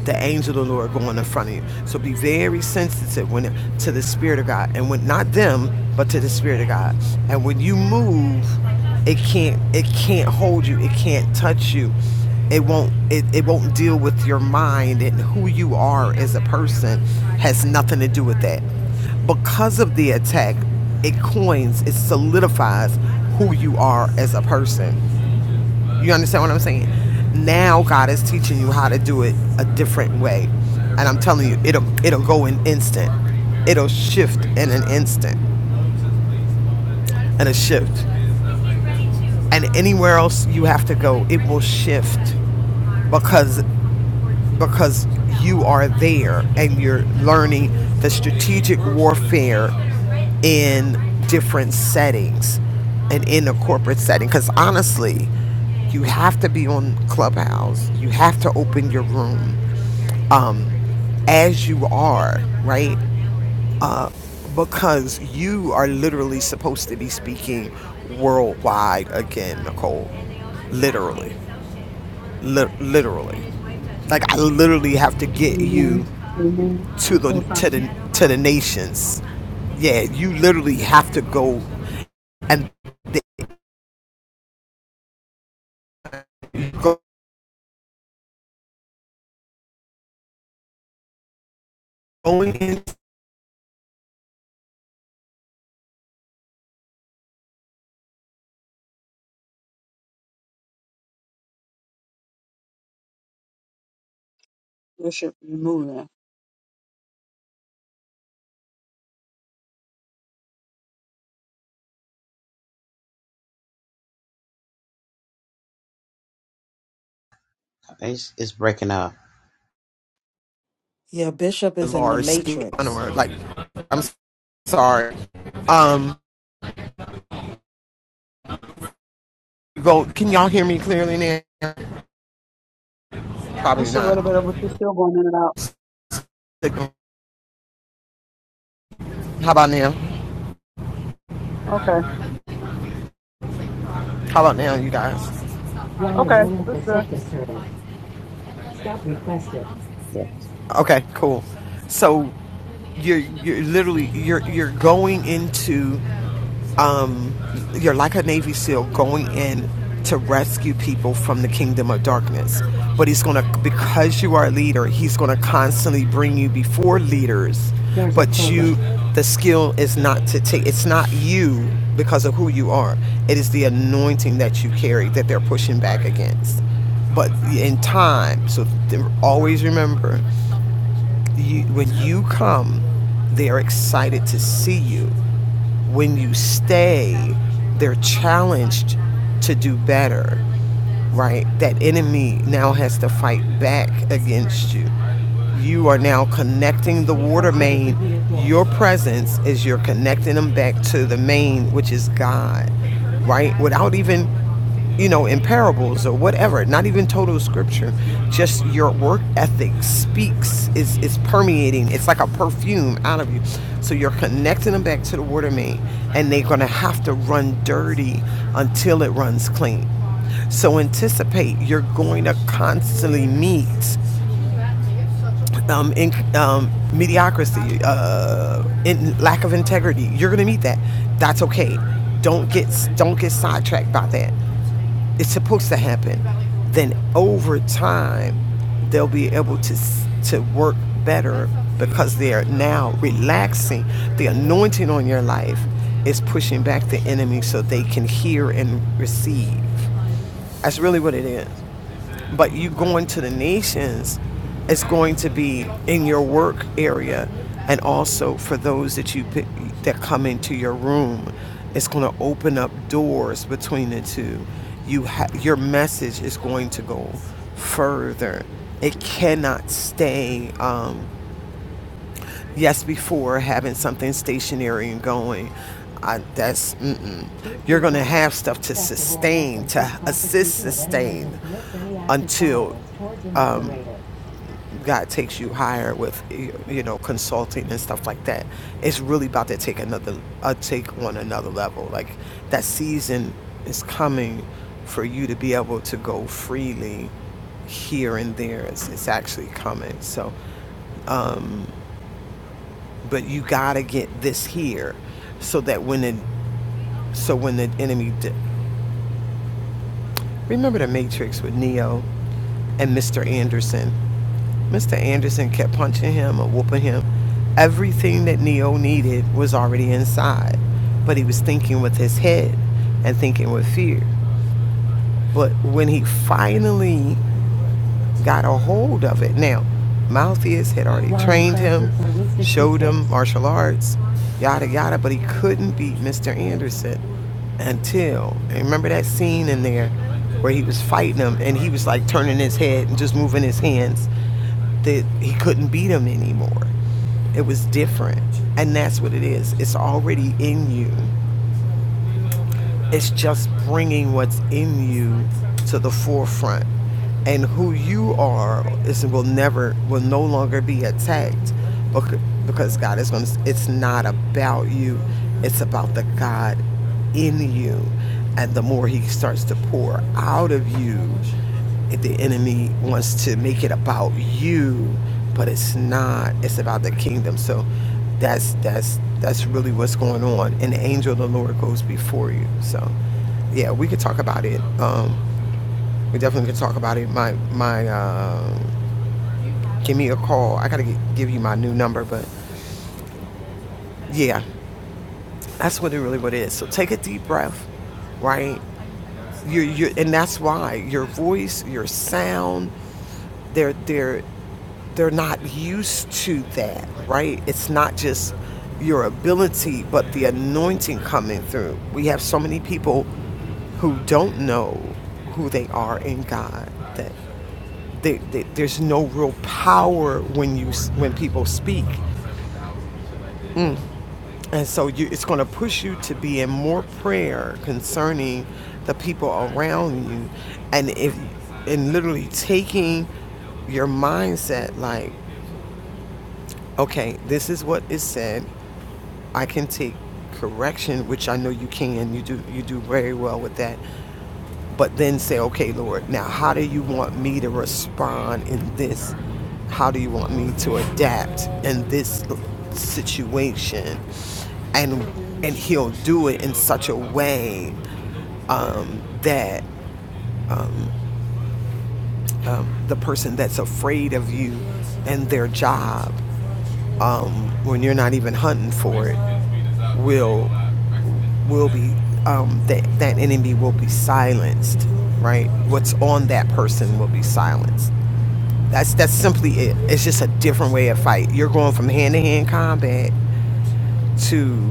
S1: the angel of the Lord going in front of you. So be very sensitive when it, to the Spirit of God, and when not them, but to the Spirit of God. And when you move, it can't it can't hold you. It can't touch you. It won't it, it won't deal with your mind and who you are as a person has nothing to do with that. Because of the attack, it coins, it solidifies who you are as a person. You understand what I'm saying? Now God is teaching you how to do it a different way. And I'm telling you, it'll it'll go in instant. It'll shift in an instant. And a shift. And anywhere else you have to go, it will shift because because you are there and you're learning the strategic warfare in different settings and in a corporate setting. Because honestly, you have to be on Clubhouse. You have to open your room. as you are, right? Because you are literally supposed to be speaking worldwide again, Nicole. Literally. Li- literally. Like I literally have to get
S4: Amen.
S1: you
S4: Amen.
S1: to
S4: And
S1: the to the
S4: co-signing.
S1: to the nations. Yeah, you literally have to go and they go- going into
S4: Bishop, you're moving.
S7: It's, it's breaking up.
S6: Yeah, Bishop
S1: the
S6: is in the
S1: large scale
S6: matrix.
S1: like I'm sorry. Um go can y'all hear me clearly now? Probably
S4: It's a little bit
S1: not.
S4: of what you're still going in and out.
S1: How about now?
S4: Okay.
S1: How about now, you guys? Line of
S4: Okay,
S1: room for
S4: that's good.
S1: secretary. Stop requested. Okay, cool. So you're you're literally you're you're going into um you're like a Navy SEAL going in to rescue people from the kingdom of darkness. But he's gonna because you are a leader, he's gonna constantly bring you before leaders. There's But you the skill is not to take it's not you because of who you are. It is the anointing that you carry that they're pushing back against but in time. So always remember you, when you come, they're excited to see you. When you stay, they're challenged to do better right? That enemy now has to fight back against you. You are now connecting the water main. Your presence is you're connecting them back to the main, which is God, right? Without even, you know, in parables or whatever, not even total scripture, just your work ethic speaks, is is permeating. It's like a perfume out of you. So you're connecting them back to the water main, and they're gonna have to run dirty until it runs clean so anticipate you're going to constantly meet um, in, um, mediocrity, uh, in lack of integrity. You're going to meet that. That's okay. Don't get don't get sidetracked by that. It's supposed to happen. Then over time, they'll be able to to work better because they are now relaxing. The anointing on your life is pushing back the enemy so they can hear and receive. That's really what it is but you going to the nations is going to be in your work area and also for those that you pick, that come into your room it's going to open up doors between the two you ha- your message is going to go further it cannot stay um, yes before having something stationary and going I, that's mm-mm. you're going to have stuff to sustain to assist sustain until um, god takes you higher with you know consulting and stuff like that it's really about to take another uh, take on another level like that season is coming for you to be able to go freely here and there it's, it's actually coming so but you gotta get this here so that when the so when the enemy di- remember the matrix with neo and mr anderson mr anderson kept punching him or whooping him everything that neo needed was already inside but he was thinking with his head and thinking with fear but when he finally got a hold of it. Now, Malthus had already trained him, showed him martial arts, yada yada, but he couldn't beat Mr. Anderson until and remember that scene in there where he was fighting him and he was like turning his head and just moving his hands that he couldn't beat him anymore. It was different. And that's what it is. It's already in you. It's just bringing what's in you to the forefront. And who you are is will never will no longer be attacked becau- because God is going to it's not about you. It's about the God in you. And the more he starts to pour out of you, if the enemy wants to make it about you, but it's not. It's about the kingdom. So that's that's that's really what's going on. And the angel of the Lord goes before you. So yeah, we could talk about it. Um, we definitely could talk about it. My my, um give me a call. I gotta g give you my new number, but yeah, that's what it really what it is. So take a deep breath, right? You're, you're, and that's why your voice, your sound. they're they're they're not used to that, right? It's not just your ability, but the anointing coming through. We have so many people who don't know who they are in God that they, they, there's no real power when you when people speak, and so you, it's going to push you to be in more prayer concerning the people around you, and if and literally taking your mindset like okay, this is what is said. I can take correction, which I know you can. You do you do very well with that. But then say, okay, Lord, now how do you want me to respond in this? How do you want me to adapt in this situation? And and he'll do it in such a way um, that um, the person that's afraid of you and their job um, when you're not even hunting for it will will be um, that that enemy will be silenced, right? What's on that person will be silenced. That's that's simply it. It's just a different way of fight. You're going from hand to hand combat to,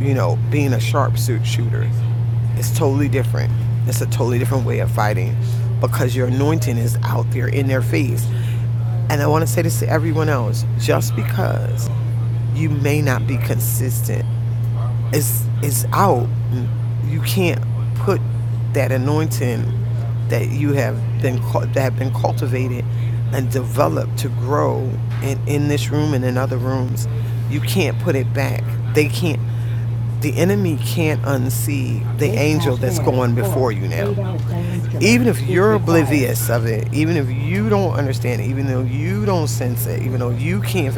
S1: you know, being a sharpsuit shooter. It's totally different. It's a totally different way of fighting because your anointing is out there in their face. And I want to say this to everyone else: just because you may not be consistent is is out, you can't put that anointing that you have been that have been cultivated and developed to grow in, in this room and in other rooms. You can't put it back. They can't. The enemy can't unsee the angel that's going before you now. Even if you're oblivious of it, even if you don't understand it, even though you don't sense it, even though you can't,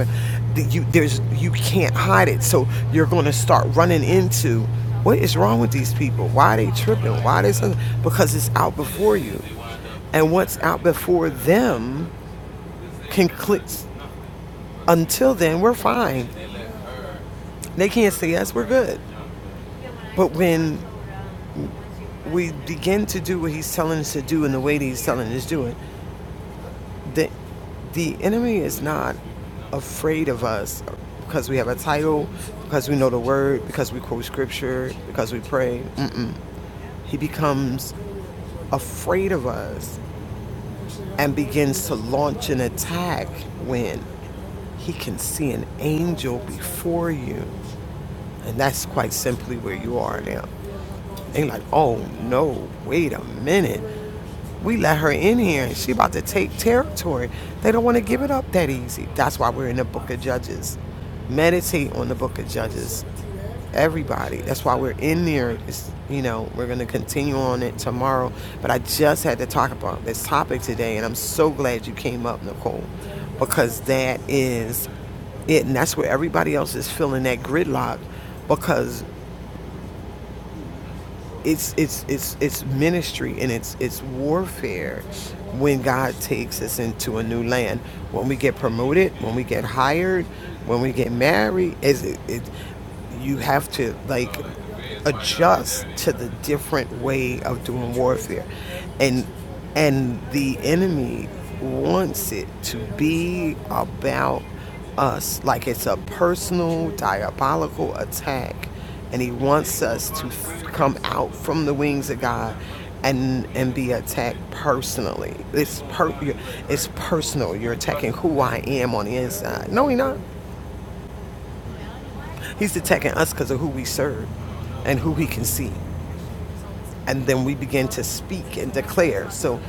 S1: you there's you can't hide it. So you're going to start running into what is wrong with these people? Why are they tripping? Why they something? Because it's out before you, and what's out before them can click. Until then, we're fine. They can't see us. We're good. But when we begin to do what he's telling us to do in the way that he's telling us to do it, the, the enemy is not afraid of us because we have a title, because we know the word, because we quote scripture, because we pray. Mm. He becomes afraid of us and begins to launch an attack when he can see an angel before you. And that's quite simply where you are now. They like, oh no, wait a minute. We let her in here and she about to take territory. They don't want to give it up that easy. That's why we're in the book of Judges. Meditate on the book of Judges. Everybody. That's why we're in there. It's, you know, we're going to continue on it tomorrow. But I just had to talk about this topic today and I'm so glad you came up, Nicole, because that is it. And that's where everybody else is feeling that gridlock because it's it's it's it's ministry and it's it's warfare when God takes us into a new land. When we get promoted, when we get hired, when we get married, is it, it you have to like adjust to the different way of doing warfare. And and the enemy wants it to be about us like it's a personal diabolical attack and he wants us to f- come out from the wings of God and and be attacked personally. It's per it's personal. You're attacking who I am on the inside. No, he not. He's attacking us because of who we serve and who he can see. and then we begin to speak and declare. So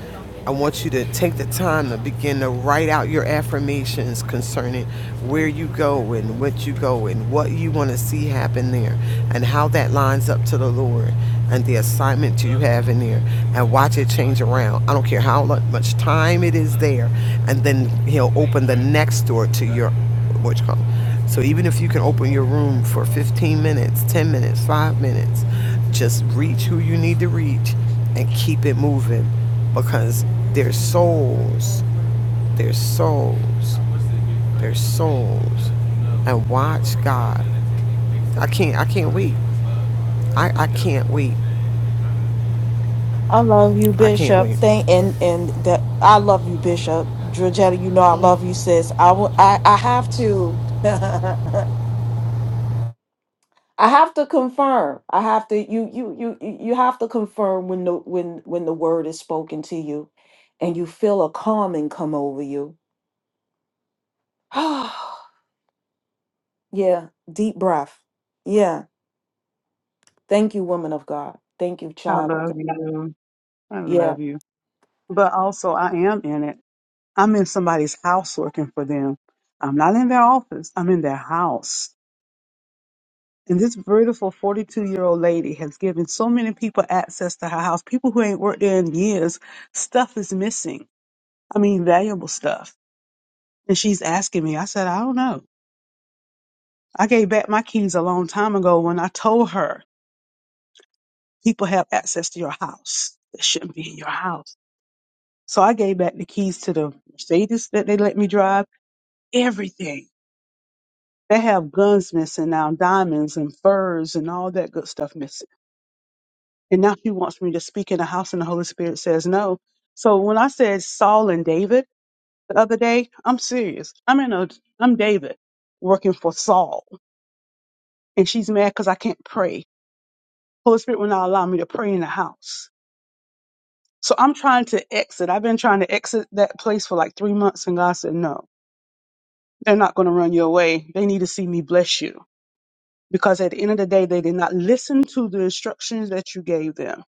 S1: I want you to take the time to begin to write out your affirmations concerning where you go and what you go and what you want to see happen there and how that lines up to the Lord and the assignment you have in there and watch it change around. I don't care how much time it is there. And then He'll open the next door to your what you call it. So even if you can open your room for 15 minutes, 10 minutes, 5 minutes, just reach who you need to reach and keep it moving because there's souls, there's souls, there's souls. And watch God. I can't I can't wait. I, I can't wait.
S6: I love you,
S1: I can't
S6: Bishop.
S1: wait.
S6: Thank and and that I love you, Bishop. Georgetta, you know I love you, sis. I will. I I have to. I have to confirm. I have to. You you you you you have to confirm when the when when the word is spoken to you, and you feel a calming come over you. yeah, deep breath. Yeah, thank you, woman of God. Thank you,
S4: I
S6: child. of
S4: love
S6: God.
S4: you. I
S6: Yeah,
S4: love you. But also, I am in it. I'm in somebody's house working for them. I'm not in their office. I'm in their house. And this beautiful 42 year old lady has given so many people access to her house. People who ain't worked there in years, stuff is missing. I mean, valuable stuff. And she's asking me, I said, I don't know. I gave back my keys a long time ago when I told her people have access to your house that shouldn't be in your house. So I gave back the keys to the Mercedes that they let me drive, everything. They have guns missing now, diamonds and furs and all that good stuff missing. And now she wants me to speak in the house and the Holy Spirit says no. So when I said Saul and David the other day, I'm serious. I'm in a, I'm David working for Saul and she's mad because I can't pray. Holy Spirit will not allow me to pray in the house. So I'm trying to exit. I've been trying to exit that place for like three months and God said no they're not going to run you away. They need to see me bless you. Because at the end of the day, they did not listen to the instructions that you gave them.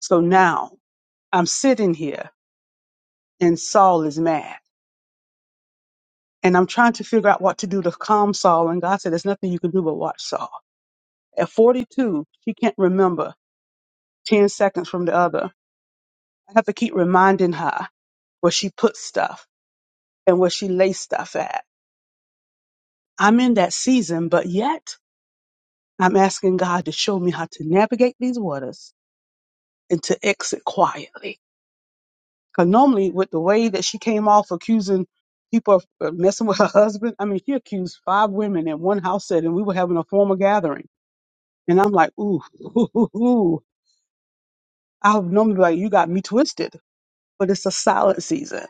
S4: So now I'm sitting here and Saul is mad. And I'm trying to figure out what to do to calm Saul. And God said, There's nothing you can do but watch Saul. At 42, she can't remember 10 seconds from the other. I have to keep reminding her where she put stuff and where she lays stuff at. I'm in that season, but yet I'm asking God to show me how to navigate these waters and to exit quietly. Because normally, with the way that she came off accusing people of of messing with her husband, I mean, she accused five women in one house setting. We were having a formal gathering. And I'm like, ooh, ooh, ooh, ooh. I would normally be like, you got me twisted. But it's a silent season.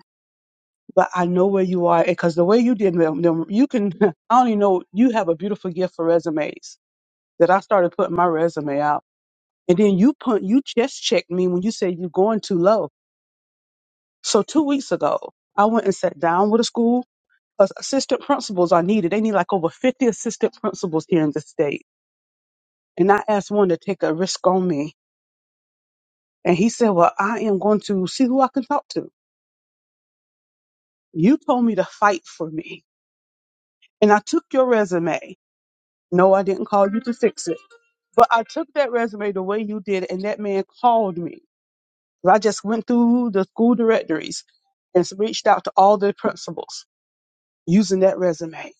S4: But I know where you are because the way you did them, them- you can, I only know you have a beautiful gift for resumes that I started putting my resume out. And then you put, you chest checked me when you said you're going too low. So two weeks ago, I went and sat down with a school. As- Assistant principals are needed. They need like over 50 assistant principals here in the state. And I asked one to take a risk on me. And he said, well, I am going to see who I can talk to. You told me to fight for me. And I took your resume. No, I didn't call you to fix it. But I took that resume the way you did. And that man called me. So I just went through the school directories and reached out to all the principals using that resume.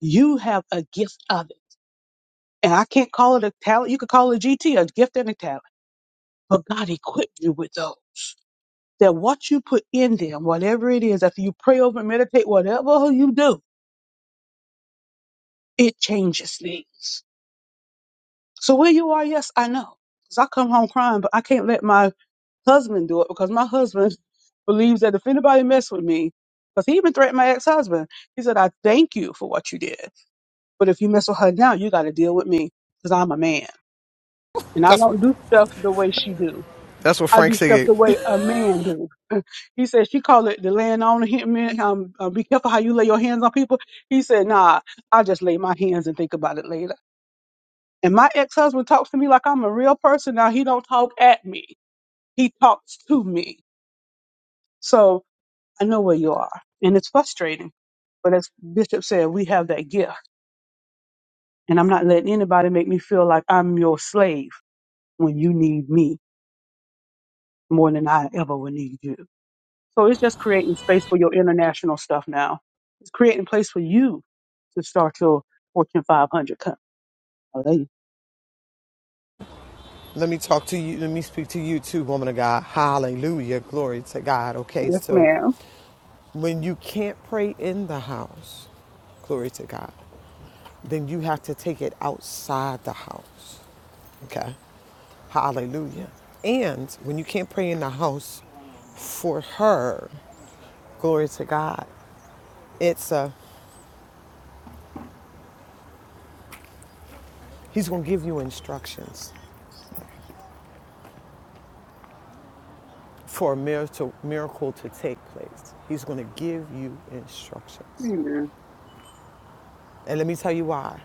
S4: You have a gift of it And I can't call it a talent. You could call it a GT, a gift and a talent. But God equipped you with those. That what you put in them, whatever it is, after you pray over, meditate, whatever you do, it changes things. So where you are, yes, I know. Because I come home crying, but I can't let my husband do it because my husband believes that if anybody mess with me, because he even threatened my ex-husband, he said, I thank you for what you did. But if you mess with her now, you got to deal with me because I'm a man. And I
S1: That's what
S4: don't do stuff the way she do.
S1: that's what
S4: I
S1: Frank
S4: do stuff
S1: said.
S4: the way a man do. He said she call it the laying on of him. man. Um, uh, be careful how you lay your hands on people. He said, Nah, I just lay my hands and think about it later. And my ex husband talks to me like I'm a real person. Now he don't talk at me. He talks to me. So I know where you are, and it's frustrating. But as Bishop said, we have that gift, and I'm not letting anybody make me feel like I'm your slave when you need me more than I ever would need you. So it's just creating space for your international stuff now. It's creating place for you to start your Fortune 500 company. Oh, there you-
S1: Let me talk to you. Let me speak to you too, woman of God. Hallelujah. Glory to God. Okay,
S4: Yes,
S1: so
S4: ma'am.
S1: When you can't pray in the house, glory to God, then you have to take it outside the house. Okay? Hallelujah. And when you can't pray in the house for her, glory to God, it's a, he's going to give you instructions for a miracle, miracle to take place. He's going to give you instructions.
S4: Amen.
S1: And let me tell you why.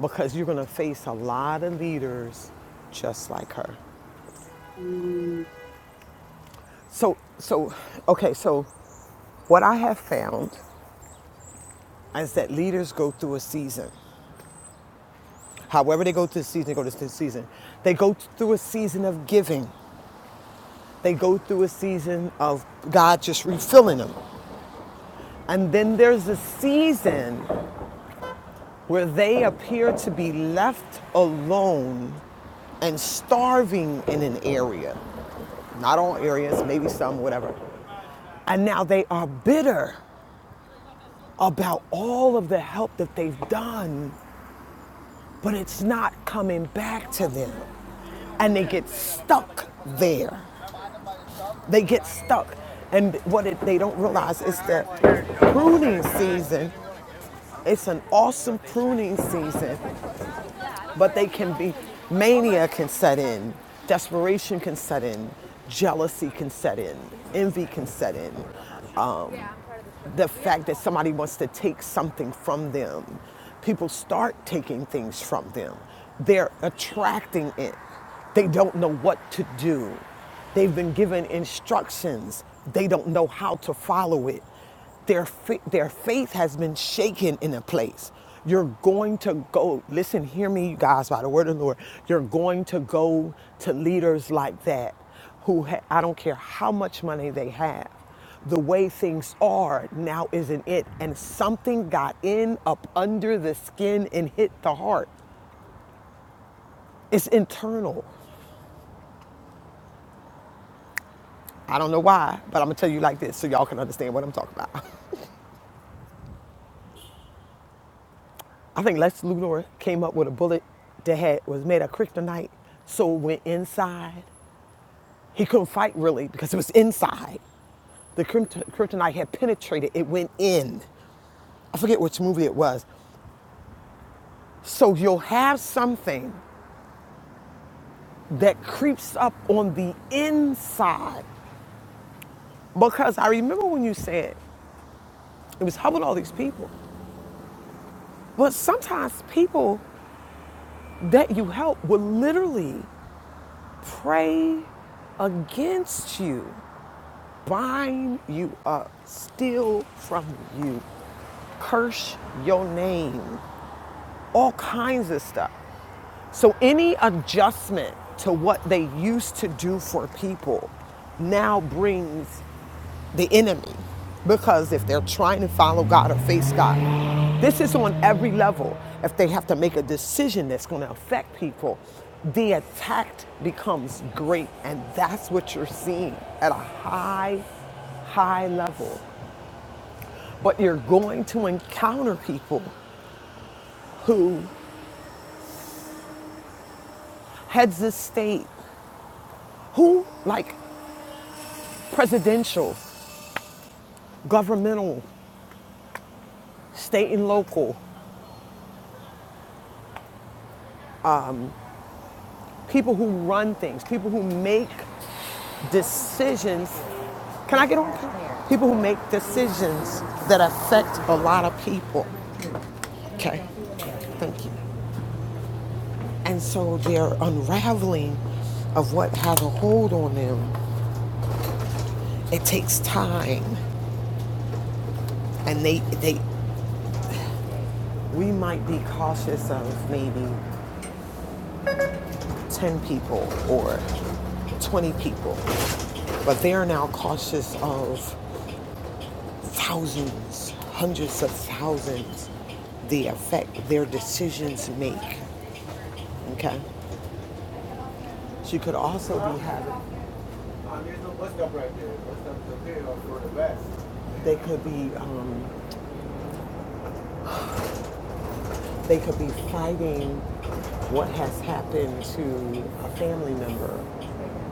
S1: Because you're going to face a lot of leaders just like her.
S4: Mm,
S1: So, so, okay, so what I have found is that leaders go through a season. However, they go through the season, they go through the season. They go through a season of giving, they go through a season of God just refilling them. And then there's a season where they appear to be left alone and starving in an area. Not all areas, maybe some, whatever. And now they are bitter about all of the help that they've done but it's not coming back to them. And they get stuck there. They get stuck. And what it, they don't realize is that pruning season, it's an awesome pruning season, but they can be, mania can set in, desperation can set in, jealousy can set in, envy can set in. the fact that somebody wants to take something from them. People start taking things from them. They're attracting it. They don't know what to do. They've been given instructions. They don't know how to follow it. Their, fa- their faith has been shaken in a place. You're going to go, listen, hear me, you guys, by the word of the Lord. You're going to go to leaders like that who ha- I don't care how much money they have the way things are now isn't it and something got in up under the skin and hit the heart it's internal i don't know why but i'm gonna tell you like this so y'all can understand what i'm talking about i think lex luthor came up with a bullet that had was made of kryptonite so it went inside he couldn't fight really because it was inside the kryptonite had penetrated it went in i forget which movie it was so you'll have something that creeps up on the inside. Because I remember when you said it was helping all these people, but sometimes people that you help will literally pray against you, bind you up, steal from you, curse your name, all kinds of stuff. So any adjustment to what they used to do for people now brings the enemy because if they're trying to follow God or face God, this is on every level. If they have to make a decision that's going to affect people, the attack becomes great. And that's what you're seeing at a high, high level. But you're going to encounter people who heads of state, who like presidential, governmental, state and local, people who run things, people who make decisions Can I get on? People who make decisions that affect a lot of people. Okay. Thank you. And so their unraveling of what has a hold on them, it takes time. And they, they, we might be cautious of maybe 10 people or 20 people, but they are now cautious of thousands, hundreds of thousands, the effect their decisions make. Okay. She could also be having, Uh, no right they could be, um, they could be fighting what has happened to a family member,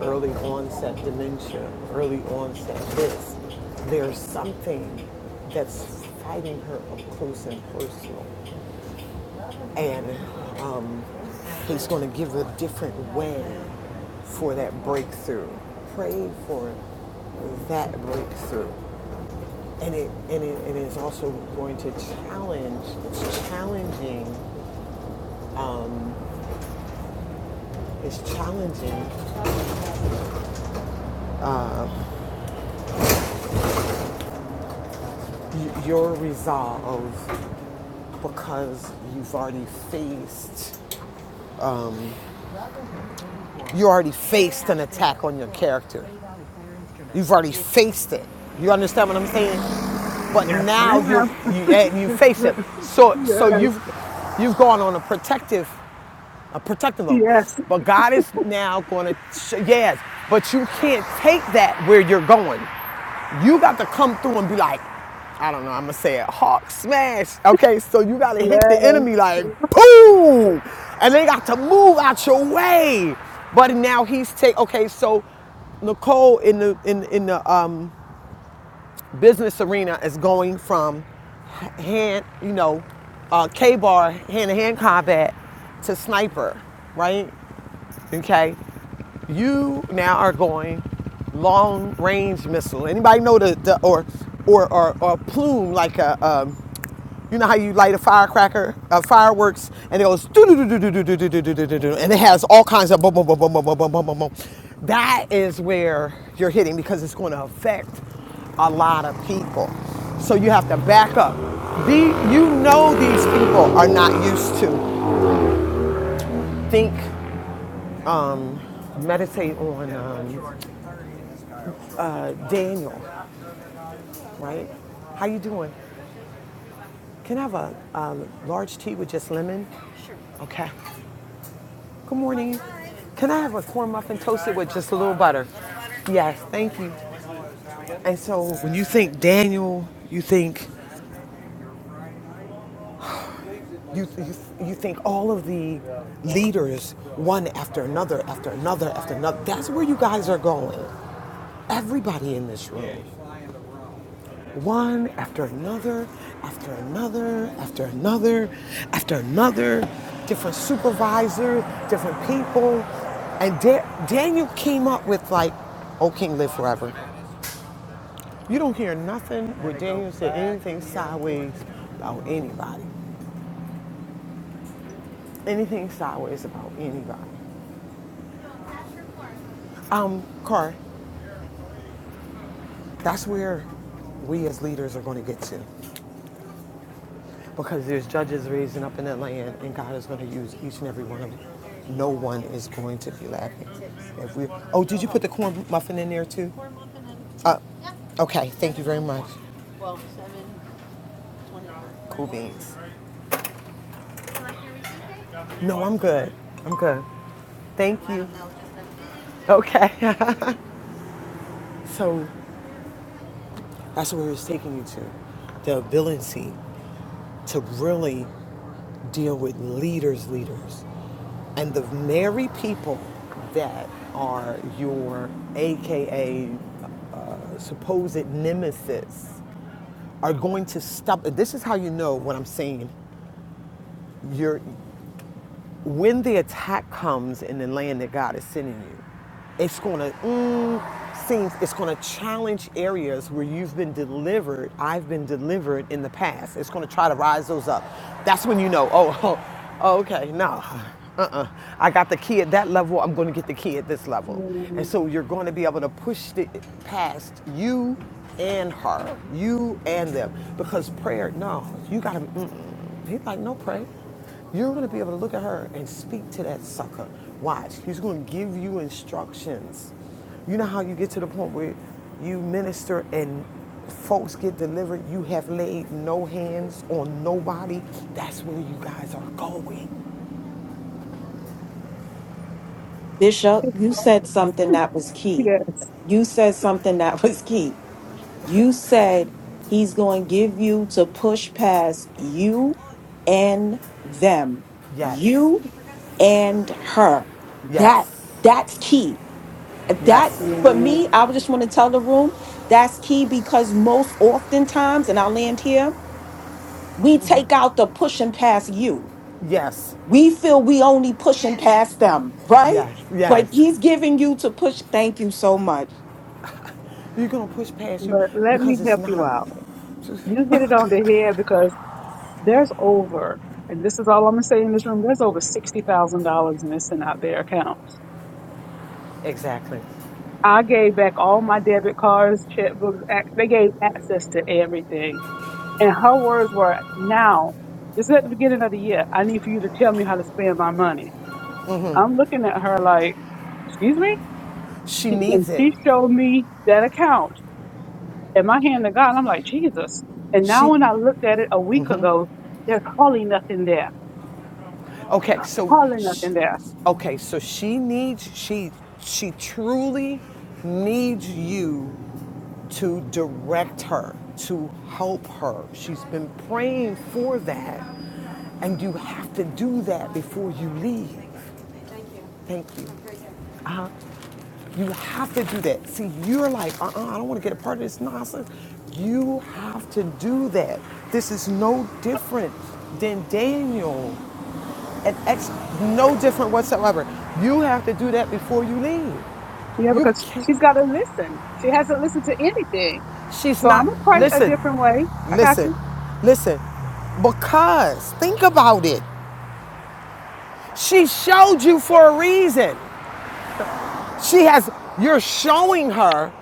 S1: early onset dementia, early onset this. There's something that's fighting her up close and personal. and um, he's going to give a different way for that breakthrough. Pray for that breakthrough, and it and it, and it's also going to challenge. It's challenging. It's challenging your resolve because you've already faced you already faced an attack on your character You've already faced it. You understand what I'm saying? But
S4: Yes,
S1: now you're,
S4: ma'am.
S1: you you face it. So so
S4: Yes,
S1: you've you've gone on a protective a protective oath.
S4: yes,
S1: But God is now going to, yes, but you can't take that where you're going. You got to come through and be like, I don't know, I'm going to say it, hawk smash. Okay, so you got to hit the enemy
S4: yes,
S1: like, boom, and they got to move out your way. But now he's take, okay, so Nicole in the, in, in the um, business arena is going from hand, you know, uh, K-bar, hand-to-hand combat to sniper, right? Okay, you now are going long range missile. Anybody know the, the or, or or or plume like a um, you know how you light a firecracker, uh, fireworks, and it goes do do do do do do do do do do do do, and it has all kinds of boom boom boom boom boom boom boom boom boom. That is where you're hitting because it's going to affect a lot of people. So you have to back up. The, you know these people are not used to think, um, meditate on. Um, Daniel, right? How you doing? Can I have a, a large tea with just lemon? Okay. Good morning. Can I have a corn muffin toasted with just a little butter? Yes, thank you. And so when you think Daniel, you think you, you, you think all of the leaders, one after another, after another, after another. That's where you guys are going. Everybody in this room. One after another, after another, after another, after another, different supervisors, different people. And da- Daniel came up with like, O King, live forever. You don't hear nothing where Daniel said anything sideways about anybody. Anything sideways about anybody. Um, Car, that's where we as leaders are going to get to. Because there's judges raising up in that land, and God is going to use each and every one of them. No one is going to be lacking. If we, oh, did you put the corn muffin in there too? Uh, okay, thank you very much. Cool beans. No, I'm good. I'm good. Thank you. Okay. so that's where it's taking you to the ability to really deal with leaders, leaders, and the very people that are your AKA supposed nemesis are going to stop. This is how you know what I'm saying. You're when the attack comes in the land that God is sending you, it's going to mm, seems it's going to challenge areas where you've been delivered. I've been delivered in the past. It's going to try to rise those up. That's when you know. Oh, oh okay, no. Uh-uh. I got the key at that level. I'm going to get the key at this level, and so you're going to be able to push it past you and her, you and them, because prayer. No, you got to. He's like, no, pray. You're gonna be able to look at her and speak to that sucker. Watch, he's gonna give you instructions. You know how you get to the point where you minister and folks get delivered, you have laid no hands on nobody. That's where you guys are going.
S6: Bishop, you said something that was key.
S4: yes.
S6: You said something that was key You said he's going to give you to push past you and them,
S1: Yes,
S6: you and her. That
S1: yes,
S6: that's key. That
S1: yes,
S6: for me, I would just want to tell the room that's key because most oftentimes, and I'll land here, we take out the pushing past you.
S1: yes,
S6: We feel we only pushing past them, right?
S1: yes,
S6: But
S1: yes.
S6: he's giving you to push. Thank you so much
S1: You're gonna push past
S4: But
S1: you
S4: let me,
S1: because it's not a.
S4: out. you hit it on the head because there's over, and this is all I'm going to say in this room, there's over $60,000 in this and out there account.
S1: Exactly. She
S4: I gave back all my debit cards, checkbooks. ac- They gave access to everything And her words were, now, this is at the beginning of the year. I need for you to tell me how to spend my money. I'm looking at her like, excuse me? And
S1: needs it.
S4: she showed me that account and my hand to God. And I'm like, Jesus. And now
S1: She
S4: when I looked at it a week ago, there's hardly nothing there,
S1: Okay, so
S4: hardly
S1: sh-
S4: nothing there.
S1: okay, so she needs she she truly needs you to direct her, to help her. She's been praying for that, and you have to do that before you leave. Thank you. Uh-huh. You have to do that. See, you're like, uh-uh, I don't want to get a part of this nonsense. You have to do that. This is no different than Daniel and ex- no different whatsoever. You have to do that before you leave.
S4: Yeah,
S1: You
S4: because
S1: can't.
S4: she's got to listen. She hasn't listened to anything.
S1: She's
S4: So
S1: not.
S4: I'm going to pray a
S1: Listen,
S4: different way. I got
S1: listen,
S4: you.
S1: listen. Because think about it. She showed you for a reason.
S4: Fab.
S1: She has. You're showing her,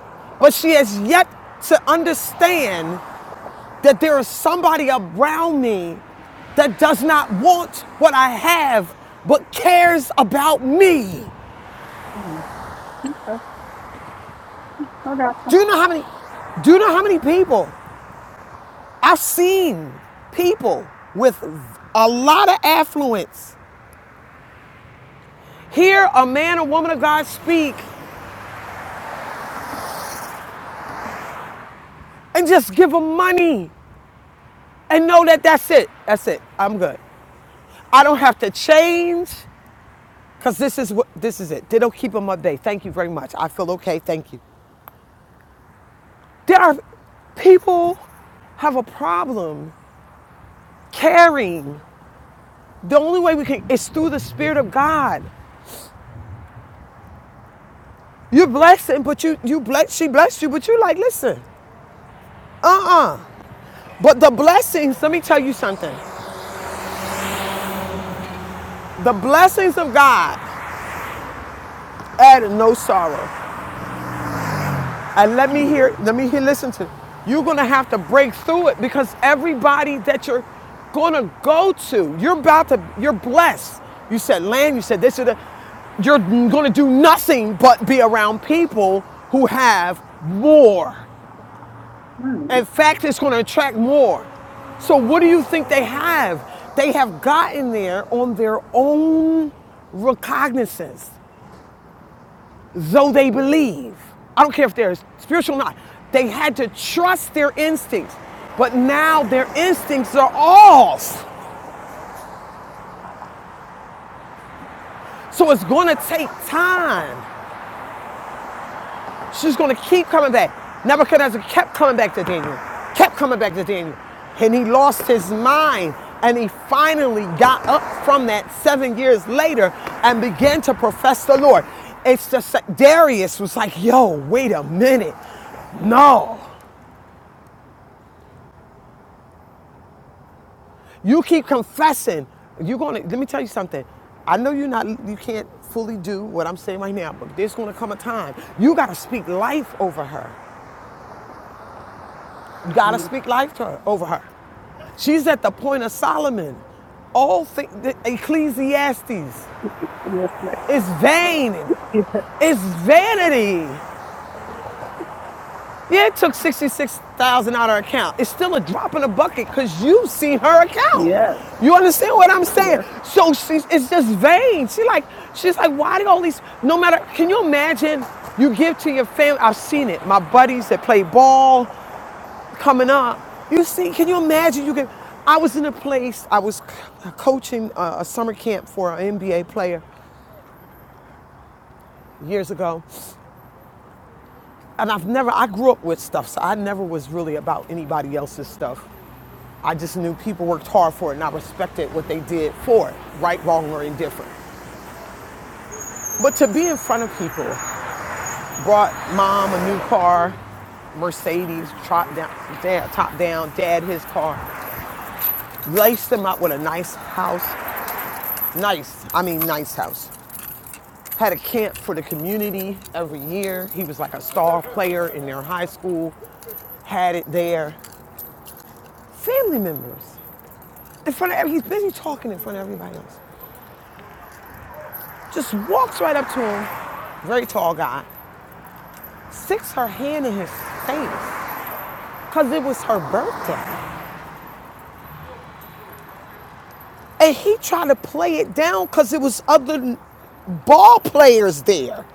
S1: but she has yet to understand that there is somebody around me that does not want what I have, but cares about me.
S4: Mhm. I I got
S1: Do you know how many? Do you know how many people I've seen people with a lot of affluence hear a man or woman of God speak and just give them money and know that that's it. That's it. I'm good. I don't have to change because this is what this is it. They don't keep them up day. Thank you very much. I feel okay. Thank you. There are people have a problem caring. The only way we can is through the Spirit of God. You're blessing, but you you bless she blessed you, but you like, listen, uh-uh. But the blessings, let me tell you something. The blessings of God add no sorrow. And let me hear, let me hear, listen to. You're gonna have to break through it because everybody that you're gonna go to, you're about to, you're blessed. You said land, you said this, you said that you're going to do nothing but be around people who have more. In fact, it's going to attract more. So, what do you think they have? They have gotten there on their own recognizance, though they believe. I don't care if they're spiritual or not. They had to trust their instincts, but now their instincts are off. So, it's going to take time. She's going to keep coming back. Nebuchadnezzar kept coming back to Daniel, kept coming back to Daniel. And he lost his mind. And he finally got up from that seven years later and began to profess the Lord. It's just that Darius was like, yo, wait a minute. No. You keep confessing. You're going to, let me tell you something. I know you're not, you can't fully do what I'm saying right now, but there's going to come a time. You got to speak life over her. You got to
S4: you.
S1: speak life to her, over her. She's at the point of Solomon. All thi- Ecclesiastes
S4: Yes, ma'am.
S1: is vain. It's vanity. Yeah, it took 66,000 out of her account. It's still a drop in the bucket because you've seen her account.
S4: Yes,
S1: You understand what I'm saying? So she's it's just vain. She like she's like, why did all these no matter can you imagine you give to your family? I've seen it. My buddies that play ball, coming up. You see, can you imagine? You can. I was in a place. I was c- coaching uh, a summer camp for an NBA player years ago, and I've never. I grew up with stuff, so I never was really about anybody else's stuff. I just knew people worked hard for it, and I respected what they did for it, right, wrong, or indifferent. But to be in front of people brought mom a new car, Mercedes, top down, dad, top down, dad his car. Laced them up with a nice house. Nice, I mean nice house. had a camp for the community every year. He was like a star player in their high school, had it there. Family members, in front of he's busy talking in front of everybody else. Just walks right up to him, very tall guy, sticks her hand in his face because it was her birthday. And he tried to play it down because it was other ball players there.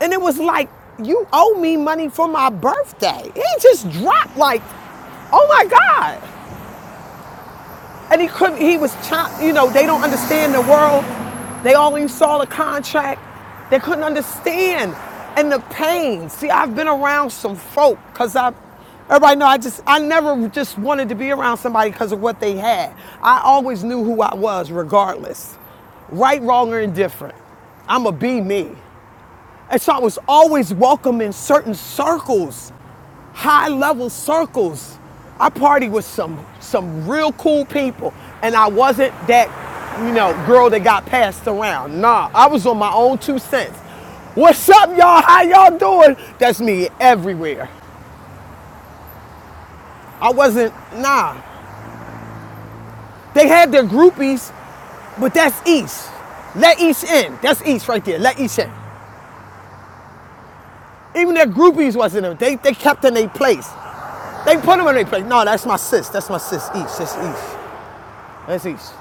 S1: And it was like, you owe me money for my birthday. He just dropped like, oh my God. And he couldn't, he was chopped, you know, they don't understand the world. They only saw the contract. They couldn't understand. And the pain. See, I've been around some folk because I've, everybody know I just, I never just wanted to be around somebody because of what they had. I always knew who I was regardless. Right, wrong, or indifferent. I'm going to be me. And so I was always welcome in certain circles, high level circles. I party with some some real cool people, and I wasn't that, you know, girl that got passed around. Nah, I was on my own two cents. What's up, y'all? How y'all doing? That's me everywhere. I wasn't, nah. They had their groupies, but that's East. Let East in. That's East right there. Let East in. Even their groupies wasn't in. They, they kept in their place. They put them in their place. No, that's my sis. That's my sis. East. That's East. That's East.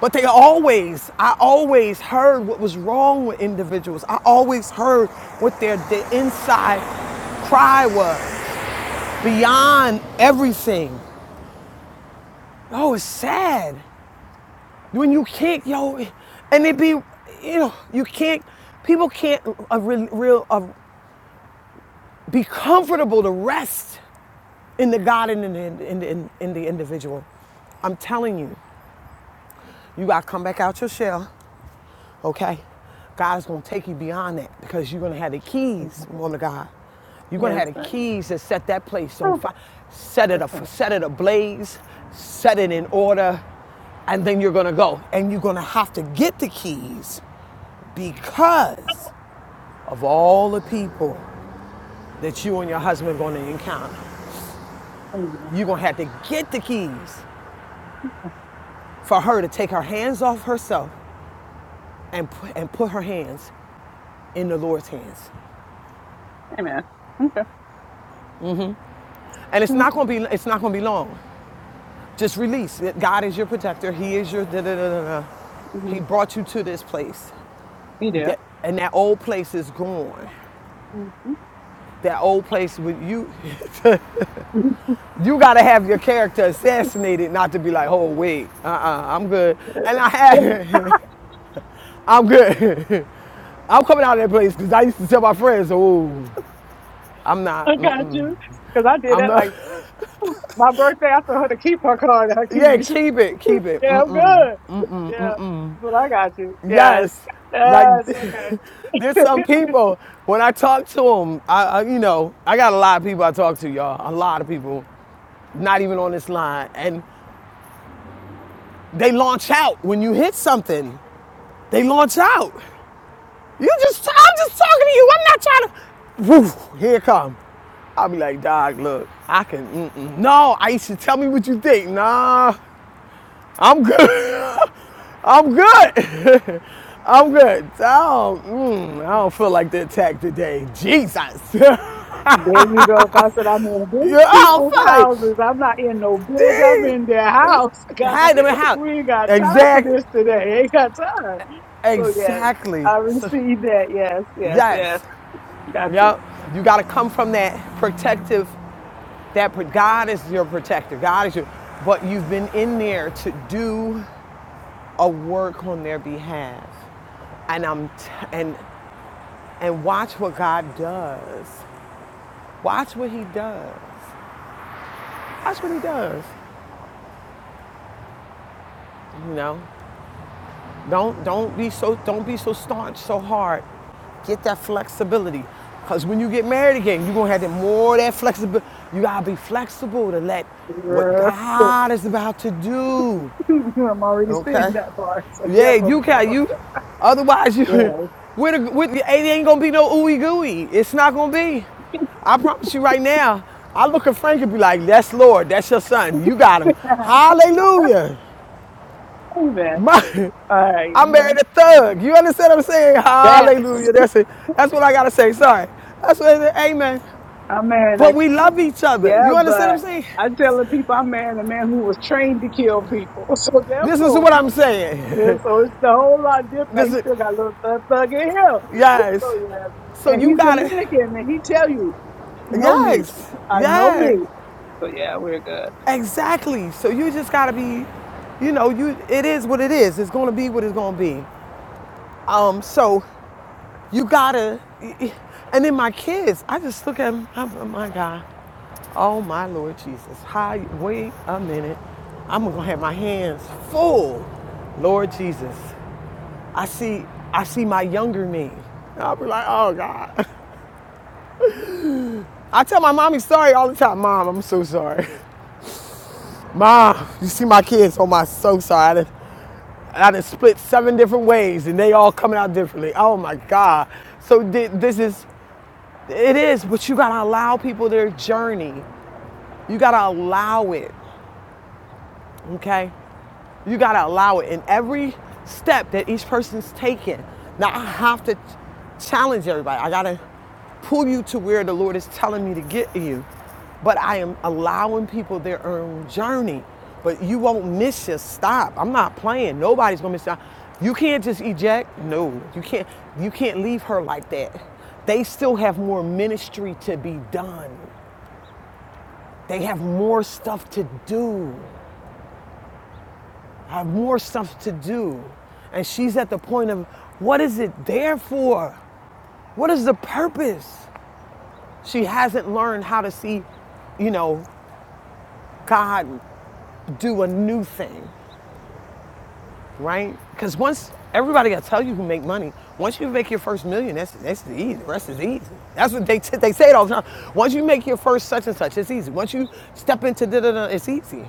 S1: But they always, I always heard what was wrong with individuals. I always heard what their, their inside cry was beyond everything. Oh, it's sad when you can't, yo, and it be, you know, you can't. People can't uh, re- real uh, be comfortable to rest in the God and in the, in, in the individual. I'm telling you. You gotta come back out your shell, okay? God's gonna take you beyond that because you're gonna have the keys, woman of God. You're gonna
S4: yes,
S1: have the keys to set that place on fire, set it, a set it ablaze, set it in order, and then you're gonna go. And you're gonna have to get the keys because of all the people that you and your husband are gonna encounter.
S4: ma'am.
S1: You're gonna have to get the keys for her to take her hands off herself and, and put her hands in the Lord's hands.
S4: Amen. Okay.
S1: And it's not gonna be it's not gonna be long. Just release. God is your protector. He is your da da da da. da.
S4: Mm-hmm.
S1: He brought you to this place.
S4: You there?
S1: That and that old place is gone.
S4: hmm
S1: That old place with you you gotta have your character assassinated not to be like, oh wait, uh-uh, I'm good. And I had I'm good. I'm coming out of that place because I used to tell my friends, oh, I'm not,
S4: I got
S1: mm-mm,
S4: you. Because I did
S1: I'm
S4: that
S1: not.
S4: like my birthday. I told her to keep her card and her
S1: yeah,
S4: keys.
S1: keep it, keep it. Mm.
S4: Yeah, I'm good. Yeah. But I got you.
S1: Yes,
S4: Yes.
S1: like
S4: Yes. Okay.
S1: there's some people when I talk to them, I, I you know I got a lot of people I talk to, y'all. A lot of people, not even on this line, and they launch out when you hit something. They launch out. You just I'm just talking to you. I'm not trying to. Woof, here it come. I'll be like, dog, look, I can. Mm-mm. No, Aisha, tell me what you think. Nah, I'm good. I'm good. I'm good. I don't, mm, I don't feel like the attack today. Jesus. yeah,
S4: there you go. 'Cause I said, I'm in these
S1: I don't
S4: people's
S1: feel like
S4: houses. I'm not in no building. I'm
S1: these
S4: in their house. God,
S1: hide them in house.
S4: we ain't got time for
S1: Exactly.
S4: this today. Ain't got time. So, yes.
S1: Exactly.
S4: I
S1: So,
S4: received that. Yes. Yes. Yes.
S1: yes.
S4: Got
S1: Yep. You got to come from that protective, that God is your protector. God is your, but you've been in there to do a work on their behalf and I'm t- and and watch what God does. Watch what He does. Watch what He does. You know, don't don't be so don't be so staunch, so hard. Get that flexibility, because when you get married again, you're gonna have that more of that flexibility. You gotta be flexible to let what
S4: you.
S1: God is about to do.
S4: I'm already
S1: Okay.
S4: sitting that far. So yeah,
S1: Yeah,
S4: from
S1: you can you. Otherwise, you
S4: yeah.
S1: with a, with it ain't gonna be no ooey gooey. It's not gonna be. I promise you right now. I look at Frank and be like, "That's Lord. That's your son. You got him. Hallelujah."
S4: Amen.
S1: My,
S4: All right.
S1: I married a thug. You understand what I'm saying?
S4: Yes.
S1: Hallelujah. That's it. That's what I gotta say. Sorry. That's what. it is, Amen.
S4: I'm marrying
S1: But we
S4: a
S1: love each other.
S4: yeah,
S1: You understand what
S4: but
S1: I'm saying?
S4: I'm telling people I'm marrying a man who was trained to kill people. So
S1: This is
S4: therefore,
S1: what I'm
S4: yeah,
S1: saying.
S4: so it's a whole lot different.
S1: this
S4: He
S1: is
S4: still got a little thug thug in him.
S1: yes.
S4: So yeah.
S1: So
S4: And
S1: you
S4: he's
S1: got it.
S4: Dominican and he tell you, know me.
S1: Yes,
S4: I know
S1: yes,
S4: me. So yeah, we're good.
S1: exactly. So you just gotta be, you know, you it is what it is. It's gonna be what it's gonna be. Um, so you gotta, and then my kids, I just look at them. I'm, oh my God, oh my Lord Jesus. Hi, wait a minute. I'm gonna have my hands full, Lord Jesus. I see, I see my younger me. I'll be like, oh God. I tell my mommy sorry all the time. Mom, I'm so sorry. Ma, you see my kids, oh my, so sorry. I done, I split seven different ways and they all coming out differently. Oh my God. So this is, it is, but you gotta allow people their journey. You gotta allow it, okay? You gotta allow it in every step that each person's taking. Now I have to challenge everybody. I gotta pull you to where the Lord is telling me to get you. But I am allowing people their own journey. But you won't miss your stop. I'm not playing. Nobody's gonna miss your stop. You can't just eject. No, you can't. You can't leave her like that. They still have more ministry to be done. They have more stuff to do. I have more stuff to do. And she's at the point of what is it there for? What is the purpose? She hasn't learned how to see, you know, God do a new thing, right? Because once everybody got to tell you who make money, once you make your first million, that's, that's easy. The rest is easy. That's what they, t- they say it all the time. Once you make your first such and such, it's easy. Once you step into da da da, it's easy.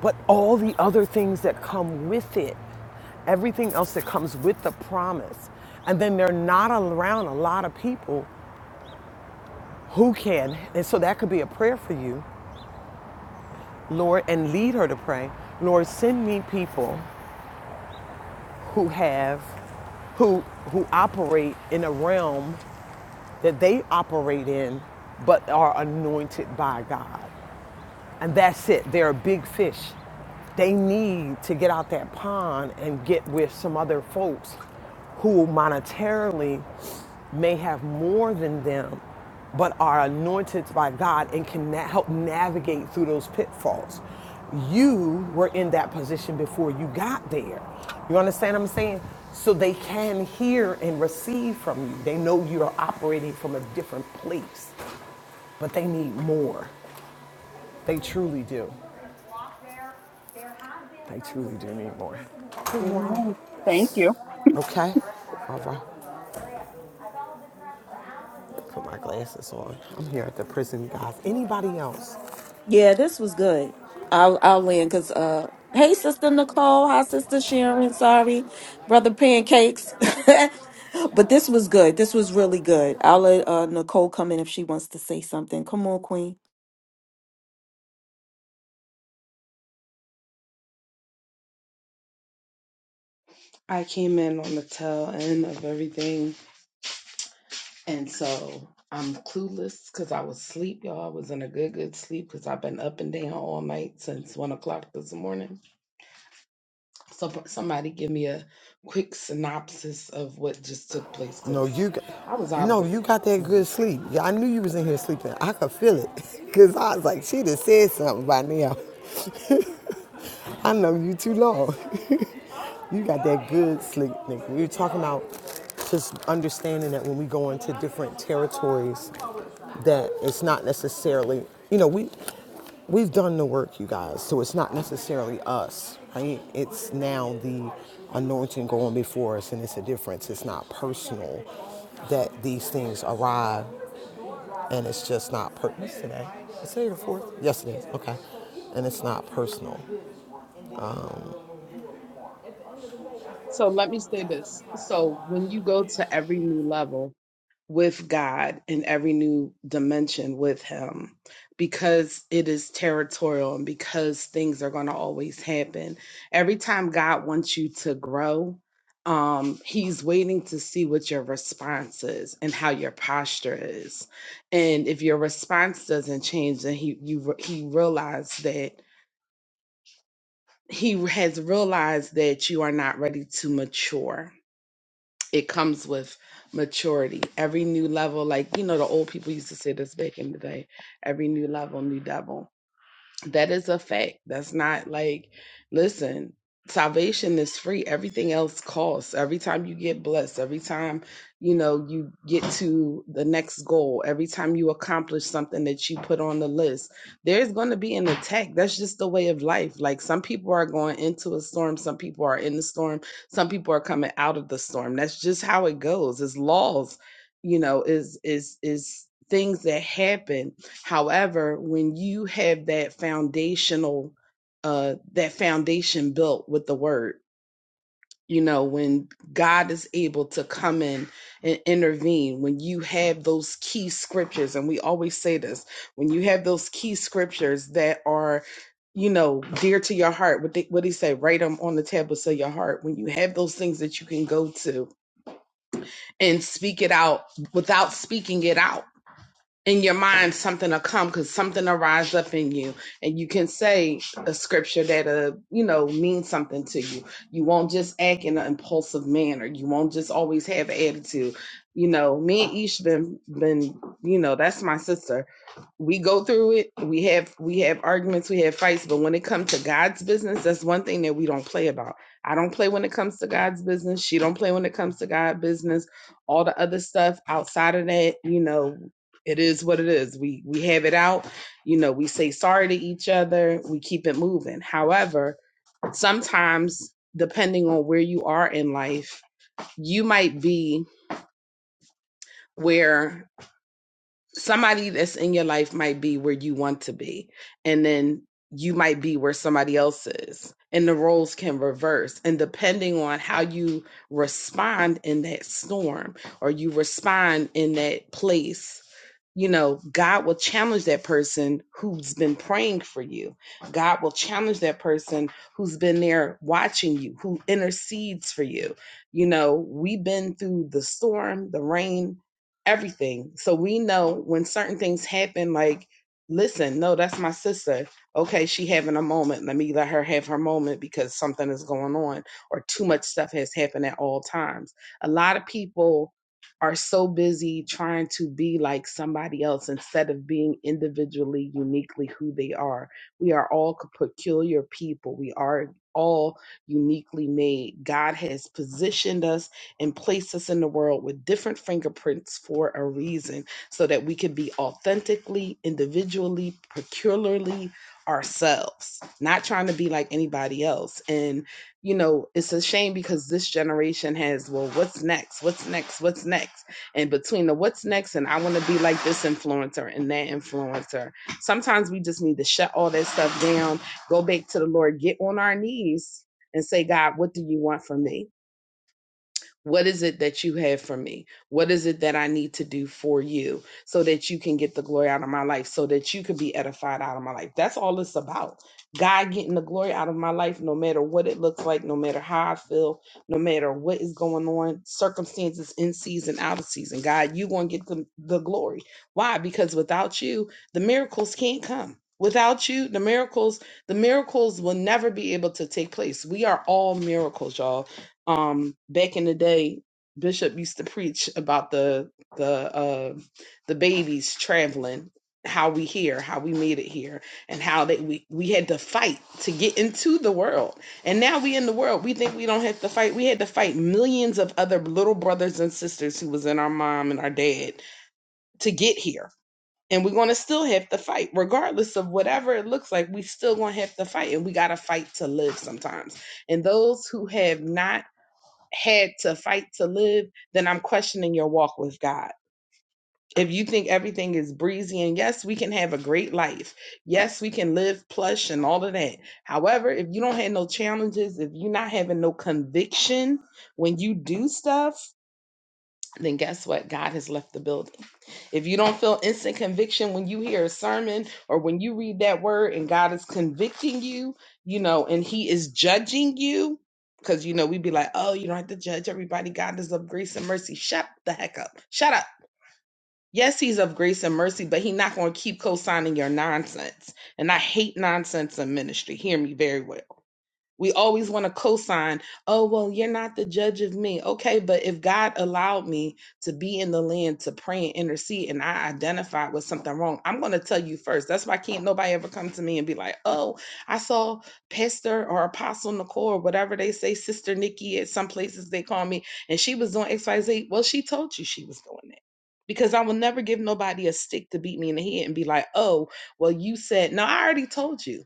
S1: but all the other things that come with it, everything else that comes with the promise. And then they're not around a lot of people who can. And so that could be a prayer for you, Lord, and lead her to pray. Lord, send me people who have, who, who operate in a realm that they operate in, but are anointed by God. And that's it. They're a big fish. They need to get out that pond and get with some other folks who monetarily may have more than them, but are anointed by God and can na- help navigate through those pitfalls. You were in that position before you got there. You understand what I'm saying? So they can hear and receive from you. They know you're operating from a different place, but they need more. They truly do. I truly do need more. Good morning.
S4: Amen. Thank you.
S1: Okay. All right. Put my glasses on. I'm here at the prison, guys. Anybody else?
S6: Yeah, this was good. I'll I'll land because uh hey sister Nicole, hi sister Sharon, sorry, brother pancakes. but this was good. This really good. I'll let uh no one thing. Come on, Queen.
S8: I came in on the tail end of everything, and so I'm clueless because I was asleep, y'all. I was in a good, good sleep because I've been up and down all night since one o'clock this morning. So somebody give me a quick synopsis of what just took place
S1: No,
S8: because
S1: you got.
S8: I was out of
S1: No,
S8: it.
S1: you
S8: all
S1: got
S8: the
S1: that
S8: time.
S1: good sleep. Yeah, I knew you was in here sleeping. I could feel it. Cause I was like, she done said something by now. I know you too long. you got that good sleep, nigga. We were talking about just understanding that when we go into different territories, that it's not necessarily, you know, we we've done the work, you guys. So it's not necessarily us, right? It's now the anointing going before us, and it's a difference. It's not personal that these things arrive, and it's just not per- what's today. Is today the fourth? Yes, it is. Okay, and it's not personal.
S8: So let me say this. So when you go to every new level, with God in every new dimension with Him because it is territorial and because things are going to always happen. Every time God wants you to grow, um, He's waiting to see what your response is and how your posture is. And if your response doesn't change, then He you re- He realized that He has realized that you are not ready to mature it comes with maturity. Every new level, like you know, the old people used to say this back in the day, every new level, new devil. That is a fact. That's not like, listen, salvation is free. Everything else costs. Every time you get blessed, every time, you know, you get to the next goal, every time you accomplish something that you put on the list, there's going to be an attack. That's just the way of life. Like some people are going into a storm, some people are in the storm, some people are coming out of the storm. That's just how it goes. It's laws, you know, is is is things that happen However, when you have that foundational, uh, that foundation built with the word, you know, when God is able to come in and intervene, when you have those key scriptures, and we always say this, when you have those key scriptures that are, you know, dear to your heart, what, they, what he say, write them on the tablets of your heart. When you have those things that you can go to and speak it out without speaking it out in your mind something will come because something will rise up in you and you can say a scripture that'll you know mean something to you you won't just act in an impulsive manner you won't just always have an attitude you know me and ish been been you know that's my sister we go through it we have we have arguments we have fights but when it comes to god's business that's one thing that we don't play about i don't play when it comes to god's business she don't play when it comes to god business all the other stuff outside of that you know it is what it is. We we have it out. You know, we say sorry to each other. We keep it moving. However, sometimes depending on where you are in life, you might be where somebody that's in your life might be where you want to be and then you might be where somebody else is and the roles can reverse and depending on how you respond in that storm or you respond in that place you know god will challenge that person who's been praying for you god will challenge that person who's been there watching you who intercedes for you you know we've been through the storm the rain everything. So we know when certain things happen, like, listen, no, that's my sister. Okay, she having a moment. Let me let her have her moment because something is going on or too much stuff has happened at all times. A lot of people are so busy trying to be like somebody else instead of being individually uniquely who they are. We are all peculiar people. We are all uniquely made. God has positioned us and place us in the world with different fingerprints for a reason so that we can be authentically, individually, peculiarly ourselves, not trying to be like anybody else. And, you know, it's a shame because this generation has, well, what's next? What's next? What's next? And between the what's next and I want to be like this influencer and that influencer, sometimes we just need to shut all that stuff down, go back to the Lord, get on our knees and say, God, what do you want from me? What is it that you have for me? What is it that I need to do for you so that you can get the glory out of my life, so that you can be edified out of my life? That's all it's about. God getting the glory out of my life, no matter what it looks like, no matter how I feel, no matter what is going on, circumstances in season, out of season. God, you going to get the, the glory. Why? Because without you, the miracles can't come. Without you, the miracles, the miracles will never be able to take place. We are all miracles, y'all um back in the day bishop used to preach about the the uh the babies traveling how we here how we made it here and how that we we had to fight to get into the world and now we in the world we think we don't have to fight we had to fight millions of other little brothers and sisters who was in our mom and our dad to get here and we're going to still have to fight regardless of whatever it looks like we still going to have to fight and we got to fight to live sometimes and those who have not had to fight to live, then I'm questioning your walk with God. If you think everything is breezy and yes, we can have a great life. Yes, we can live plush and all of that. However, if you don't have no challenges, if you're not having no conviction when you do stuff, then guess what? God has left the building. If you don't feel instant conviction when you hear a sermon or when you read that word and God is convicting you, you know, and He is judging you, because, you know, we'd be like, oh, you don't have to judge everybody. God is of grace and mercy. Shut the heck up. Shut up. Yes, He's of grace and mercy, but He's not going to keep co signing your nonsense. And I hate nonsense in ministry. Hear me very well. We always want to co-sign, oh well, you're not the judge of me. Okay, but if God allowed me to be in the land to pray and intercede and I identified with something wrong, I'm gonna tell you first. That's why can't nobody ever come to me and be like, oh, I saw Pastor or Apostle Nicole or whatever they say, Sister Nikki at some places they call me, and she was doing XYZ. Well, she told you she was doing that. Because I will never give nobody a stick to beat me in the head and be like, oh, well, you said, no, I already told you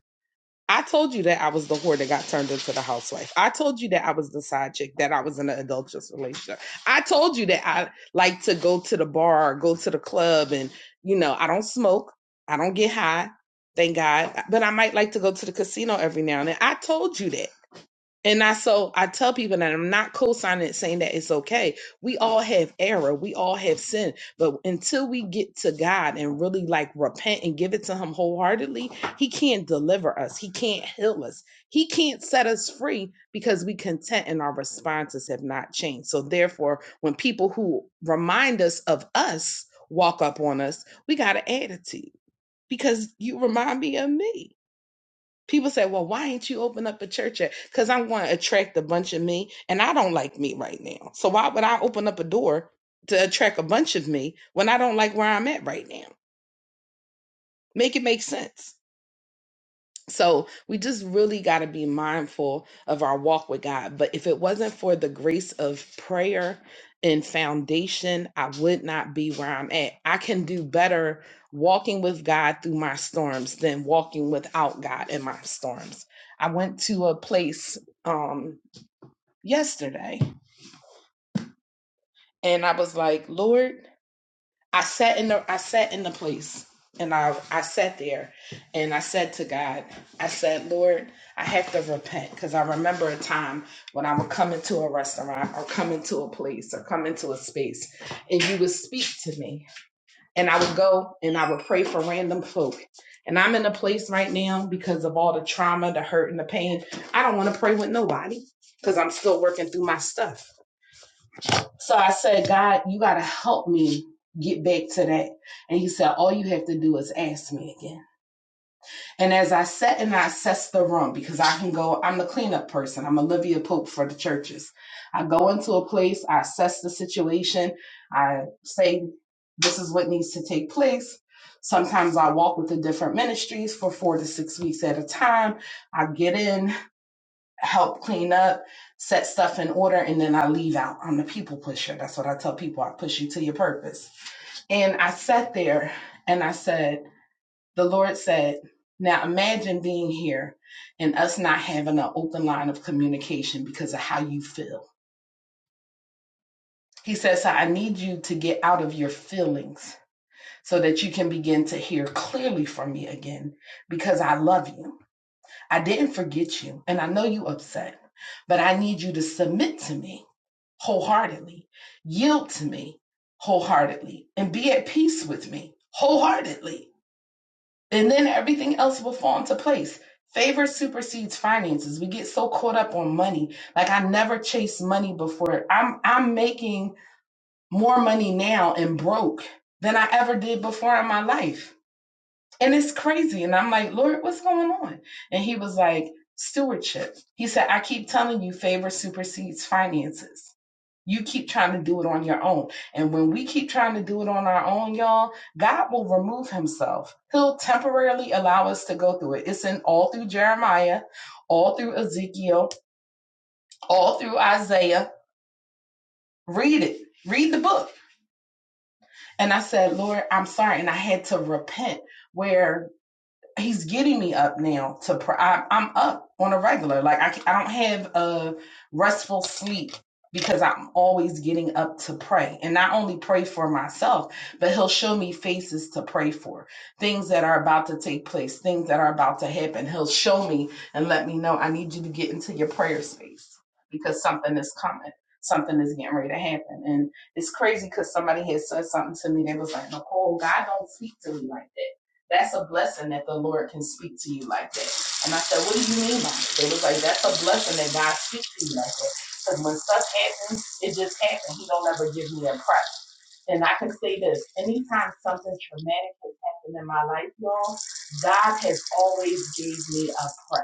S8: I told you that I was the whore that got turned into the housewife. I told you that I was the side chick, that I was in an adulterous relationship. I told you that I like to go to the bar, go to the club, and you know, I don't smoke, I don't get high, thank God. But I might like to go to the casino every now and then. I told you that. And I so I tell people that I'm not co-signing it, saying that it's okay. We all have error, we all have sin, but until we get to God and really like repent and give it to Him wholeheartedly, He can't deliver us. He can't heal us. He can't set us free because we content and our responses have not changed. So therefore, when people who remind us of us walk up on us, we got an attitude because you remind me of me. People say, well, why ain't you open up a church yet? Because I want to attract a bunch of me, and I don't like me right now. So why would I open up a door to attract a bunch of me when I don't like where I'm at right now? Make it make sense. So we just really got to be mindful of our walk with God. But if it wasn't for the grace of prayer and foundation, I would not be where I'm at. I can do better walking with God through my storms than walking without God in my storms. I went to a place um yesterday and I was like, "Lord, I sat in the I sat in the place and I I sat there and I said to God, I said, Lord, I have to repent because I remember a time when I would come into a restaurant or come into a place or come into a space and you would speak to me and I would go and I would pray for random folk. And I'm in a place right now because of all the trauma, the hurt, and the pain. I don't want to pray with nobody because I'm still working through my stuff. So I said, God, you got to help me get back to that. And he said, all you have to do is ask me again. And as I sat and I assessed the room, because I can go, I'm the cleanup person. I'm Olivia Pope for the churches. I go into a place, I assess the situation. I say, this is what needs to take place. Sometimes I walk with the different ministries for four to six weeks at a time. I get in, help clean up, set stuff in order, and then I leave out. I'm the people pusher. That's what I tell people. I push you to your purpose. And I sat there and I said, The Lord said, Now imagine being here and us not having an open line of communication because of how you feel. He says, So I need you to get out of your feelings so that you can begin to hear clearly from me again because I love you. I didn't forget you and I know you upset, but I need you to submit to me wholeheartedly. Yield to me wholeheartedly and be at peace with me wholeheartedly. And then everything else will fall into place. Favor supersedes finances. We get so caught up on money. Like I never chased money before. I'm I'm making more money now and broke than I ever did before in my life. And it's crazy. And I'm like, Lord, what's going on? And he was like, stewardship. He said, I keep telling you favor supersedes finances. You keep trying to do it on your own. And when we keep trying to do it on our own, y'all, God will remove himself. He'll temporarily allow us to go through it. It's in all through Jeremiah, all through Ezekiel, all through Isaiah. Read it, read the book. And I said, Lord, I'm sorry. And I had to repent where he's getting me up now to pr- I, i'm up on a regular like I, I c- I don't have a restful sleep because i'm always getting up to pray and not only pray for myself but he'll show me faces to pray for things that are about to take place things that are about to happen he'll show me and let me know i need you to get into your prayer space because something is coming something is getting ready to happen and it's crazy because somebody had said something to me they was like nicole god don't speak to me like that that's a blessing that the Lord can speak to you like that. And I said, What do you mean by it? They was like, That's a blessing that God speaks to you like that. Because when stuff happens, it just happens. He don't ever give me a price. And I can say this anytime something traumatic has happened in my life, y'all, God has always gave me a price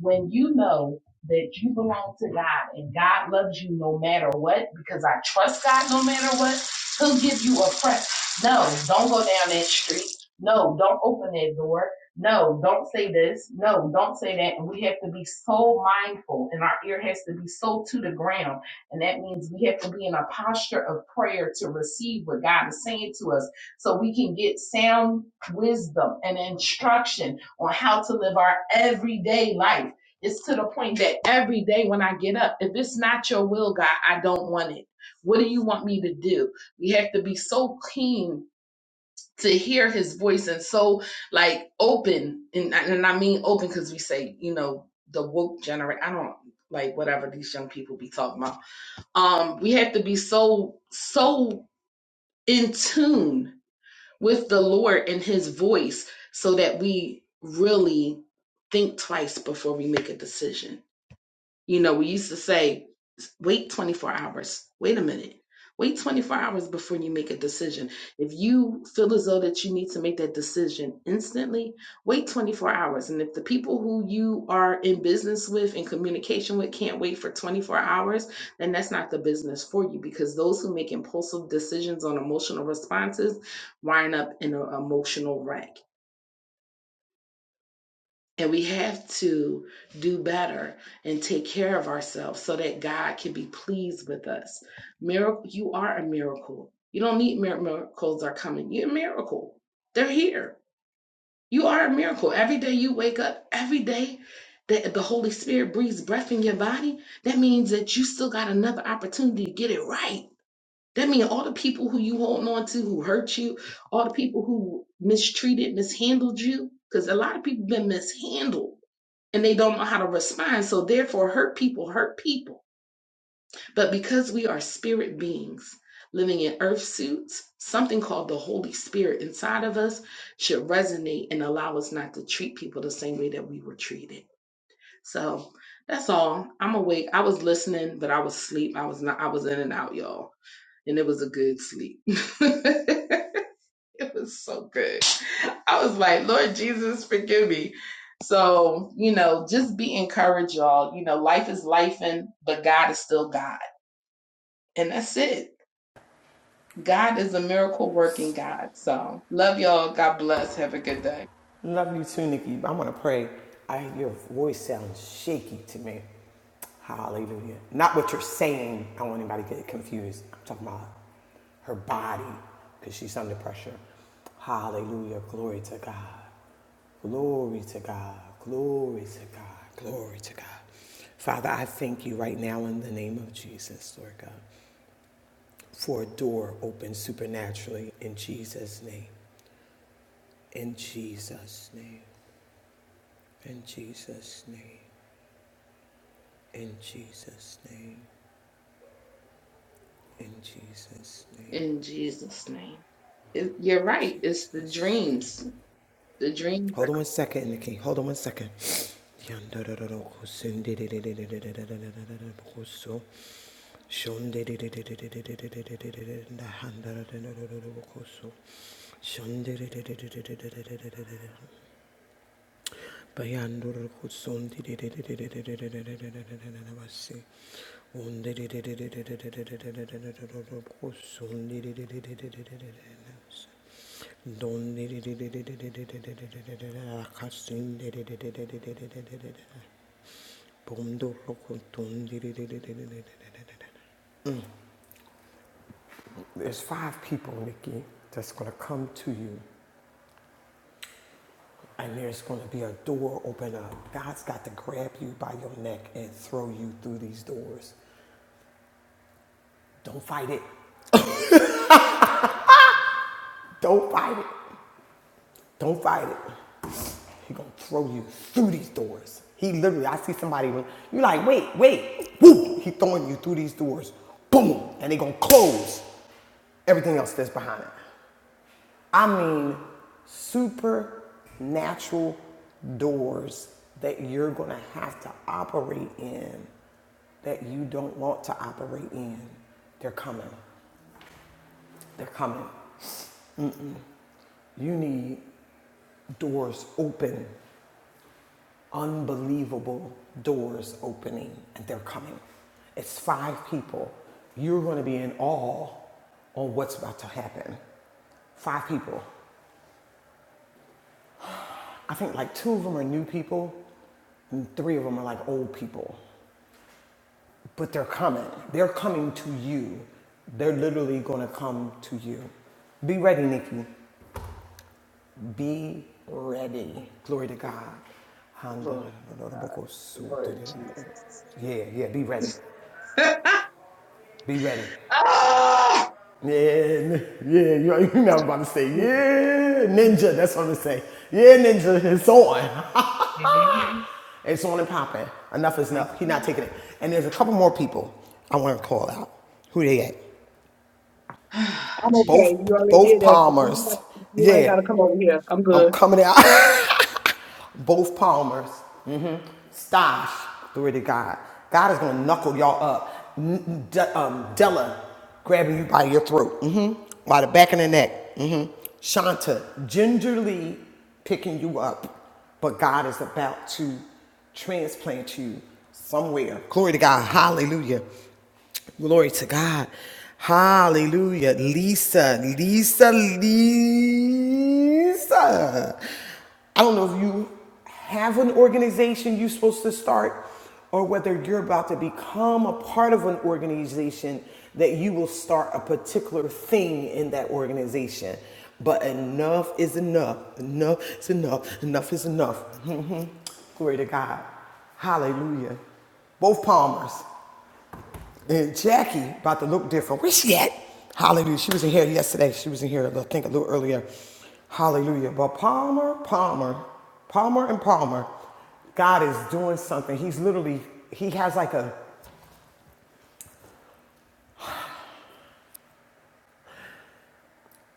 S8: when you know that you belong to God and God loves you no matter what, because I trust God no matter what, He'll give you a press. No, don't go down that street. No, don't open that door. No, don't say this. No, don't say that. And we have to be so mindful, and our ear has to be so to the ground. And that means we have to be in a posture of prayer to receive what God is saying to us so we can get sound wisdom and instruction on how to live our everyday life. It's to the point that every day when I get up, if it's not your will, God, I don't want it. What do you want me to do? We have to be so keen to hear his voice and so like open. And, and I mean open because we say, you know, the woke generate. I don't like whatever these young people be talking about. Um, we have to be so, so in tune with the Lord and his voice so that we really think twice before we make a decision. You know, we used to say, wait 24 hours. Wait a minute. Wait 24 hours before you make a decision. If you feel as though that you need to make that decision instantly, wait 24 hours. And if the people who you are in business with and communication with can't wait for 24 hours, then that's not the business for you because those who make impulsive decisions on emotional responses wind up in an emotional wreck. And we have to do better and take care of ourselves so that God can be pleased with us. Miracle, you are a miracle. You don't need mir- miracles are coming. You're a miracle. They're here. You are a miracle. Every day you wake up, every day that the Holy Spirit breathes breath in your body, that means that you still got another opportunity to get it right. That means all the people who you holding on to who hurt you, all the people who mistreated, mishandled you, because a lot of people been mishandled and they don't know how to respond. So, therefore, hurt people hurt people. But because we are spirit beings living in earth suits, something called the Holy Spirit inside of us should resonate and allow us not to treat people the same way that we were treated. So, that's all. I'm awake. I was listening, but I was asleep. I was not. I was in and out, y'all, and it was a good sleep. It was so good. I was like, Lord Jesus, forgive me. So, you know, just be encouraged, y'all. You know, life is life, and but God is still God. And that's it. God is a miracle working God. So, love y'all. God bless. Have a good day.
S1: Love you too, Nikki. I am going to pray. I your voice sounds shaky to me. Hallelujah. Not what you're saying. I don't want anybody to get confused. I'm talking about her body because she's under pressure. Hallelujah. Glory to God. Glory to God. Glory to God. Glory to God. Father, I thank you right now in the name of Jesus, Lord God, for a door open supernaturally in Jesus' name. In Jesus' name. In Jesus' name, in Jesus' name, in Jesus' name,
S8: In Jesus' name. It, you're right. It's the
S1: Jesus' name.
S8: dreams. The dreams are,
S1: Hold on one second, King. Hold on one second. Bayandur could soon did it it. There's five people, Nikki, that's gonna come to you. And there's going to be a door open up. God's got to grab you by your neck and throw you through these doors. Don't fight it. Don't fight it. Don't fight it. He gonna throw you through these doors. He literally, I see somebody, You're like, wait, wait, woo! He throwing you through these doors, boom, and they gonna close everything else that's behind it. I mean, supernatural doors that you're going to have to operate in that you don't want to operate in. They're coming. They're coming. You need doors open, unbelievable doors opening, and they're coming. It's five people. You're going to be in awe on what's about to happen. Five people. I think like two of them are new people, and three of them are like old people. But they're coming. They're coming to you. They're literally going to come to you. Be ready, Nikki. Be ready. Glory to God.
S8: Lord God, Lord Jesus.
S1: Yeah, yeah, be ready. Be ready.
S8: Ah!
S1: Yeah, yeah, you, you know I'm about to say,
S8: Mhm.
S1: yeah, ninja, that's what I'm gonna say. Yeah, ninja, it's on.
S8: Mhm.
S1: It's on and popping. Enough is enough. He's not taking it. And there's a couple more people I want to call out. Who they at?
S4: I'm
S8: Jesus.
S4: okay. You
S1: Both
S4: already
S1: both
S4: did that.
S1: Palmers.
S4: You ain't
S1: Yeah,
S4: got to come over here.
S1: I'm coming out. both Palmers, mm-hmm. Stosh, glory to God. God is going to knuckle y'all up. n- De- um, Della grabbing you by your throat, mm-hmm. by the back of the neck. Mm-hmm. Shanta gingerly picking you up, but God is about to transplant you somewhere. Glory to God. Hallelujah Glory to God. Hallelujah. Lisa, Lisa, Lisa. I don't know if you have an organization you're supposed to start or whether you're about to become a part of an organization that you will start a particular thing in that organization. But enough is enough. Enough is enough. Enough is enough. Glory to God. Hallelujah. Both palmers. Then Jackie about to look different. Where she at? Hallelujah. She was in here yesterday. She was in here, I think, a little earlier. Hallelujah. But Palmer, Palmer, Palmer and Palmer, God is doing something. He's literally, he has like a,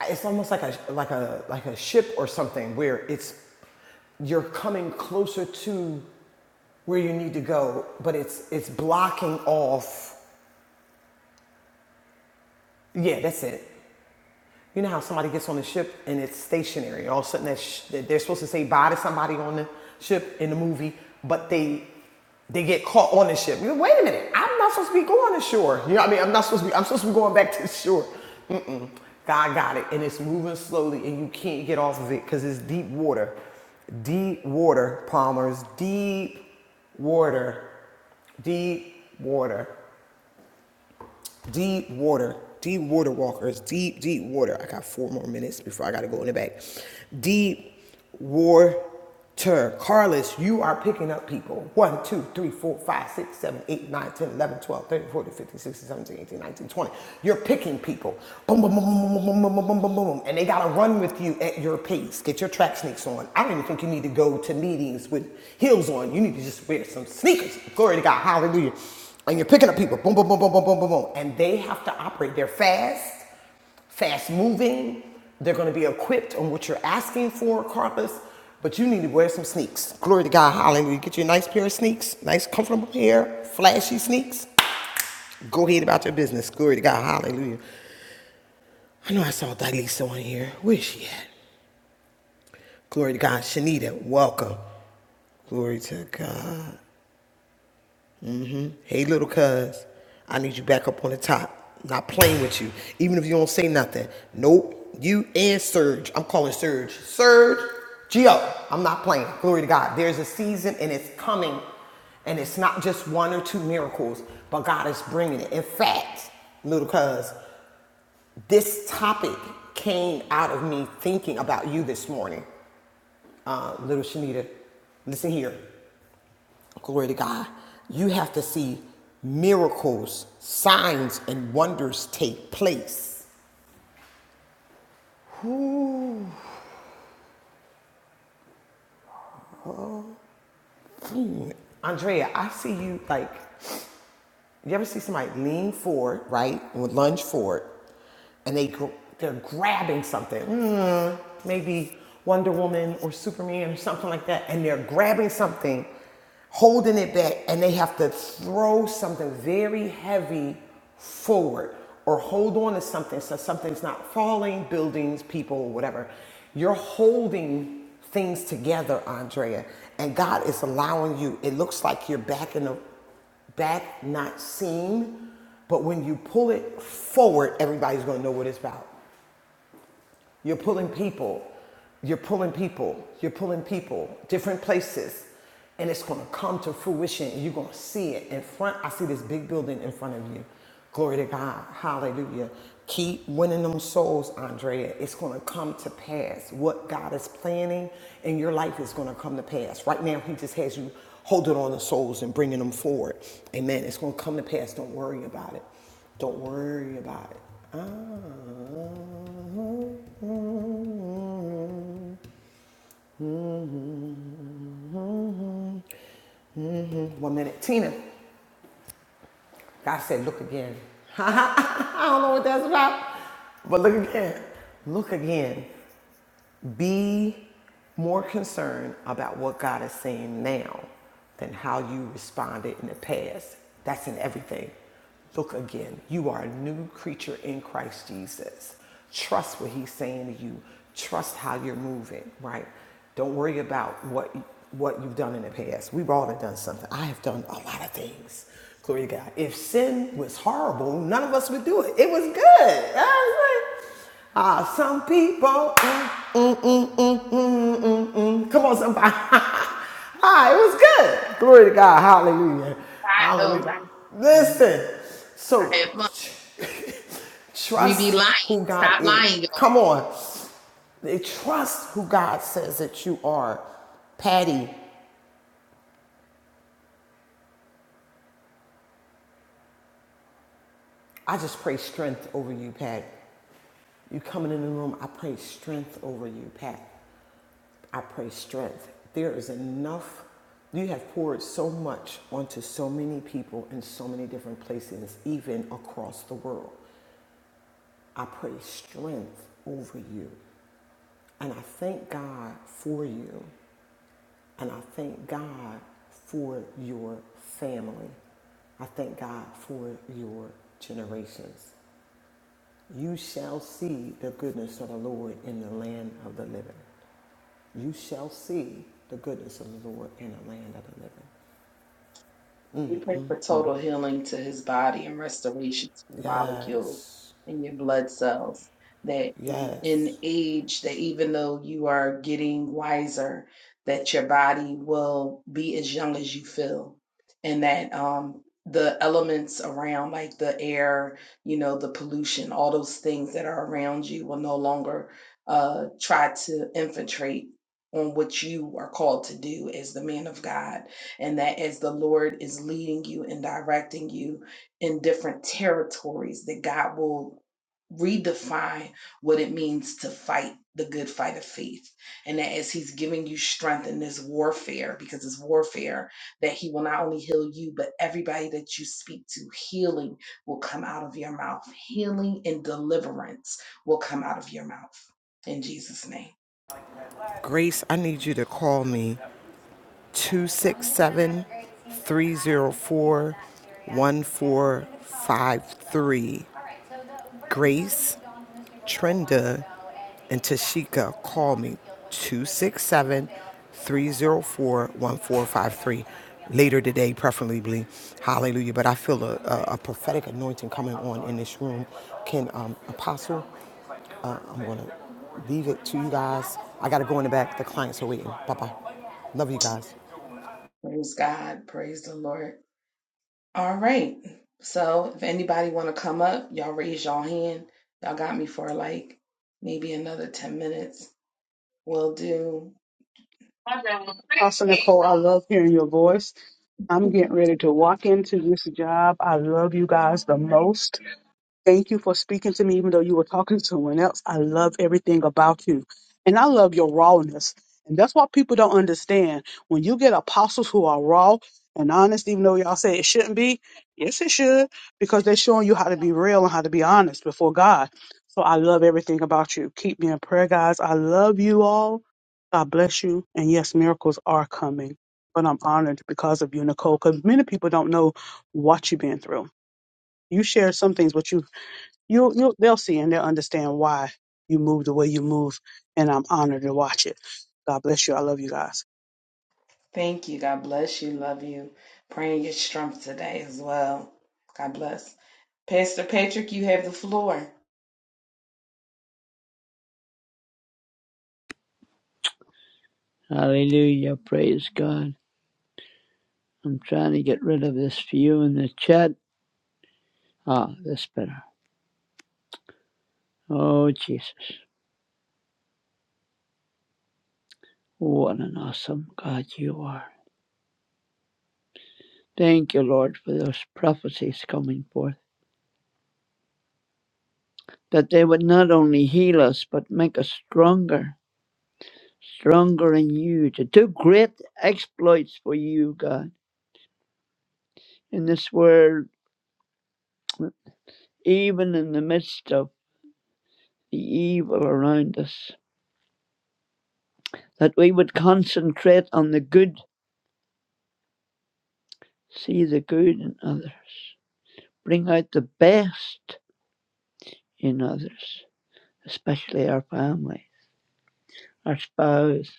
S1: it's almost like a like a like a ship or something where it's you're coming closer to where you need to go, but it's it's blocking off. Yeah, that's it. You know how somebody gets on the ship and it's stationary. All of a sudden, that sh- they're supposed to say bye to somebody on the ship in the movie, but they they get caught on the ship. You know, Wait a minute, I'm not supposed to be going ashore. You know what I mean? I'm not supposed to be. I'm supposed to be going back to the shore. Mm-mm. God got it, and it's moving slowly, and you can't get off of it because it's deep water, deep water, Palmer's deep water, deep water deep water, deep water walkers, deep, deep water. I got four more minutes before I gotta go in the back. Deep water. Carlos, you are picking up people. One, two, three, four, five, six, seven, eight, nine, ten, eleven, twelve, thirteen, fourteen, fifteen, sixteen, seventeen, eighteen, nineteen, twenty. You're picking people. Boom, boom, boom, boom, boom, boom, boom, boom, boom, boom, boom. And they gotta run with you at your pace. Get your track sneaks on. I don't even think you need to go to meetings with heels on. You need to just wear some sneakers. Glory to God. Hallelujah and you're picking up people, boom, boom, boom, boom, boom, boom, boom, boom, and they have to operate. They're fast, fast moving. They're going to be equipped on what you're asking for, Carpus. But you need to wear some sneaks. Glory to God, hallelujah. Get you a nice pair of sneaks, nice comfortable pair, flashy sneaks. Go ahead about your business. Glory to God, hallelujah. I know I saw Dalisa on here. Where is she at? Glory to God, Shanita, welcome. Glory to God. Hey, little cuz, I need you back up on the top. Not playing with you, even if you don't say nothing. Nope. You and Surge. I'm calling Surge. Surge, Geo. I'm not playing. Glory to God. There's a season and it's coming, and it's not just one or two miracles, but God is bringing it. In fact, little cuz, this topic came out of me thinking about you this morning, uh, little Shanita. Listen here. Glory to God. You have to see miracles, signs, and wonders take place. Ooh. Andrea, I see you like, you ever see somebody lean forward, right? And would lunge forward, and they, they're grabbing something. maybe Wonder Woman or Superman or something like that, and they're grabbing something, holding it back, and they have to throw something very heavy forward or hold on to something so something's not falling, buildings, people, whatever. You're holding things together, Andrea, and God is allowing you. It looks like you're back in the back, not seen, but when you pull it forward, everybody's gonna know what it's about. You're pulling people. You're pulling people. You're pulling people. Different places. And it's going to come to fruition. And you're going to see it in front. I see this big building in front of you. Glory to God. Hallelujah. Keep winning them souls, Andrea. It's going to come to pass. What God is planning in your life is going to come to pass. Right now, He just has you holding on to souls and bringing them forward. Amen. It's going to come to pass. Don't worry about it. Don't worry about it. Ah. One minute. Tina. God said, look again. I don't know what that's about, but look again. Look again. Be more concerned about what God is saying now than how you responded in the past. That's in everything. Look again. You are a new creature in Christ Jesus. Trust what he's saying to you. Trust how you're moving, right? Don't worry about what what you've done in the past. We've all done something. I have done a lot of things. Glory to God. If sin was horrible, none of us would do it. It was good. I was like, Ah, uh, some people. Mm, mm, mm, mm, mm, mm, mm. mm. Come on, somebody. ah, it was good. Glory to God. Hallelujah.
S8: I know.
S1: Hallelujah.
S8: I,
S1: Listen.
S8: I had
S1: So,
S8: fun. We be
S1: trust
S8: lying.
S1: who God
S8: Stop
S1: is.
S8: lying.
S1: Come on. They trust who God says that you are. Patty, I just pray strength over you, Patty. You coming in the room, I pray strength over you, Patty. I pray strength. There is enough. You have poured so much onto so many people in so many different places, even across the world. I pray strength over you. And I thank God for you. And I thank God for your family. I thank God for your generations. You shall see the goodness of the Lord in the land of the living. You shall see the goodness of the Lord in the land of the living.
S8: We pray for total healing to his body and restoration to the molecules
S1: Yes.
S8: in your blood cells. That
S1: Yes.
S8: in age, that even though you are getting wiser, that your body will be as young as you feel, and that um, the elements around, like the air, you know, the pollution, all those things that are around you, will no longer uh, try to infiltrate on what you are called to do as the man of God and that as the Lord is leading you and directing you in different territories, that God will redefine what it means to fight the good fight of faith. And that as He's giving you strength in this warfare, because it's warfare, that He will not only heal you, but everybody that you speak to, healing will come out of your mouth. Healing and deliverance will come out of your mouth. In Jesus' name.
S1: Grace, I need you to call me two six seven three zero four one four five three. Grace, Trenda, and Tashika call me 267 304 1453 later today, preferably. Hallelujah. But I feel a, a, a prophetic anointing coming on in this room. Can um, Apostle, uh, I'm going to leave it to you guys. I got to go in the back. The clients are waiting. Bye bye. Love you guys.
S8: Praise God. Praise the Lord. All right. So if anybody want to come up, y'all raise y'all hand. Y'all got me for like maybe another 10 minutes. We'll do.
S4: Pastor Nicole, I love hearing your voice. I'm getting ready to walk into this job. I love you guys the most. Thank you for speaking to me, even though you were talking to someone else. I love everything about you. And I love your rawness. And that's what people don't understand. When you get apostles who are raw and honest, even though y'all say it shouldn't be, yes, it should, because they're showing you how to be real and how to be honest before God. So I love everything about you. Keep me in prayer, guys. I love you all. God bless you. And yes, miracles are coming. But I'm honored because of you, Nicole, because many people don't know what you've been through. You shared some things, but you you you they'll see and they'll understand why you move the way you move and i'm honored to watch it god bless you i love you guys
S8: Thank you. God bless you. Love you. Praying your strength today as well. God bless. Pastor Patrick, you have the floor.
S9: Hallelujah. Praise God. I'm trying to get rid of this view in the chat. Ah, that's better. Oh, Jesus. What an awesome God you are. Thank you, Lord, for those prophecies coming forth. That they would not only heal us, but make us stronger, stronger in you to do great exploits for you, God, in this world, even in the midst of the evil around us. That we would concentrate on the good See the good in others. Bring out the best in others, especially our family, our spouse,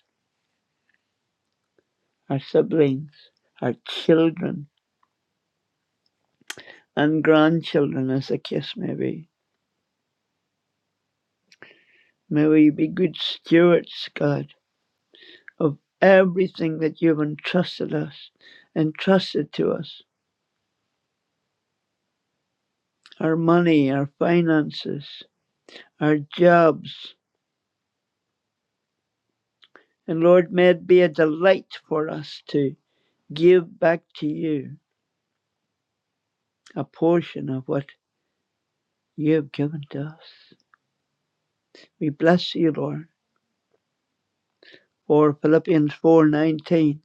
S9: our siblings, our children, and grandchildren, as the case may be. May we be good stewards, God, of everything that you've entrusted us, entrusted to us our money, our finances, our jobs. And Lord, may it be a delight for us to give back to you a portion of what you have given to us. We bless you, Lord, for Philippians 4:19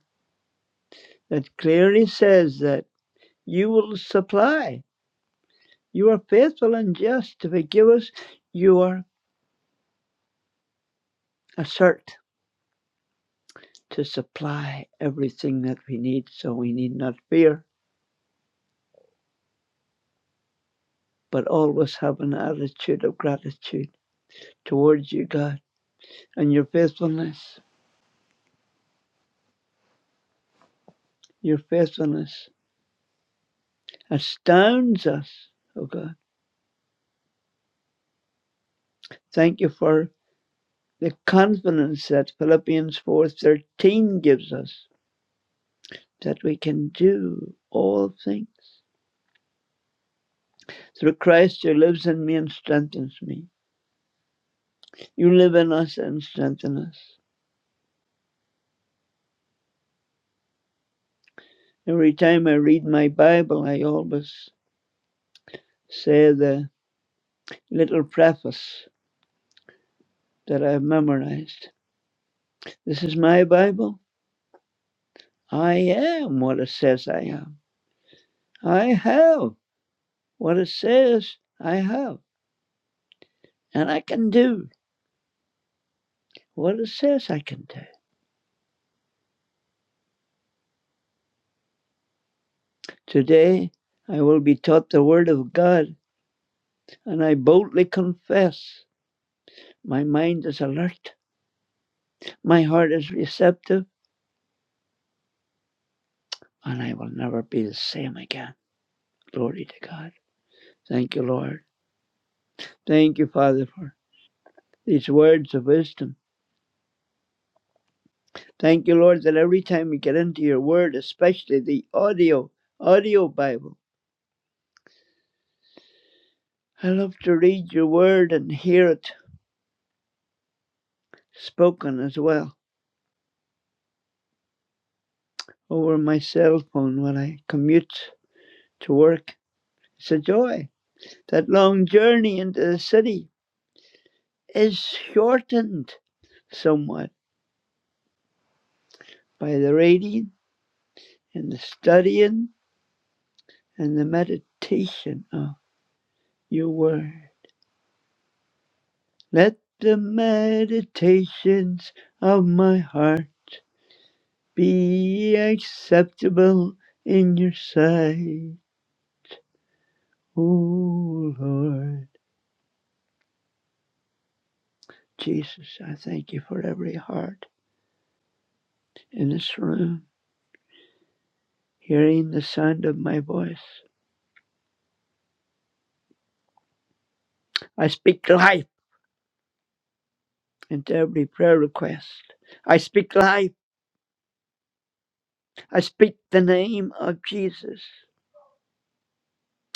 S9: that clearly says that you will supply. You are faithful and just to forgive us. You are assert to supply everything that we need, so we need not fear, but always have an attitude of gratitude towards you, God, and your faithfulness. Your faithfulness astounds us, oh God. Thank you for the confidence that Philippians 4:13 gives us that we can do all things through Christ who lives in me and strengthens me. You live in us and strengthen us. Every time I read my Bible, I always say the little preface that I've memorized. This is my Bible. I am what it says I am. I have what it says I have. And I can do what it says I can do. Today I will be taught the Word of God, and I boldly confess my mind is alert, my heart is receptive, and I will never be the same again. Glory to God. Thank you, Lord. Thank you, Father, for these words of wisdom. Thank you, Lord, that every time we get into your Word, especially the audio, audio Bible, I love to read your Word and hear it spoken as well over my cell phone when I commute to work. It's a joy That long journey into the city is shortened somewhat by the reading and the studying and the meditation of your word. Let the meditations of my heart be acceptable in your sight. O Lord Jesus, I thank you for every heart in this room hearing the sound of my voice. I speak life. Into every prayer request. I speak life. I speak the name of Jesus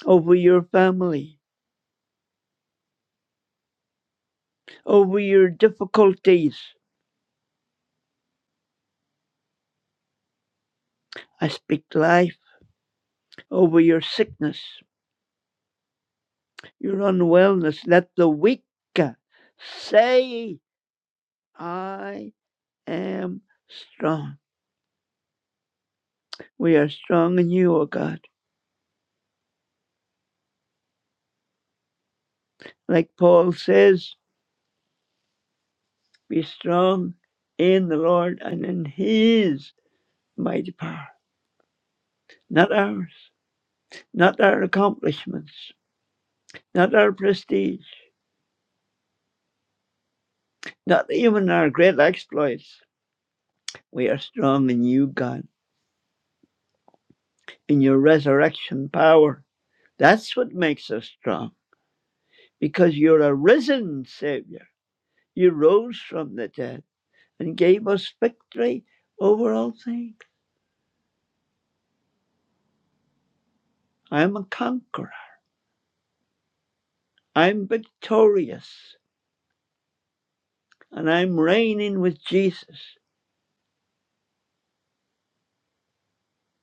S9: over your family, over your difficulties. I speak life over your sickness, your unwellness. Let the weak say, I am strong. We are strong in you, O God. Like Paul says, be strong in the Lord and in his mighty power, not ours, not our accomplishments not our prestige, not even our great exploits. We are strong in you, God, in your resurrection power. That's what makes us strong, because you're a risen Savior. You rose from the dead and gave us victory over all things. I'm a conqueror. I'm victorious. And I'm reigning with Jesus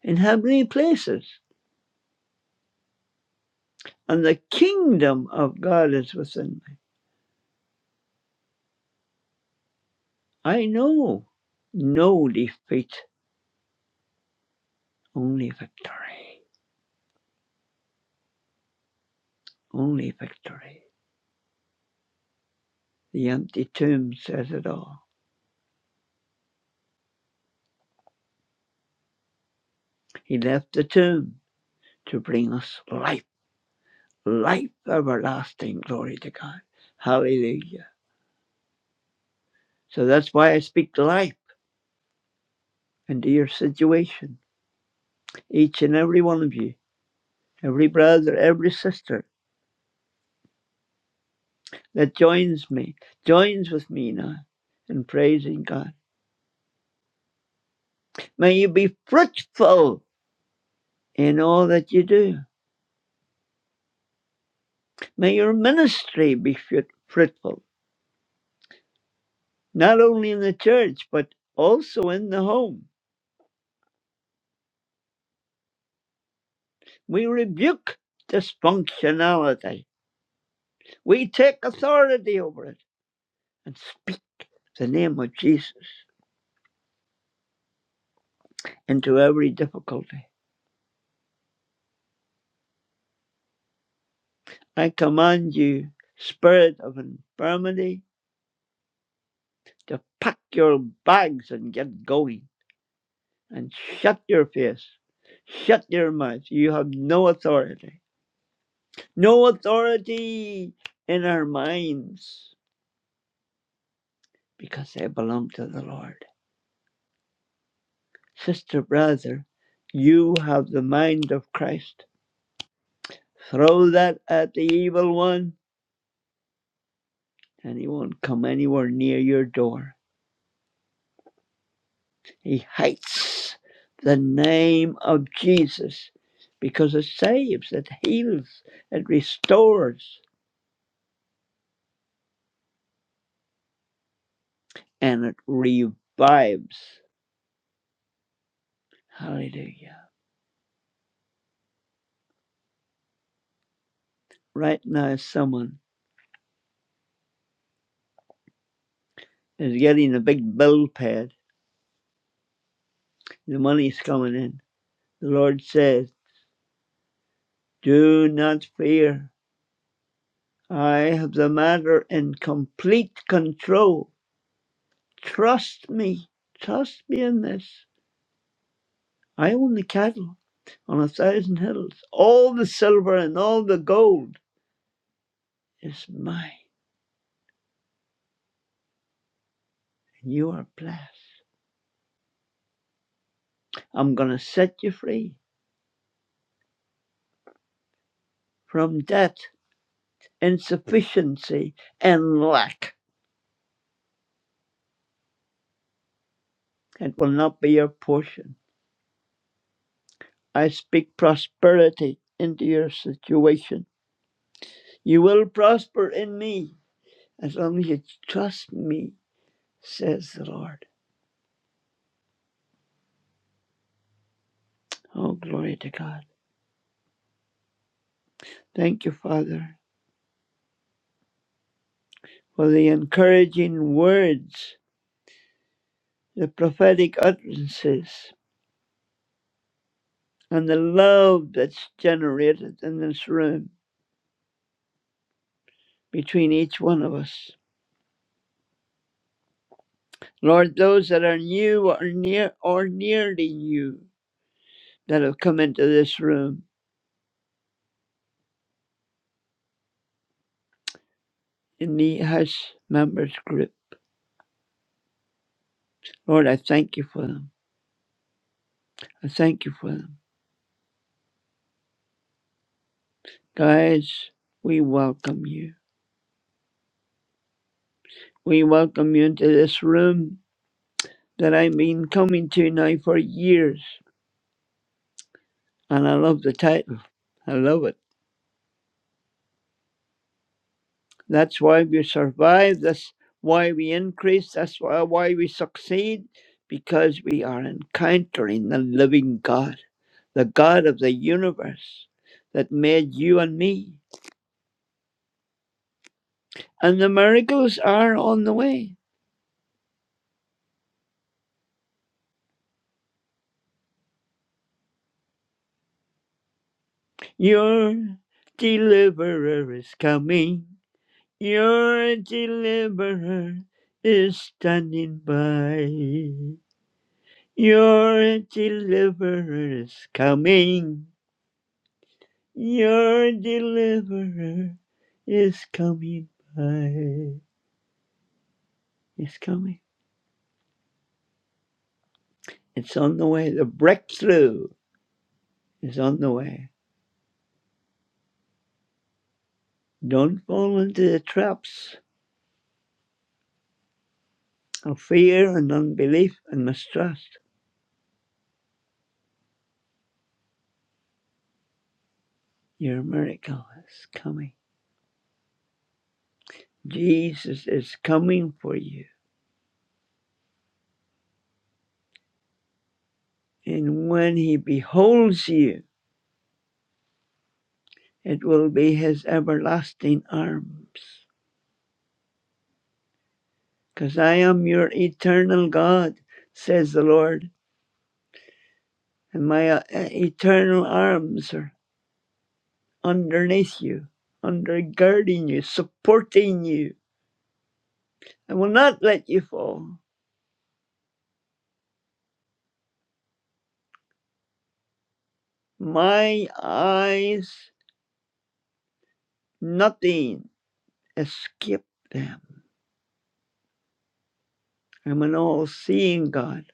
S9: in heavenly places. And the kingdom of God is within me. I know no defeat. Only victory. Only victory. The empty tomb says it all. He left the tomb to bring us life, life everlasting. Glory to God. Hallelujah. So that's why I speak life into your situation. Each and every one of you, every brother, every sister that joins me, joins with me now in praising God. May you be fruitful in all that you do. May your ministry be fruitful. not only in the church, but also in the home. We rebuke dysfunctionality. We take authority over it and speak the name of Jesus into every difficulty. I command you, spirit of infirmity, to pack your bags and get going and shut your face. Shut your mouth. You have no authority. No authority in our minds because they belong to the Lord. Sister, brother, you have the mind of Christ. Throw that at the evil one, and he won't come anywhere near your door. He hates the name of Jesus because it saves, it heals, it restores, and it revives. Hallelujah. Right now, someone is getting a big bill pad. The money's coming in. The Lord says, Do not fear. I have the matter in complete control. Trust me. Trust me in this. I own the cattle on a thousand hills. All the silver and all the gold is mine. And you are blessed. I'm going to set you free from debt, insufficiency, and lack. It will not be your portion. I speak prosperity into your situation. You will prosper in me as long as you trust me says the Lord. Oh, glory to God. Thank you, Father, for the encouraging words, the prophetic utterances, and the love that's generated in this room between each one of us. Lord, those that are new or near or nearly new that have come into this room in the house members group. Lord, I thank you for them. I thank you for them. Guys, we welcome you. We welcome you into this room that I've been coming to now for years. And I love the title. I love it. That's why we survive. That's why we increase. That's why, why we succeed. Because we are encountering the living God, the God of the universe that made you and me. And the miracles are on the way. Your deliverer is coming. Your deliverer is standing by. Your deliverer is coming. Your deliverer is coming by. It's coming. It's on the way. The breakthrough is on the way. Don't fall into the traps of fear and unbelief and mistrust. Your miracle is coming. Jesus is coming for you. And when he beholds you, it will be his everlasting arms because I am your eternal God, says the Lord, and my uh, eternal arms are underneath you, undergirding you, supporting you. I will not let you fall. My eyes, nothing escape them. I'm an all seeing God.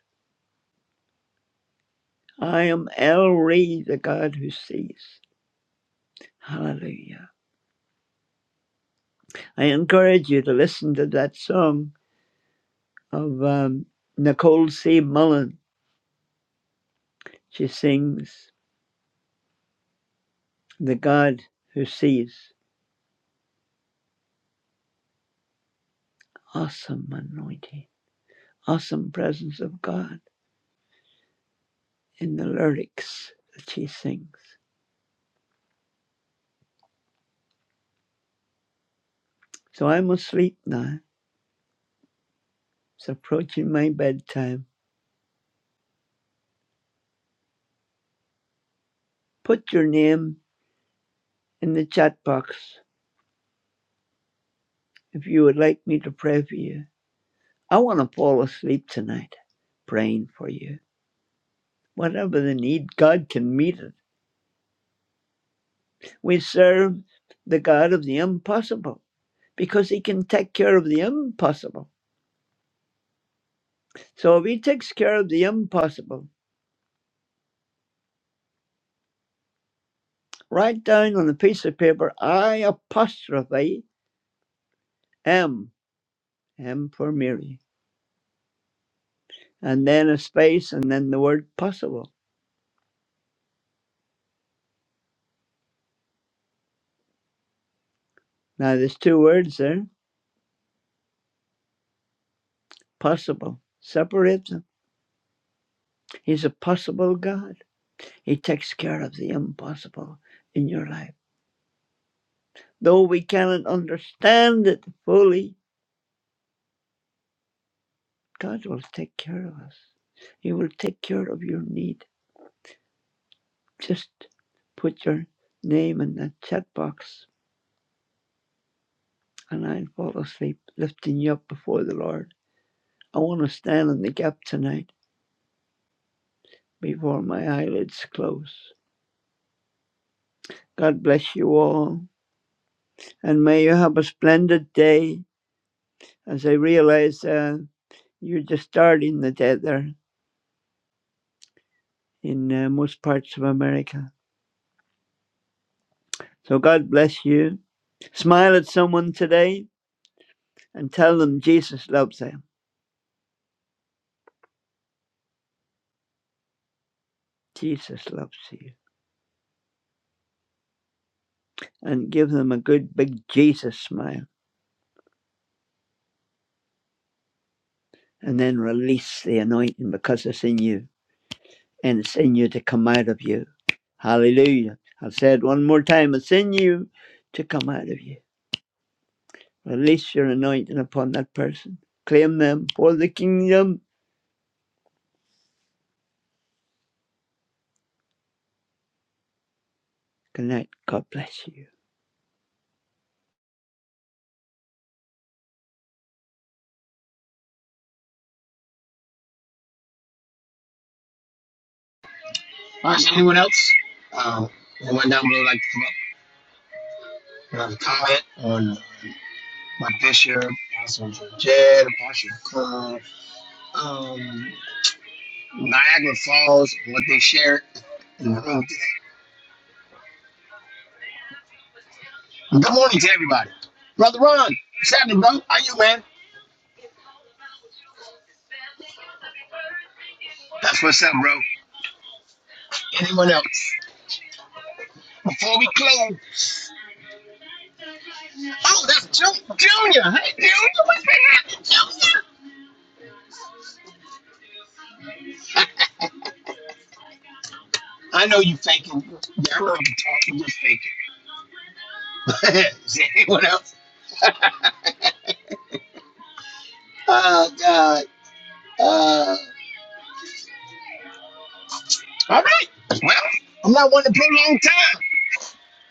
S9: I am El Ray, the God who sees. Hallelujah. I encourage you to listen to that song of um, Nicole C. Mullen. She sings. the God who sees. Awesome anointing, awesome presence of God in the lyrics that she sings. So I'm asleep now. It's approaching my bedtime. Put your name in the chat box if you would like me to pray for you. I want to fall asleep tonight praying for you. Whatever the need, God can meet it. We serve the God of the impossible because He can take care of the impossible. So if He takes care of the impossible, Write down on a piece of paper, I apostrophe M, M for Mary, and then a space and then the word possible. Now there's two words there, possible. Separate them. He's a possible God. He takes care of the impossible in your life. Though we cannot understand it fully, God will take care of us. He will take care of your need. Just put your name in that chat box and I'll fall asleep lifting you up before the Lord. I want to stand in the gap tonight before my eyelids close. God bless you all, and may you have a splendid day. As I realize uh, you're just starting the day there in uh, most parts of America. So God bless you. Smile at someone today and tell them Jesus loves them. Jesus loves you. And give them a good big Jesus smile and then release the anointing because it's in you. and it's in you to come out of you. Hallelujah. I'll say it one more time. It's in you to come out of you. Release your anointing upon that person. Claim them for the kingdom. Good night. God bless you.
S5: All right, so anyone else? Um, anyone down below like to come up and have a comment on my bishop, Apostle Jed, Apostle Coon, um, Niagara Falls, and what they shared in the room today? Good morning to everybody. Brother Ron, what's happening, bro? How you, man? That's what's up, bro. Anyone else? Before we close, oh, that's Ju- Junior. Hey, Junior, what's been happening, Junior? I know you faking. Yeah, I know you talking. You're faking. Is there anyone else? Uh, uh, uh. All right. Well, I'm not one to prolong time.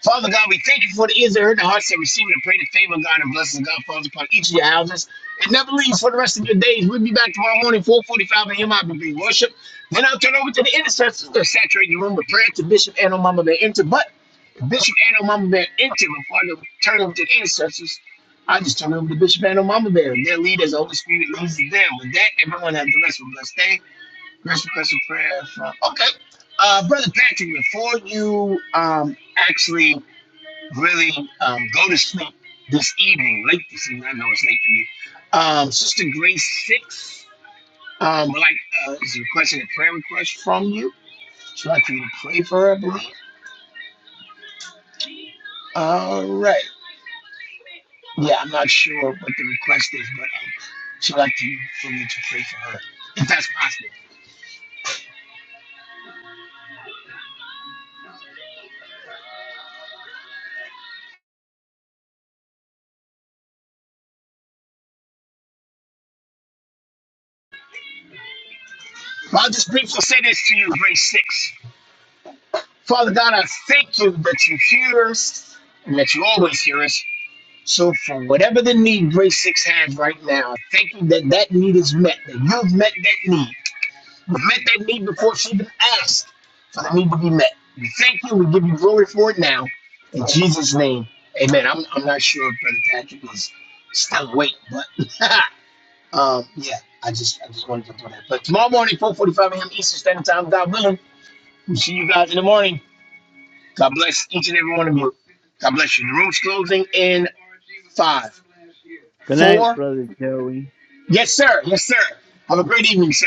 S5: Father God, we thank you for the ears that heard, the hearts that receive it, and pray the favor of God and blessings of God falls upon each of your houses. And never leave for the rest of your days. We'll be back tomorrow morning, 445 a.m. I will be worship. Then I'll turn over to the intercessors to saturate the room with prayer to Bishop and Mama Bear Enter. But if Bishop and Mama Bear Enter, before I turn over to the intercessors, I just turn over to Bishop and Mama Bear. Their lead as the Holy Spirit leads them. With that, everyone have the rest of a blessed day. Rest request of prayer from, okay. Uh, Brother Patrick, before you um, actually really um, go to sleep this evening, late this evening. I know it's late for you. Um, Sister Grace Six um, would like uh, is requesting a prayer request from you. She'd like for you to pray for her, I believe. All right. Yeah, I'm not sure what the request is, but um, she'd like to, for you to pray for her, if that's possible. Well, I'll just briefly say this to you, Grace Six. Father God, I thank you that you hear us and that you always hear us. So for whatever the need Grace six has right now, thank you that that need is met. That you've met that need. You've met that need before she even asked for the need to be met. We thank you. We give you glory for it now. In Jesus' name, amen. I'm, I'm not sure if Brother Patrick is still awake, but um, yeah, I just I just wanted to do that. But tomorrow morning, 4.45 a.m. Eastern Standard Time, God willing, we'll see you guys in the morning. God bless each and every one of you. God bless you. The room's closing in five,
S9: Good night,
S5: four
S9: Brother Joey.
S5: Yes, sir. Yes, sir. Have a great evening, sir.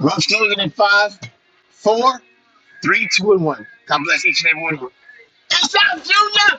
S5: Love closing in five, four, three, two, and one. God bless each and every one of you. Peace out, Junior.